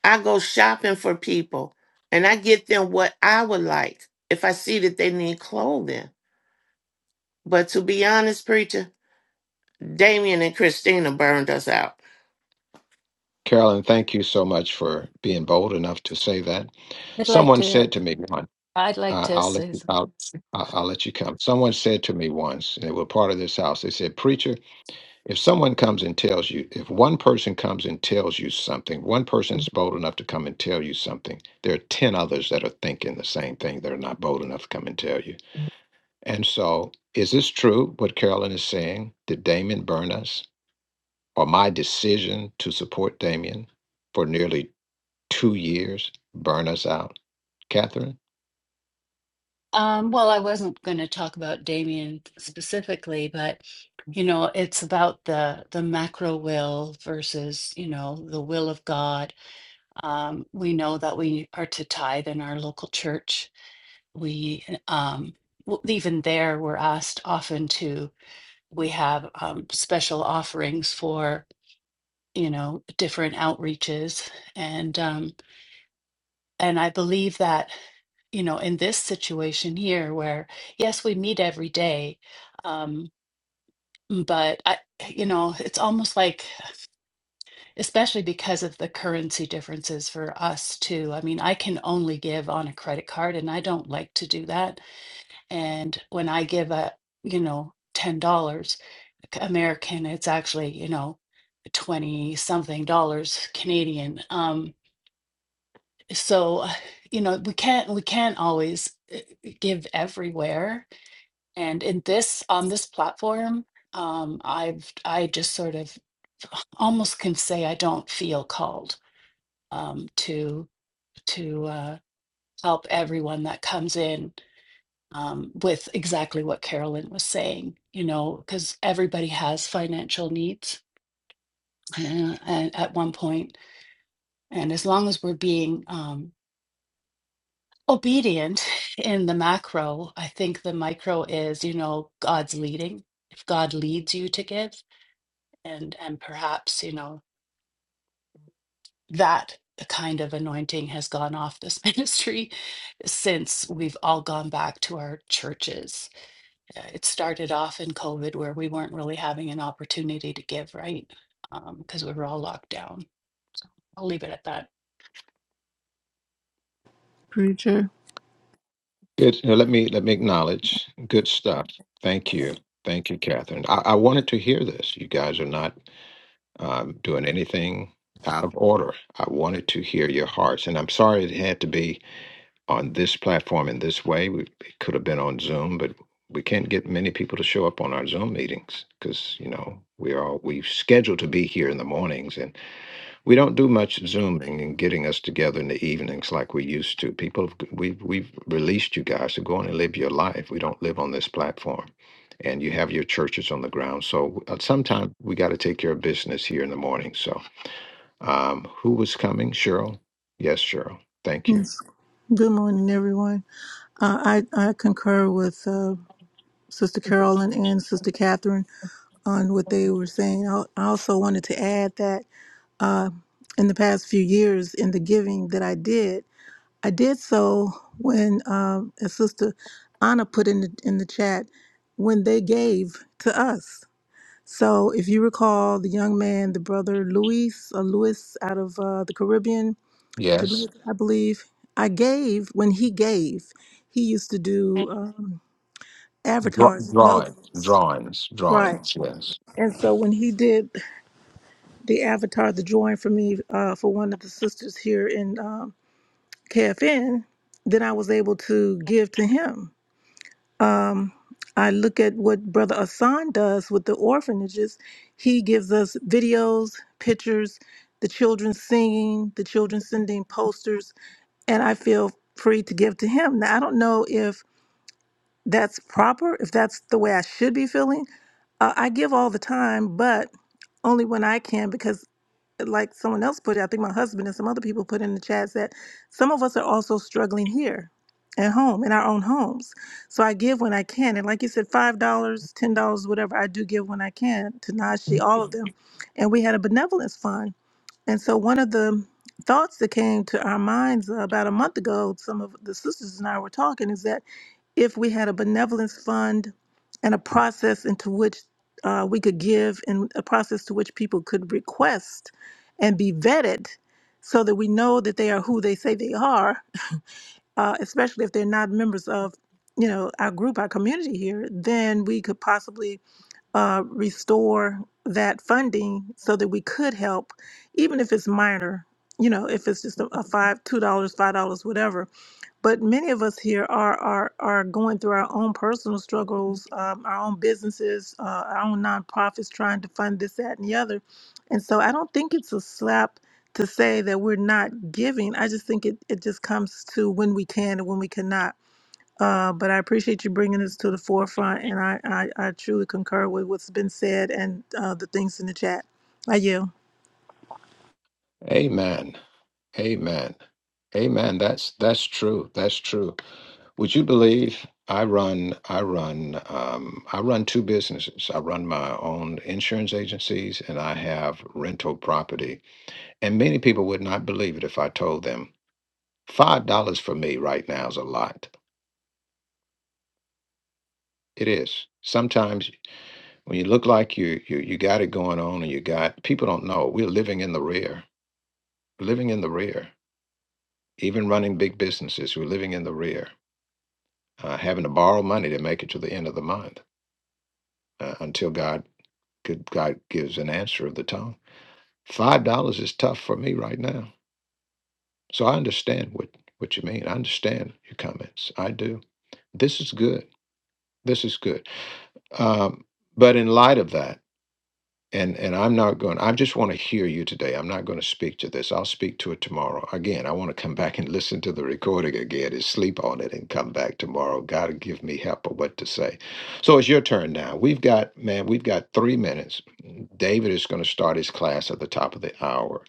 Speaker 7: I go shopping for people and I get them what I would like if I see that they need clothing. But to be honest, preacher, Damien and Christina burned us out.
Speaker 1: Carolyn, thank you so much for being bold enough to say that.
Speaker 10: I'd like
Speaker 1: Someone
Speaker 10: to
Speaker 1: said to me once,
Speaker 10: I'd like
Speaker 1: uh,
Speaker 10: to
Speaker 1: "I'll let
Speaker 10: say
Speaker 1: you
Speaker 10: some-
Speaker 1: out. I- I'll let you come." Someone said to me once, and they were part of this house. They said, "Preacher, if someone comes and tells you, if one person comes and tells you something, one person's bold enough to come and tell you something. There are ten others that are thinking the same thing. that are not bold enough to come and tell you." And so, is this true? What Carolyn is saying? Did Damon burn us, or my decision to support Damien? for nearly two years burn us out. Catherine,
Speaker 10: um, well, I wasn't going to talk about Damien specifically, but you know, it's about the the macro will versus, you know, the will of God Um, we know that we are to tithe in our local church. We, um, w- even there, we're asked often to, we have um, special offerings for, you know, different outreaches. And, um, and I believe that, you know, in this situation here where, yes, we meet every day, um, but I, you know, it's almost like especially because of the currency differences for us too. I mean, I can only give on a credit card and I don't like to do that. And when I give a, you know, $10 American, it's actually, you know, 20 something dollars Canadian. Um so, uh, you know, we can't we can't always uh, give everywhere. And in this on this platform, um I've I just sort of almost can say I don't feel called um, to to uh, help everyone that comes in um, with exactly what Carolyn was saying. You know, because everybody has financial needs uh, and at one point, and as long as we're being um, obedient [laughs] in the macro, I think the micro is you know God's leading. If God leads you to give, and and perhaps you know that kind of anointing has gone off this [laughs] ministry since we've all gone back to our churches. Uh, It started off in COVID where we weren't really having an opportunity to give, right? Because we were all locked down. So I'll leave it at that.
Speaker 8: preacher.
Speaker 1: good. now let me let me acknowledge. Good stuff. Thank you, thank you, Catherine. I, I wanted to hear this. You guys are not um, doing anything out of order. I wanted to hear your hearts, and I'm sorry it had to be on this platform in this way. We, it could have been on Zoom, but we can't get many people to show up on our Zoom meetings because you know we are we scheduled to be here in the mornings, and We don't do much Zooming and getting us together in the evenings like we used to. People, have g- we've, we've released you guys to go on and live your life. We don't live on this platform. And you have your churches on the ground. So uh, sometimes we got to take care of business here in the morning. So um, who was coming? Cheryl? Yes, Cheryl. Thank you.
Speaker 8: Yes. Good morning, everyone. Uh, I I concur with uh, Sister Carolyn and Sister Catherine on what they were saying. I I also wanted to add that in the past few years, in the giving that I did, I did so when, um, as Sister Anna put in the in the chat, when they gave to us. So if you recall, the young man, the brother Luis, uh, Luis out of uh, the Caribbean,
Speaker 1: Yes.
Speaker 8: Jamaica, I believe. I gave when he gave. He used to do um,
Speaker 1: Draw,
Speaker 8: avatars,
Speaker 1: drawing,
Speaker 8: logos,
Speaker 1: drawings,
Speaker 8: right?
Speaker 1: drawings. Yes.
Speaker 8: And so when he did the avatar, the drawing for me uh, for one of the sisters here in um, KFN, then I was able to give to him. Um, I look at what Brother Asan does with the orphanages. He gives us videos, pictures, the children singing, the children sending posters and I feel free to give to Him. Now, I don't know if that's proper, if that's the way I should be feeling. Uh, I give all the time, but only when I can, because like someone else put it, I think my husband and some other people put in the chat that some of us are also struggling here at home, in our own homes. So I give when I can. And like you said, $5, dollars, $10, whatever, I do give when I can to Najee, all of them. And we had a benevolence fund and so, one of the thoughts that came to our minds uh, about a month ago, some of the sisters and I were talking, is that if we had a benevolence fund and a process into which uh, we could give and a process to which people could request and be vetted so that we know that they are who they say they are, uh, especially if they're not members of you know our group our community here then we could possibly uh, restore that funding so that we could help, even if it's minor. You know, if it's just a, a five, two dollars, five dollars, whatever. But many of us here are are are going through our own personal struggles, um, our own businesses, uh, our own nonprofits, trying to fund this, that, and the other. And so, I don't think it's a slap to say that we're not giving. I just think it it just comes to when we can and when we cannot. Uh, but I appreciate you bringing this to the forefront, and I, I, I truly concur with what's been said and uh, the things in the chat. I yield.
Speaker 1: Amen. Amen. Amen. That's that's true. That's true. Would you believe I run I run um, I run two businesses. I run my own insurance agencies and I have rental property. And many people would not believe it if I told them five dollars for me right now is a lot. It is. Sometimes when you look like you you you got it going on and you got people don't know we're living in the rear, living in the rear. Even running big businesses, we're living in the rear uh, having to borrow money to make it to the end of the month uh, until God could God gives an answer of the tongue. Five dollars is tough for me right now, so I understand what what you mean. I understand your comments. I do. This is good. This is good. Um, but in light of that. and and I'm not going. I just want to hear you today. I'm not going to speak to this. I'll speak to it tomorrow. Again, I want to come back and listen to the recording again and sleep on it and come back tomorrow. God give me help of what to say. So it's your turn now. We've got man, we've got three minutes. David is going to start his class at the top of the hour.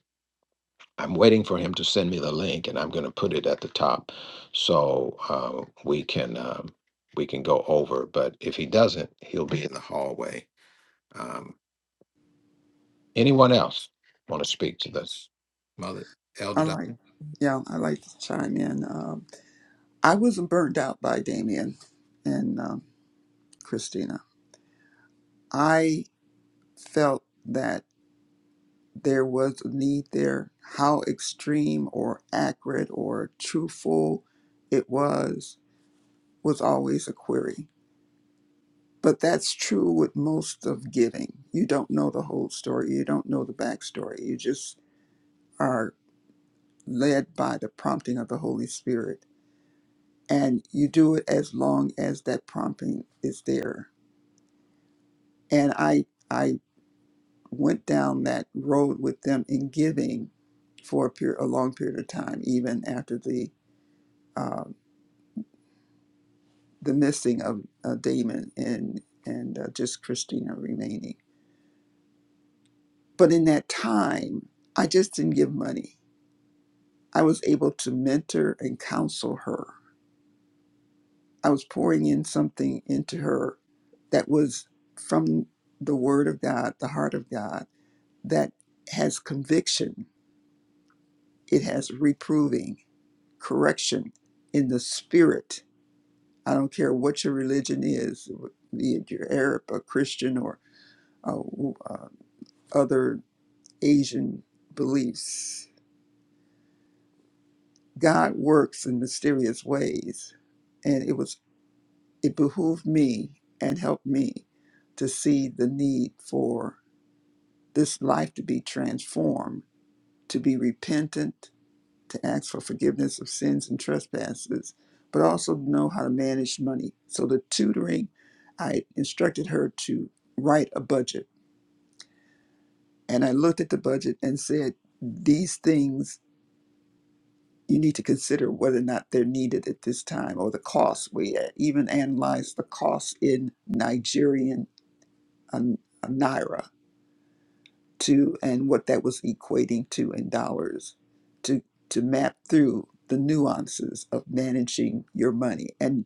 Speaker 1: I'm waiting for him to send me the link, and I'm going to put it at the top so uh, we can um, we can go over. But if he doesn't, he'll be in the hallway Um, Anyone else want to speak to this? Mother
Speaker 12: I
Speaker 1: Elder
Speaker 12: like,
Speaker 1: Diane.
Speaker 12: yeah, I like to chime in. Um, I wasn't burnt out by Damien and um, Christina. I felt that there was a need there. How extreme or accurate or truthful it was was always a query. But that's true with most of giving. You don't know the whole story. You don't know the backstory. You just are led by the prompting of the Holy Spirit and you do it as long as that prompting is there. And I I went down that road with them in giving for a period, a long period of time, even after the uh, the missing of uh, Damon and and uh, just Christina remaining. But in that time, I just didn't give money. I was able to mentor and counsel her. I was pouring in something into her that was from the Word of God, the heart of God that has conviction, it has reproving, correction in the spirit. I don't care what your religion is, be it your Arab or Christian or uh, uh, other Asian beliefs. God works in mysterious ways, and it was it behooved me and helped me to see the need for this life to be transformed, to be repentant, to ask for forgiveness of sins and trespasses, but also know how to manage money. So the tutoring, I instructed her to write a budget. And I looked at the budget and said, these things you need to consider whether or not they're needed at this time or the cost. We uh, even analyzed the cost in Nigerian um, naira to and what that was equating to in dollars to to map through the nuances of managing your money. And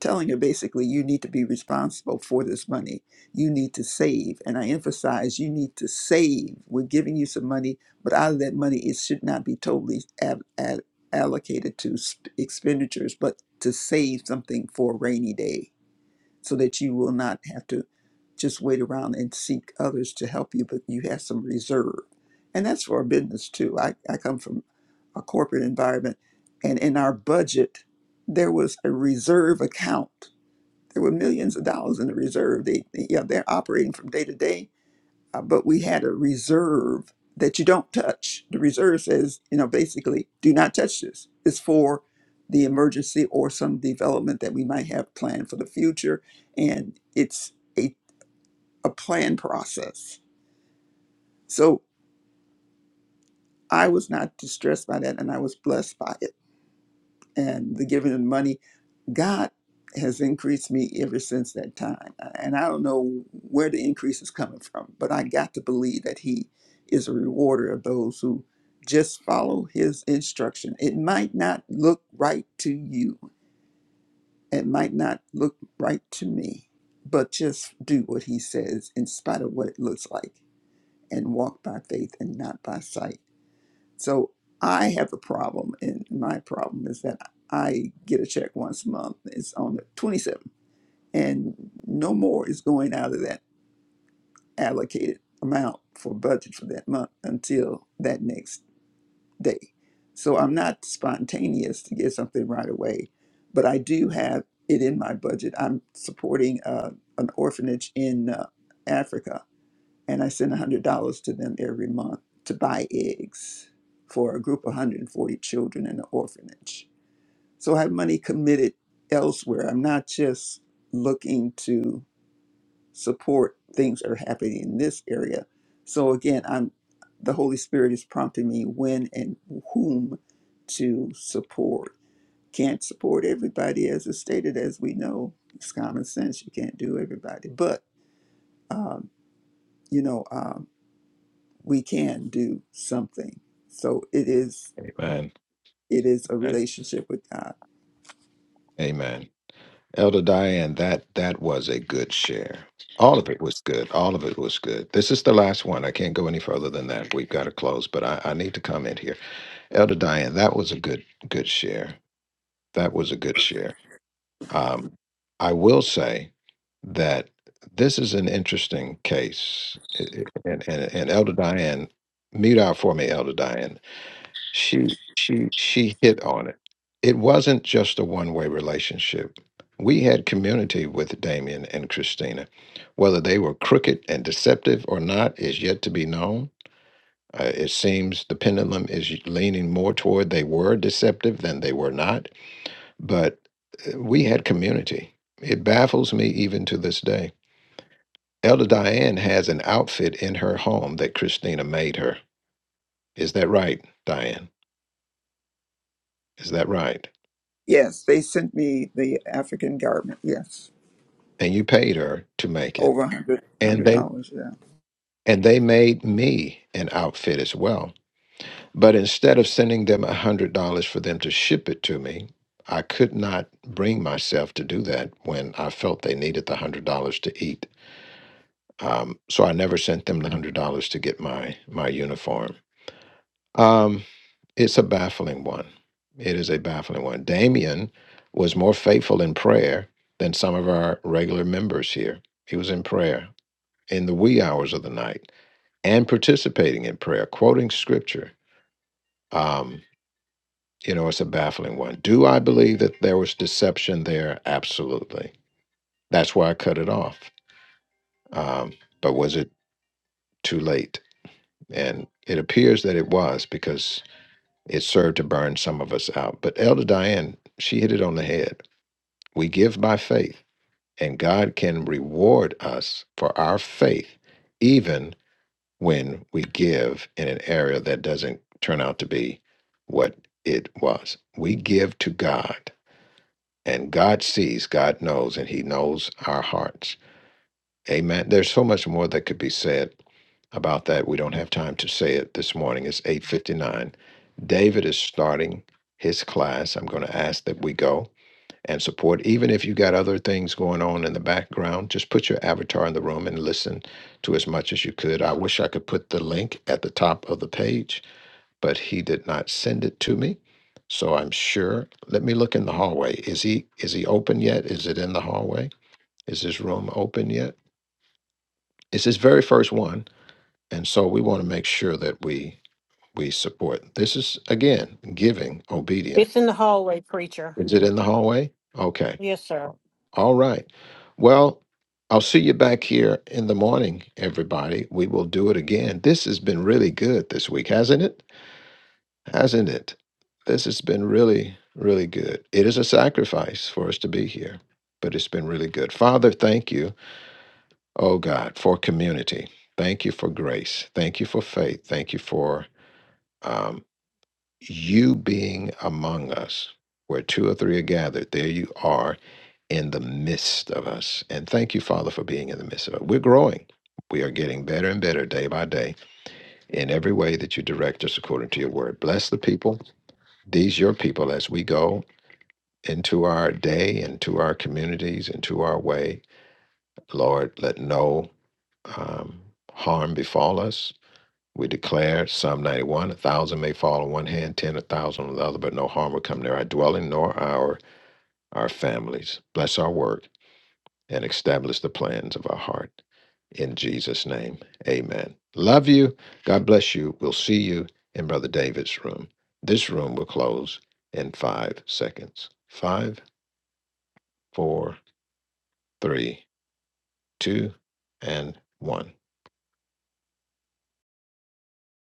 Speaker 12: telling her basically you need to be responsible for this money you need to save and i emphasize you need to save we're giving you some money but out of that money it should not be totally ab- ad- allocated to sp- expenditures but to save something for a rainy day so that you will not have to just wait around and seek others to help you but you have some reserve and that's for our business too i, I come from a corporate environment and in our budget there was a reserve account there were millions of dollars in the reserve. They, yeah, they're operating from day to day, uh, but we had a reserve that you don't touch. The reserve says, you know, basically, do not touch this. It's for the emergency or some development that we might have planned for the future, and it's a a plan process. So I was not distressed by that, and I was blessed by it. And the giving of money God has increased me ever since that time. uh, And I don't know where the increase is coming from, but I got to believe that He is a rewarder of those who just follow His instruction. It might not look right to you, it might not look right to me, but just do what He says in spite of what it looks like and walk by faith and not by sight. So I have a problem, and my problem is that I get a check once a month. It's on the 27th and no more is going out of that allocated amount for budget for that month until that next day. So I'm not spontaneous to get something right away, but I do have it in my budget. I'm supporting uh, an orphanage in uh, Africa, and I send $100 to them every month to buy eggs for a group of 140 children in an orphanage. So I have money committed elsewhere. I'm not just looking to support things that are happening in this area. So again, I'm the Holy Spirit is prompting me when and whom to support. Can't support everybody, as is stated, as we know. It's common sense. You can't do everybody, but um, you know um, we can do something. So it is
Speaker 1: Amen.
Speaker 12: it is a
Speaker 1: And-
Speaker 12: relationship with God.
Speaker 1: Amen. Elder Diane, that that was a good share. All of it was good. All of it was good. This is the last one. I can't go any further than that. We've got to close, but I, I need to comment here. Elder Diane, that was a good good share. That was a good share. Um, I will say that this is an interesting case, It- it- and and, and Elder Diane, mute out for me, Elder Diane. she she she hit on it. It wasn't just a one-way relationship. We had community with Damien and Christina. Whether they were crooked and deceptive or not is yet to be known. Uh, it seems the pendulum is leaning more toward they were deceptive than they were not, but uh, we had community. It baffles me even to this day. Elder Diane has an outfit in her home that Christina made her. Is that right, Diane? Is that right?
Speaker 12: Yes, they sent me the African garment. Yes,
Speaker 1: and you paid her to make
Speaker 12: over
Speaker 1: it
Speaker 12: a hundred
Speaker 1: and
Speaker 12: hundred
Speaker 1: they
Speaker 12: dollars. yeah.
Speaker 1: and they made me an outfit as well but instead of sending them a hundred dollars for them to ship it to me i could not bring myself to do that when i felt they needed the hundred dollars to eat um, so i never sent them the hundred dollars to get my my uniform um, it's a baffling one it is a baffling one damien was more faithful in prayer than some of our regular members here he was in prayer in the wee hours of the night and participating in prayer, quoting scripture. Um, you know, it's a baffling one. Do I believe that there was deception there? Absolutely. That's why I cut it off. Um, but was it too late? And it appears that it was because it served to burn some of us out. But Elder Diane, she hit it on the head. We give by faith, and God can reward us for our faith, even when we give in an area that doesn't turn out to be what it was. We give to God, and God sees, God knows, and He knows our hearts. Amen. There's so much more that could be said about that. We don't have time to say it this morning. It's 8:59. David is starting his class. I'm going to ask that we go and support. Even if you got other things going on in the background, just put your avatar in the room and listen to as much as you could. I wish I could put the link at the top of the page, but he did not send it to me. So I'm sure. Let me look in the hallway. Is he is he open yet? Is it in the hallway? Is his room open yet? It's his very first one. And so we want to make sure that we we support. This is again giving obedient.
Speaker 3: It's in the hallway, preacher.
Speaker 1: Is it in the hallway? Okay.
Speaker 3: Yes, sir.
Speaker 1: All right. Well, I'll see you back here in the morning, everybody. We will do it again. This has been really good this week, hasn't it? Hasn't it? This has been really, really good. It is a sacrifice for us to be here, but it's been really good. Father, thank you, oh God, for community. Thank you for grace. Thank you for faith. Thank you for um, you being among us. Where two or three are gathered, there you are in the midst of us. And thank you, Father, for being in the midst of us. We're growing. We are getting better and better day by day in every way that you direct us according to your word. Bless the people, these your people, as we go into our day, into our communities, into our way. Lord, let no um, harm befall us. We declare Psalm 91 a thousand may fall on one hand, ten a thousand on the other, but no harm will come near our dwelling nor our our families. Bless our work. and establish the plans of our heart. In Jesus' name, amen. Love you. God bless you. We'll see you in Brother David's room. This room will close in five seconds. Five, four, three, two, and one.